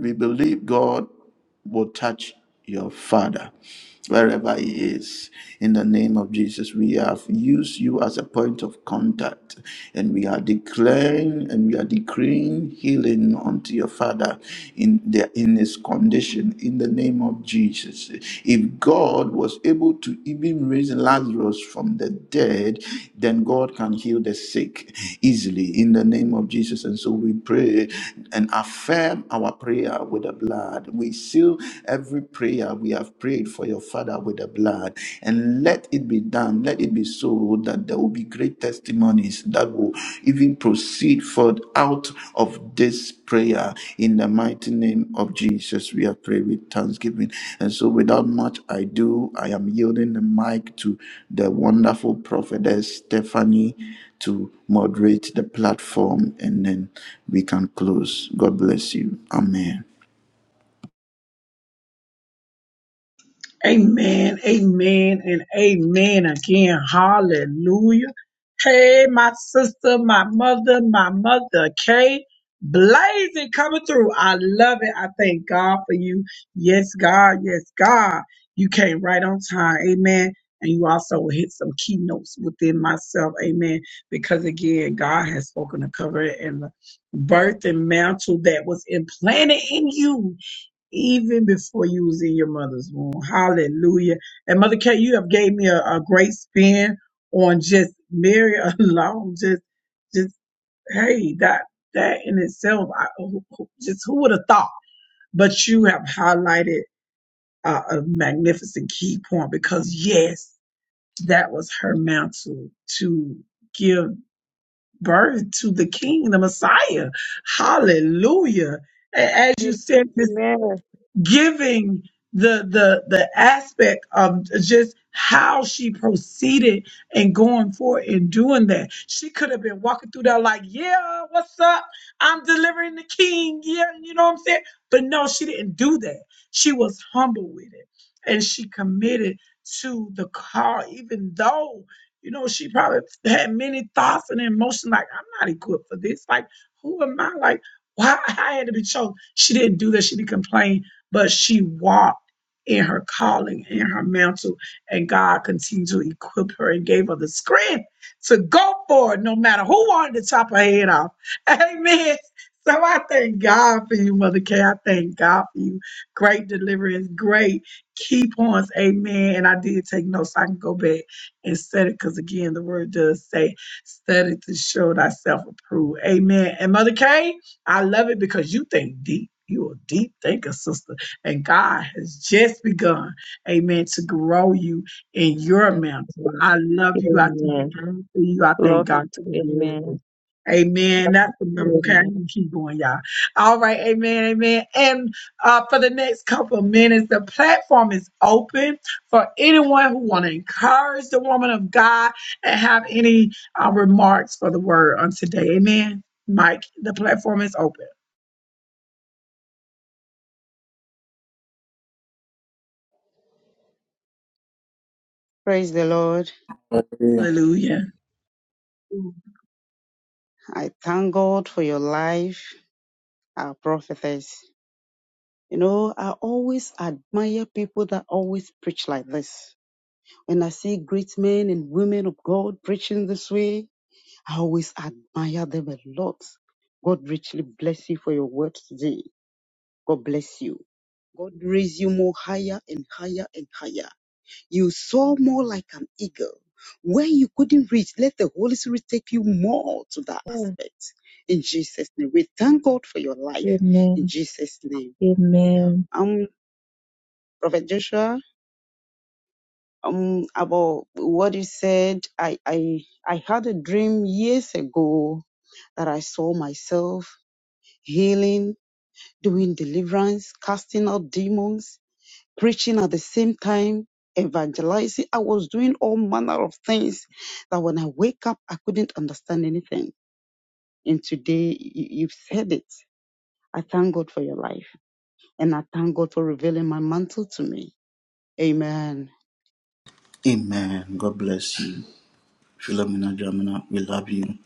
A: We believe God will touch your father wherever he is. In the name of Jesus, we have used you as a point of contact and we are declaring and we are decreeing healing unto your father in the in his condition in the name of Jesus. If God was able able to even raise Lazarus from the dead, then God can heal the sick easily in the name of Jesus. And so we pray and affirm our prayer with the blood. We seal every prayer we have prayed for your father with the blood. And let it be done, let it be so that there will be great testimonies that will even proceed forth out of this prayer in the mighty name of Jesus. We are praying with thanksgiving. And so, without much ado, I am yielding the mic to the wonderful prophetess Stephanie to moderate the platform, and then we can close. God bless you. Amen.
B: Amen, amen, and amen again. Hallelujah. Hey, my sister, my mother, my mother, Kay, blazing coming through. I love it. I thank God for you. Yes, God. Yes, God. You came right on time. Amen. And you also hit some keynotes within myself. Amen. Because again, God has spoken to cover it and the birth and mantle that was implanted in you even before you was in your mother's womb. Hallelujah. And Mother K, you have gave me a, a great spin on just Mary *laughs* alone. Just, just, hey, that, that in itself, I, who- who- just who would have thought? But you have highlighted uh, a magnificent key point because yes, that was her mantle to give birth to the king, the Messiah. Hallelujah. A- As you said,
C: Amen.
B: giving the the the aspect of just how she proceeded and going forward and doing that. She could have been walking through there like, yeah, what's up? I'm delivering the king. Yeah, you know what I'm saying? But no, she didn't do that. She was humble with it. And she committed to the call, even though, you know, she probably had many thoughts and emotions like, I'm not equipped for this. Like, who am I? Like, why I had to be chosen. She didn't do that. She didn't complain but she walked in her calling, in her mantle, and God continued to equip her and gave her the strength to go for it, no matter who wanted to chop her head off. *laughs* Amen. So I thank God for you, Mother Kay. I thank God for you. Great deliverance, great key points. Amen. And I did take notes. so I can go back and study because, again, the word does say, study to show thyself approved. Amen. And Mother Kay, I love it because you think deep. You a deep thinker, sister. And God has just begun, amen, to grow you in your mantle. I love you. I thank
C: Amen.
B: God for you. I thank
C: Love you
B: God
C: too.
B: for
C: Amen.
B: you. Amen. That's the number. Okay, I
C: Amen.
B: can keep going, y'all. All right, amen, amen. And uh, for the next couple of minutes, the platform is open for anyone who want to encourage the woman of God and have any uh, remarks for the word on today. Amen. Mike, the platform is open.
D: Praise the Lord.
B: Hallelujah.
D: I thank God for your life, our prophetess. You know, I always admire people that always preach like this. When I see great men and women of God preaching this way, I always admire them a lot. God richly bless you for your word today. God bless you. God raise you more higher and higher and higher. You soar more like an eagle. Where you couldn't reach, let the Holy Spirit take you more to that aspect. In Jesus' name. We thank God for your life. In Jesus' name.
C: Amen.
D: Um, Prophet Joshua, um, about what you said, I, I, I had a dream years ago that I saw myself healing, doing deliverance, casting out demons preaching at the same time, evangelizing. I was doing all manner of things that when I wake up, I couldn't understand anything. And today, you, you've said it. I thank God for your life. And I thank God for revealing my mantle to me. Amen.
A: Amen. God bless you. Philomena Jamina, we love you.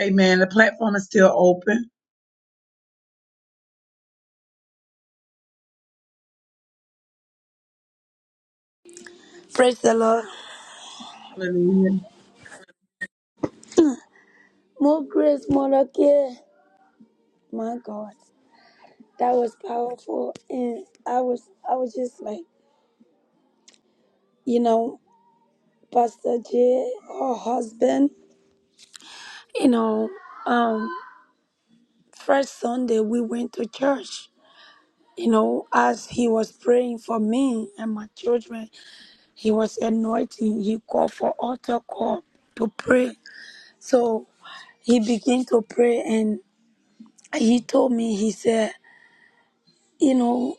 B: Amen. The platform is still open.
G: praise the Lord.
B: Hallelujah.
G: More grace, more care. My God, that was powerful, and I was, I was just like, you know, Pastor J, her husband, you know, um. First Sunday we went to church. You know, as he was praying for me and my children, he was anointing. He called for altar call to pray. So he began to pray and he told me, he said, you know,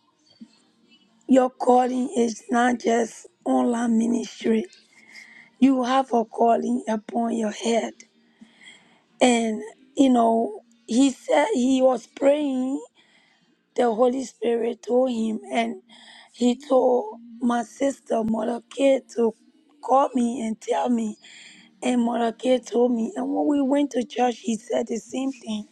G: your calling is not just online ministry. You have a calling upon your head. And, you know, he said he was praying. The Holy Spirit told him, and. He told my sister, Mother Kid, to call me and tell me. And Mother Kid told me. And when we went to church, he said the same thing.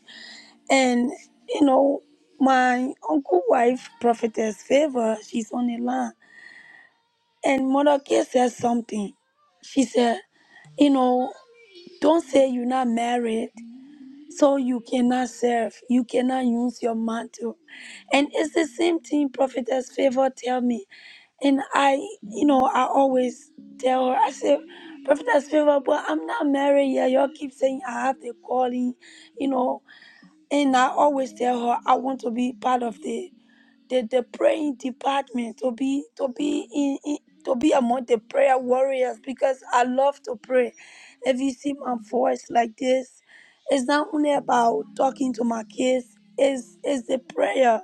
G: And, you know, my uncle wife, Prophetess Favor, she's on the line. And Mother Kid said something. She said, you know, don't say you're not married, so you cannot serve. You cannot use your mantle. And it's the same thing Prophetess Favor tell me. And I, you know, I always tell her, I said, Prophetess Favor, but I'm not married yet. Y'all keep saying I have the calling, you know. And I always tell her I want to be part of the the, the praying department, to be to be in, in to be among the prayer warriors because I love to pray. If you see my voice like this, it's not only about talking to my kids, it's it's the prayer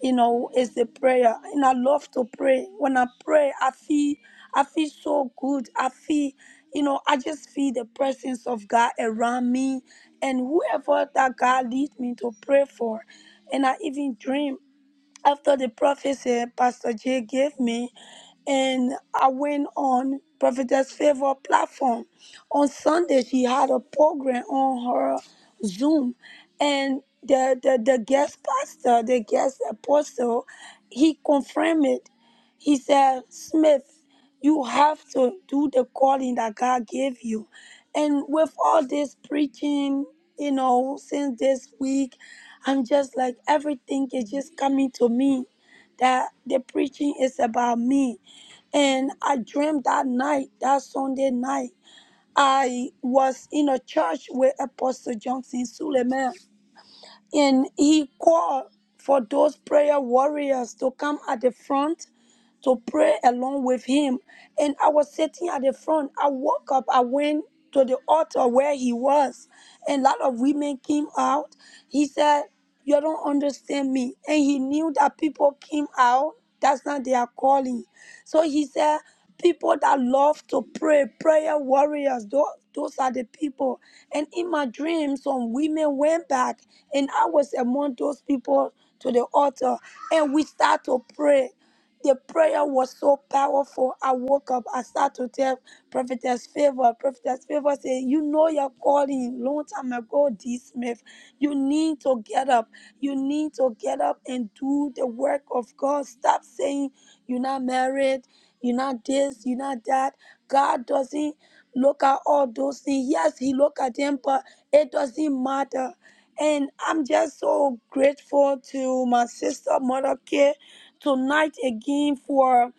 G: you know, is the prayer. And I love to pray. When I pray, I feel I feel so good. I feel, you know, I just feel the presence of God around me and whoever that God leads me to pray for. And I even dream after the prophecy Pastor J gave me, and I went on Prophetess Favor platform. On Sunday, she had a program on her Zoom, and the, the, the guest pastor, the guest apostle, he confirmed it. He said, Smith, you have to do the calling that God gave you and with all this preaching, you know, since this week, I'm just like everything is just coming to me that the preaching is about me. And I dreamed that night, that Sunday night, I was in a church with Apostle Johnson Suleiman, and he called for those prayer warriors to come at the front to pray along with him. And I was sitting at the front. I woke up, I went to the altar where he was, and a lot of women came out. He said, You don't understand me. And he knew that people came out. That's not their calling. So he said, People that love to pray, prayer warriors, those, those are the people. And in my dream, some women went back, and I was among those people to the altar, and we start to pray. The prayer was so powerful. I woke up. I started to tell Prophetess Favor. Prophetess Favor said, You know your calling long time ago, D. Smith. You need to get up. You need to get up and do the work of God. Stop saying you're not married, you're not this, you're not that. God doesn't look at all those things. Yes, He look at them, but it doesn't matter. And I'm just so grateful to my sister, Mother K tonight again for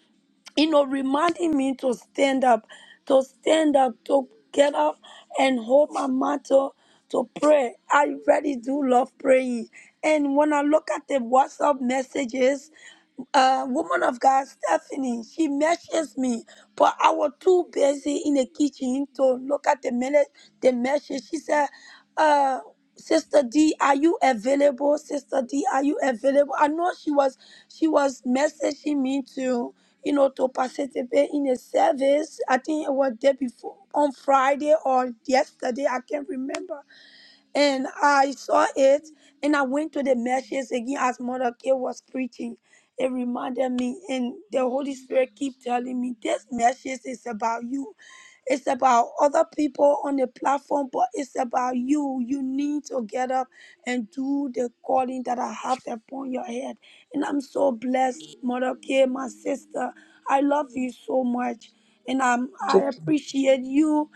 G: you know reminding me to stand up to stand up to get up and hold my mantle to pray i really do love praying and when i look at the whatsapp messages uh, woman of God, Stephanie, she messages me, but I was too busy in the kitchen to look at the minute, the message. She said, uh, Sister D, are you available? Sister D, are you available? I know she was she was messaging me to, you know, to participate in a service. I think it was day before on Friday or yesterday. I can't remember and I saw it and I went to the message again as Mother K was preaching. It reminded me and the Holy Spirit keep telling me this message is about you. It's about other people on the platform, but it's about you. You need to get up and do the calling that I have upon your head. And I'm so blessed, Mother K, my sister. I love you so much. And I'm, I appreciate you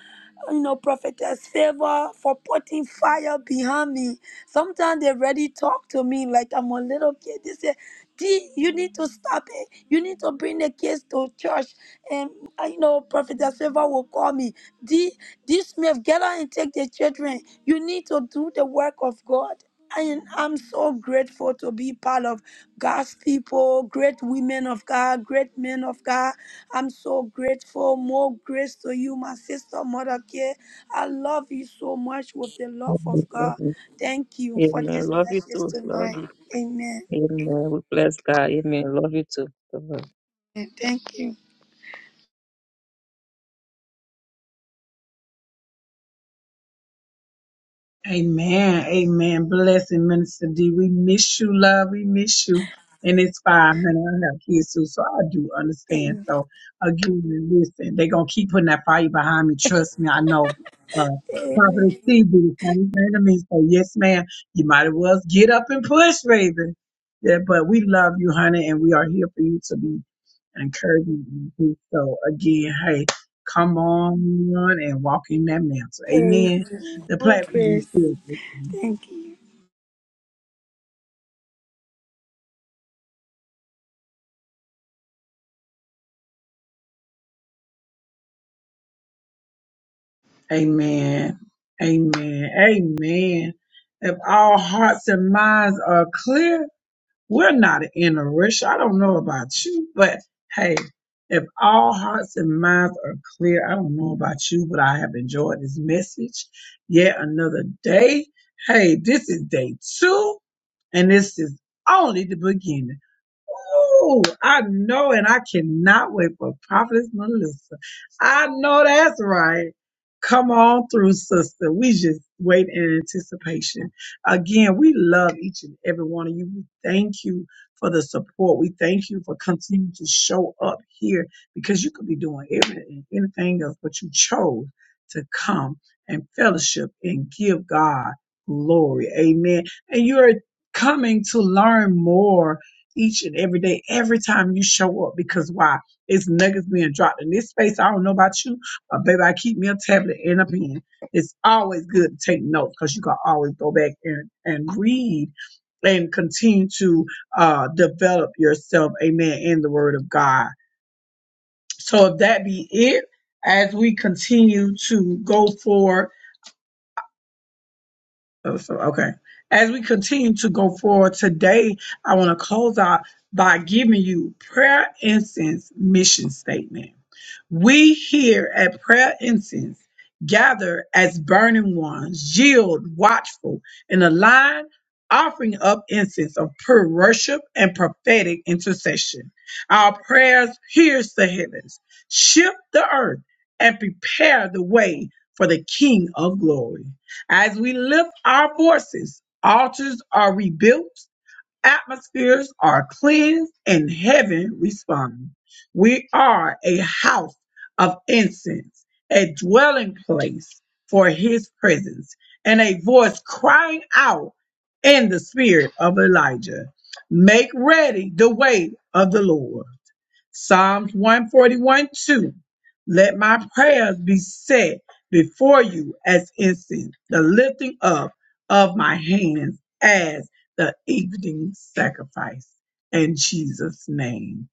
G: you know, prophetess favor for putting fire behind me. Sometimes they already talk to me like I'm a little kid. They say, D, you need to stop it. You need to bring the kids to church. And, uh, you know, prophetess favor will call me. D, D Smith, get out and take the children. You need to do the work of God. And I'm so grateful to be part of God's people, great women of God, great men of God. I'm so grateful. More grace to you, my sister, Mother Care. I love you so much with the love of God. Thank you for this message tonight. Amen. And Thank you.
B: Amen. Amen. Blessing, Minister D. We miss you, love. We miss you. And it's fine, honey. I have kids too, so I do understand.
G: Amen.
B: So again, listen, they are gonna keep putting that fire behind me. Trust me, I know. Uh Prophet
G: Amen.
B: T B the same thing to me. So yes, ma'am, you might as well get up and push, Raven. Yeah, but we love you, honey, and we are here for you to be Encouraging, you to do so. Again, hey, come on and walk in that mantle. Amen.
G: Amen.
B: The
G: More
B: platform is
G: grace.
B: still open.
G: Thank you.
B: Amen. Amen. Amen. If all hearts and minds are clear, We're not in a rush. I don't know about you, but hey, if all hearts and minds are clear, I don't know about you, but I have enjoyed this message. Yet another day. Hey, this is day two, and this is only the beginning. Ooh, I know, and I cannot wait for Prophetess Melissa. I know that's right. Come on through, sister. We just wait in anticipation. Again, we love each and every one of you. We thank you for the support. We thank you for continuing to show up here because you could be doing everything, anything else, but you chose to come and fellowship and give God glory. Amen. And you're coming to learn more each and every day, every time you show up. Because why? It's nuggets being dropped in this space. I don't know about you, but baby, I keep me a tablet and a pen. It's always good to take notes because you can always go back and, and read and continue to uh, develop yourself, amen, in the word of God. So if that be it, as we continue to go forward So, so, okay. As we continue to go forward today, I want to close out by giving you prayer incense mission statement. We here at Prayer Incense gather as burning ones, yield, watchful, and aligned, offering up incense of pure worship and prophetic intercession. Our prayers pierce the heavens, shift the earth, and prepare the way for the King of glory. As we lift our voices, altars are rebuilt atmospheres are cleansed and heaven responds. We are a house of incense, a dwelling place for his presence, and a voice crying out in the spirit of Elijah. Make ready the way of the Lord. Psalms 141 2. Let my prayers be set before you as incense, the lifting up of my hands as the evening sacrifice. In Jesus' name.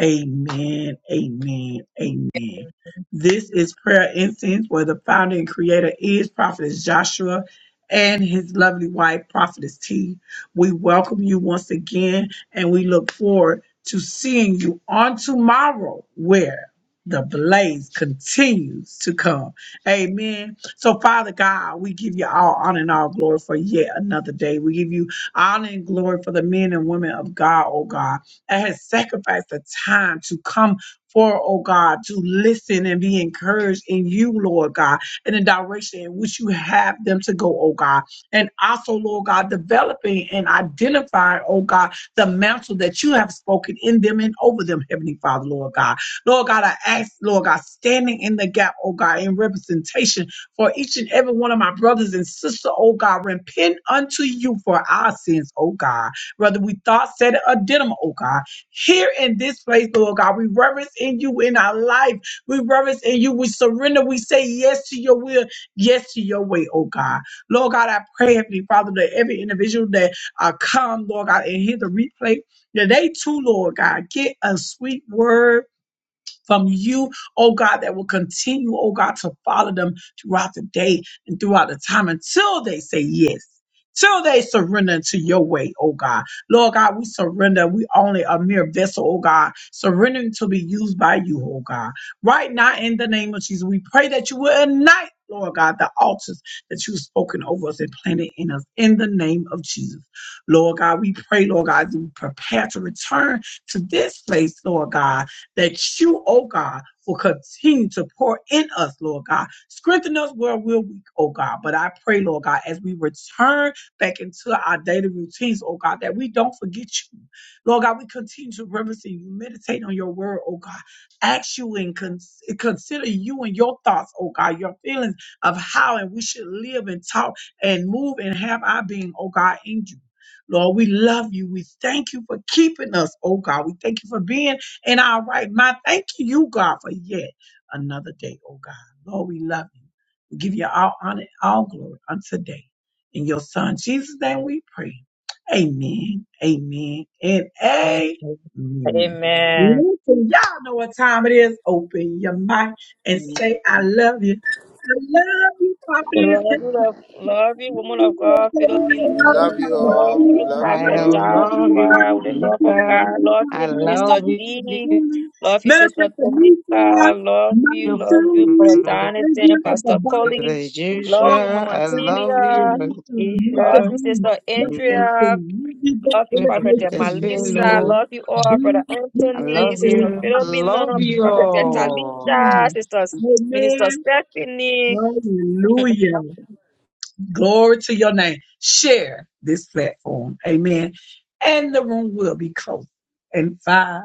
B: Amen. Amen. Amen. This is prayer incense where the founder and creator is Prophetess Joshua and his lovely wife, Prophetess T. We welcome you once again and we look forward to seeing you on tomorrow where the blaze continues to come. Amen. So, Father God, we give you all honor and all glory for yet another day. We give you honor and glory for the men and women of God, oh God, that has sacrificed the time to come for, oh God, to listen and be encouraged in you, Lord God, in the direction in which you have them to go, oh God. And also, Lord God, developing and identifying, oh God, the mantle that you have spoken in them and over them, Heavenly Father, Lord God. Lord God, I ask, Lord God, standing in the gap, oh God, in representation for each and every one of my brothers and sisters, oh God, repent unto you for our sins, oh God. Whether we thought, said, or did them, oh God. Here in this place, Lord God, we reverence in you in our life. We reverence in you. We surrender. We say yes to your will, yes to your way, oh God. Lord God, I pray, Heavenly Father, that every individual that uh, come, Lord God, and hear the replay. Today, too, Lord God, get a sweet word from you, oh God, that will continue, oh God, to follow them throughout the day and throughout the time until they say yes. Till they surrender to your way, oh God. Lord God, we surrender. We only a mere vessel, oh God, surrendering to be used by you, oh God. Right now, in the name of Jesus, we pray that you will ignite, Lord God, the altars that you've spoken over us and planted in us in the name of Jesus. Lord God, we pray, Lord God, that we prepare to return to this place, Lord God that you, oh God, will continue to pour in us, Lord God. Strengthen us where we're weak, oh God. But I pray, Lord God, as we return back into our daily routines, oh God, that we don't forget you. Lord God, we continue to reverence you, meditate on your word, oh God. Ask you and cons- consider you and your thoughts, oh God, your feelings of how and we should live and talk and move and have our being, oh God, in you. Lord, we love you. We thank you for keeping us, oh God. We thank you for being in our right mind. Thank you, God, for yet another day, oh God. Lord, we love you. We give you all honor, all glory unto today. In your son Jesus' name we pray. Amen, amen, and
C: Amen.
B: amen.
C: Amen.
B: Listen, y'all know what time it is. Open your mouth and say, I love you. I love you,
C: Love
B: Prophet.
C: you, love, love you,
B: Love
C: woman
B: you,
C: of
B: Pastor
C: God,
B: Kevin. Love you,
C: Philomena.
B: Pastor
C: Love
A: Oh, we
B: Steve.
C: you,
A: love
B: Love
C: Prophet
D: I
A: you.
B: you, Anthony.
D: love you,
B: Love
C: Joshua,
B: you,
C: with the love of
B: Dorothea.
D: Peter.
B: Love
C: God.
B: you,
C: Love
D: I
C: you,
B: Prophet.
D: love
C: Mr.
B: Love you, Pastor
C: D.
D: you.
B: Coleman.
C: Love you, Sister
B: Benefit the new side.
C: Tamika. Love
B: Mighty
C: you, love you, Brother
B: Sermon. Thank
C: Jonathan,
B: you at the
C: Pastor
B: bottom.
C: Coley.
D: As
B: Don't
C: Love
B: fall.
C: you,
D: usual,
C: Mama
D: I
B: And
D: love
B: Pastor
C: Celia.
D: you,
B: Minister, Minister
C: Love
D: Lakeisha,
C: you,
B: B.
C: Sister
B: Y'all listen.
C: Andrea.
B: We'll be back
C: Love you,
B: in the
C: Prophet
B: place
D: Prophetess
B: soon.
C: Malisa.
B: Y'all
D: Philo.
C: Love you all, Brother
B: Be here at
C: Anthony,
B: 4
C: Sister
B: o'clock.
C: Philomena,
B: Invite
C: Prophet
B: somebody
C: Talita,
B: in.
C: Sisters Minister
B: Amen.
C: Stephanie.
B: Hallelujah. Glory to your name. Share this platform. Amen. And the room will be closed. in five.